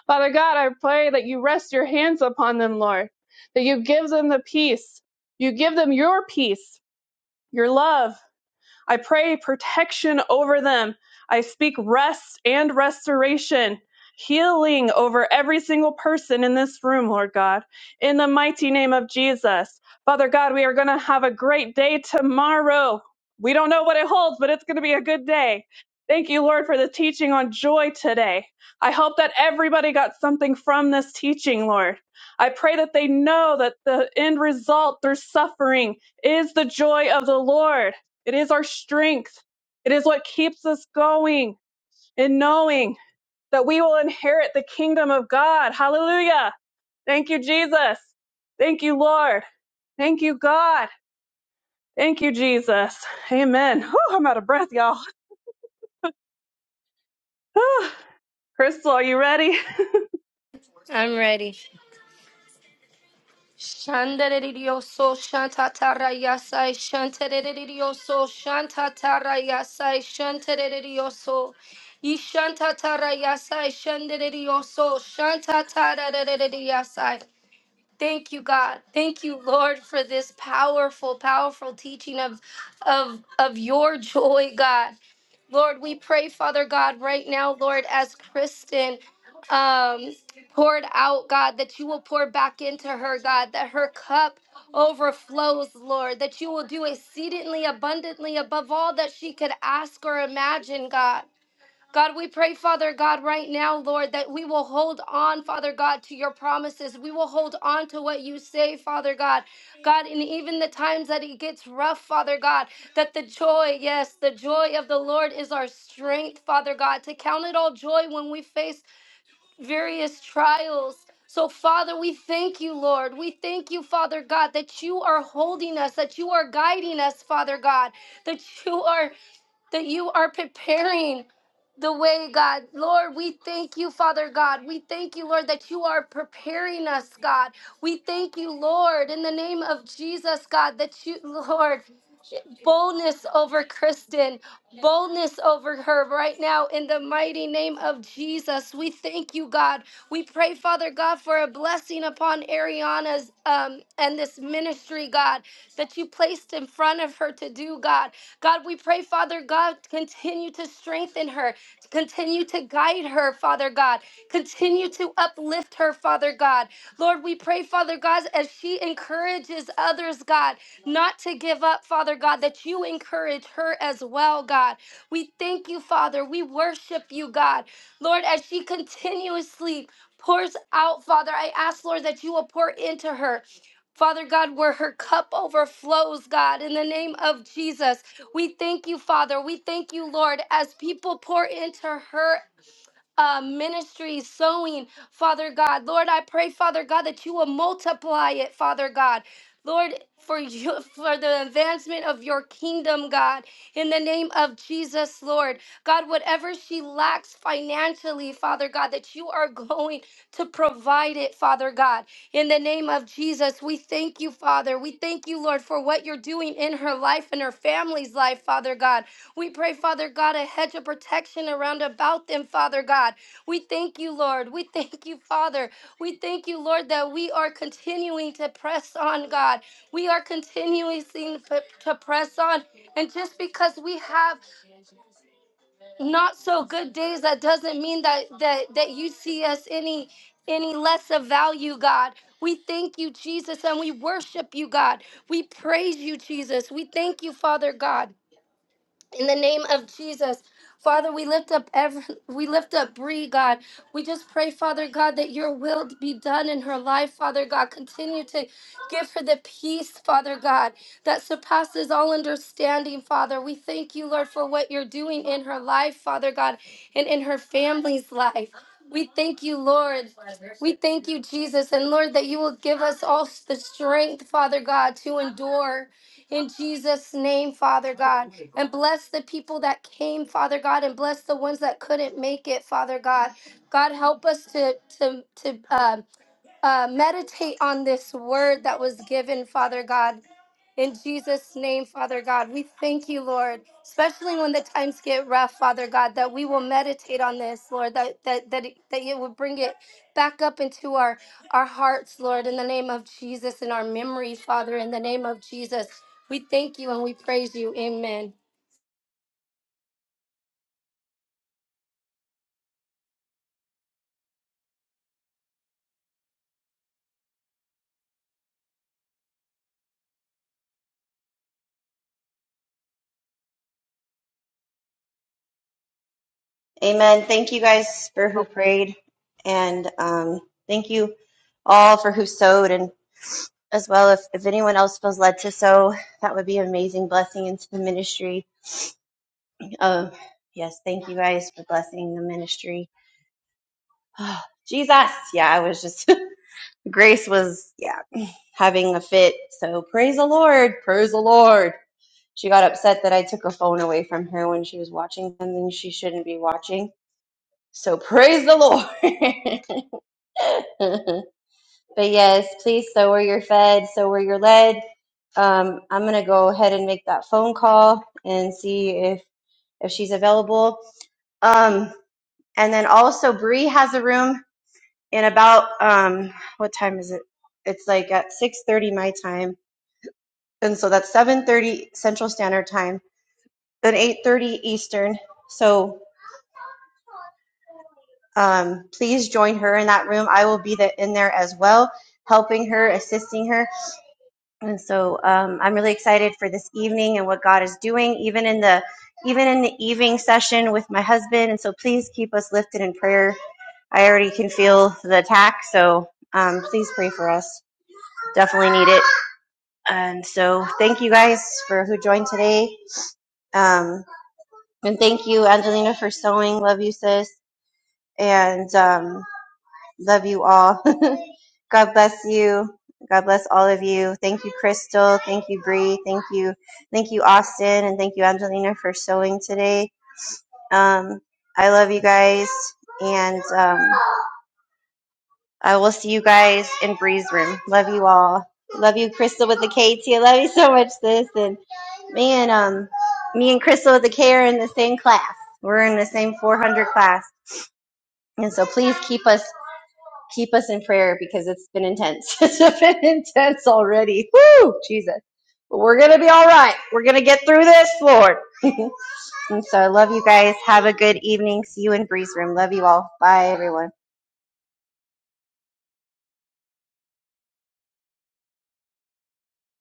S1: Father God, I pray that you rest your hands upon them, Lord, that you give them the peace. You give them your peace, your love, I pray protection over them. I speak rest and restoration, healing over every single person in this room, Lord God, in the mighty name of Jesus. Father God, we are going to have a great day tomorrow. We don't know what it holds, but it's going to be a good day. Thank you, Lord, for the teaching on joy today. I hope that everybody got something from this teaching, Lord. I pray that they know that the end result through suffering is the joy of the Lord. It is our strength. It is what keeps us going and knowing that we will inherit the kingdom of God. Hallelujah. Thank you, Jesus. Thank you, Lord. Thank you, God. Thank you, Jesus. Amen. Whew, I'm out of breath, y'all. Whew. Crystal, are you ready?
S4: I'm ready. Shandaririyoso shantatarayasai shantaririyoso shantatarayasai shantaririyoso ishantatarayasai shandaririyoso shantatarararariyasai. Thank you, God. Thank you, Lord, for this powerful, powerful teaching of, of, of your joy, God. Lord, we pray, Father God, right now, Lord, as Kristen um, poured out, God, that you will pour back into her, God, that her cup overflows, Lord, that you will do exceedingly abundantly above all that she could ask or imagine, God. God, we pray, Father God, right now, Lord, that we will hold on, Father God, to your promises. We will hold on to what you say, Father God. God, and even the times that it gets rough, Father God, that the joy, yes, the joy of the Lord is our strength, Father God, to count it all joy when we face various trials. So, Father, we thank you, Lord. We thank you, Father God, that you are holding us, that you are guiding us, Father God, that you are that you are preparing the way, God. Lord, we thank you, Father God. We thank you, Lord, that you are preparing us, God. We thank you, Lord, in the name of Jesus, God, that you, Lord, boldness over Kristen boldness over her right now in the mighty name of Jesus. We thank you, God. We pray, Father God, for a blessing upon Ariana's um, and this ministry, God, that you placed in front of her to do, God. God, we pray, Father God, continue to strengthen her, continue to guide her, Father God, continue to uplift her, Father God. Lord, we pray, Father God, as she encourages others, God not to give up, Father God, that you encourage her as well, God. We thank you, Father. We worship you, God. Lord, as she continuously pours out, Father, I ask, Lord, that you will pour into her. Father God, where her cup overflows, God, in the name of Jesus. We thank you, Father. We thank you, Lord, as people pour into her uh, ministry, sowing, Father God. Lord, I pray, Father God, that you will multiply it, Father God. Lord, for you, for the advancement of your kingdom, God, in the name of Jesus, Lord, God, whatever she lacks financially, Father God, that you are going to provide it, Father God, in the name of Jesus, we thank you, Father. We thank you, Lord, for what you're doing in her life and her family's life, Father God. We pray, Father God, a hedge of protection around about them, Father God. We thank you, Lord. We thank you, Father. We thank you, Lord, that we are continuing to press on, God. We are continuing to to press on. And just because we have not so good days, that doesn't mean that that, that you see us any any less of value, God. We thank you, Jesus, and we worship you, God. We praise you, Jesus. We thank you, Father God in the name of Jesus. Father, we lift up every, we lift up Bree, God. We just pray, Father God, that your will be done in her life, Father God. Continue to give her the peace, Father God, that surpasses all understanding, Father. We thank you, Lord, for what you're doing in her life, Father God, and in her family's life. We thank you, Lord. We thank you, Jesus. And Lord, that you will give us all the strength, Father God, to endure. In Jesus' name, Father God. And bless the people that came, Father God, and bless the ones that couldn't make it, Father God. God, help us to to to um uh, meditate on this word that was given, Father God. In Jesus' name, Father God, we thank you, Lord, especially when the times get rough, Father God, that we will meditate on this, Lord, that that that, it- that you would bring it back up into our our hearts, Lord, in the name of Jesus, in our memory, Father, in the name of Jesus. We thank you and we praise you. Amen.
S2: Amen. Thank you guys for who prayed and, um, thank you all for who sowed and as well if, if anyone else feels led to sow, that would be an amazing blessing into the ministry. Um, yes, thank you guys for blessing the ministry. Jesus. Yeah, I was just grace was yeah. having a fit. So praise the Lord, praise the Lord. She got upset that I took a phone away from her when she was watching something she shouldn't be watching. So praise the Lord. but yes, please so are your fed, so are your led. Um, I'm gonna go ahead and make that phone call and see if if she's available. Um, and then also Bree has a room in about um, what time is it? It's like at 6:30 my time and so that's 7:30 Central Standard Time, then 8:30 Eastern. So um, please join her in that room. I will be the, in there as well, helping her, assisting her. And so um, I'm really excited for this evening and what God is doing, even in the even in the evening session with my husband. And so please keep us lifted in prayer. I already can feel the attack, so um, please pray for us. Definitely need it. And so thank you guys for who joined today. Um, And thank you, Angelina, for sewing. Love you, sis. And um, love you all. God bless you. God bless all of you. Thank you, Crystal. Thank you, Bree. Thank you, thank you, Austin, and thank you, Angelina, for sewing today. Um, I love you guys, and um, I will see you guys in Bree's room. Love you all. Love you, Crystal with the K too. Love you so much, sis. And man, um, me and Crystal with the K are in the same class. We're in the same 400 class. And so please keep us keep us in prayer because it's been intense. it's been intense already. Woo, Jesus. But we're gonna be all right. We're gonna get through this, Lord. and so I love you guys. Have a good evening. See you in Breeze Room. Love you all. Bye everyone.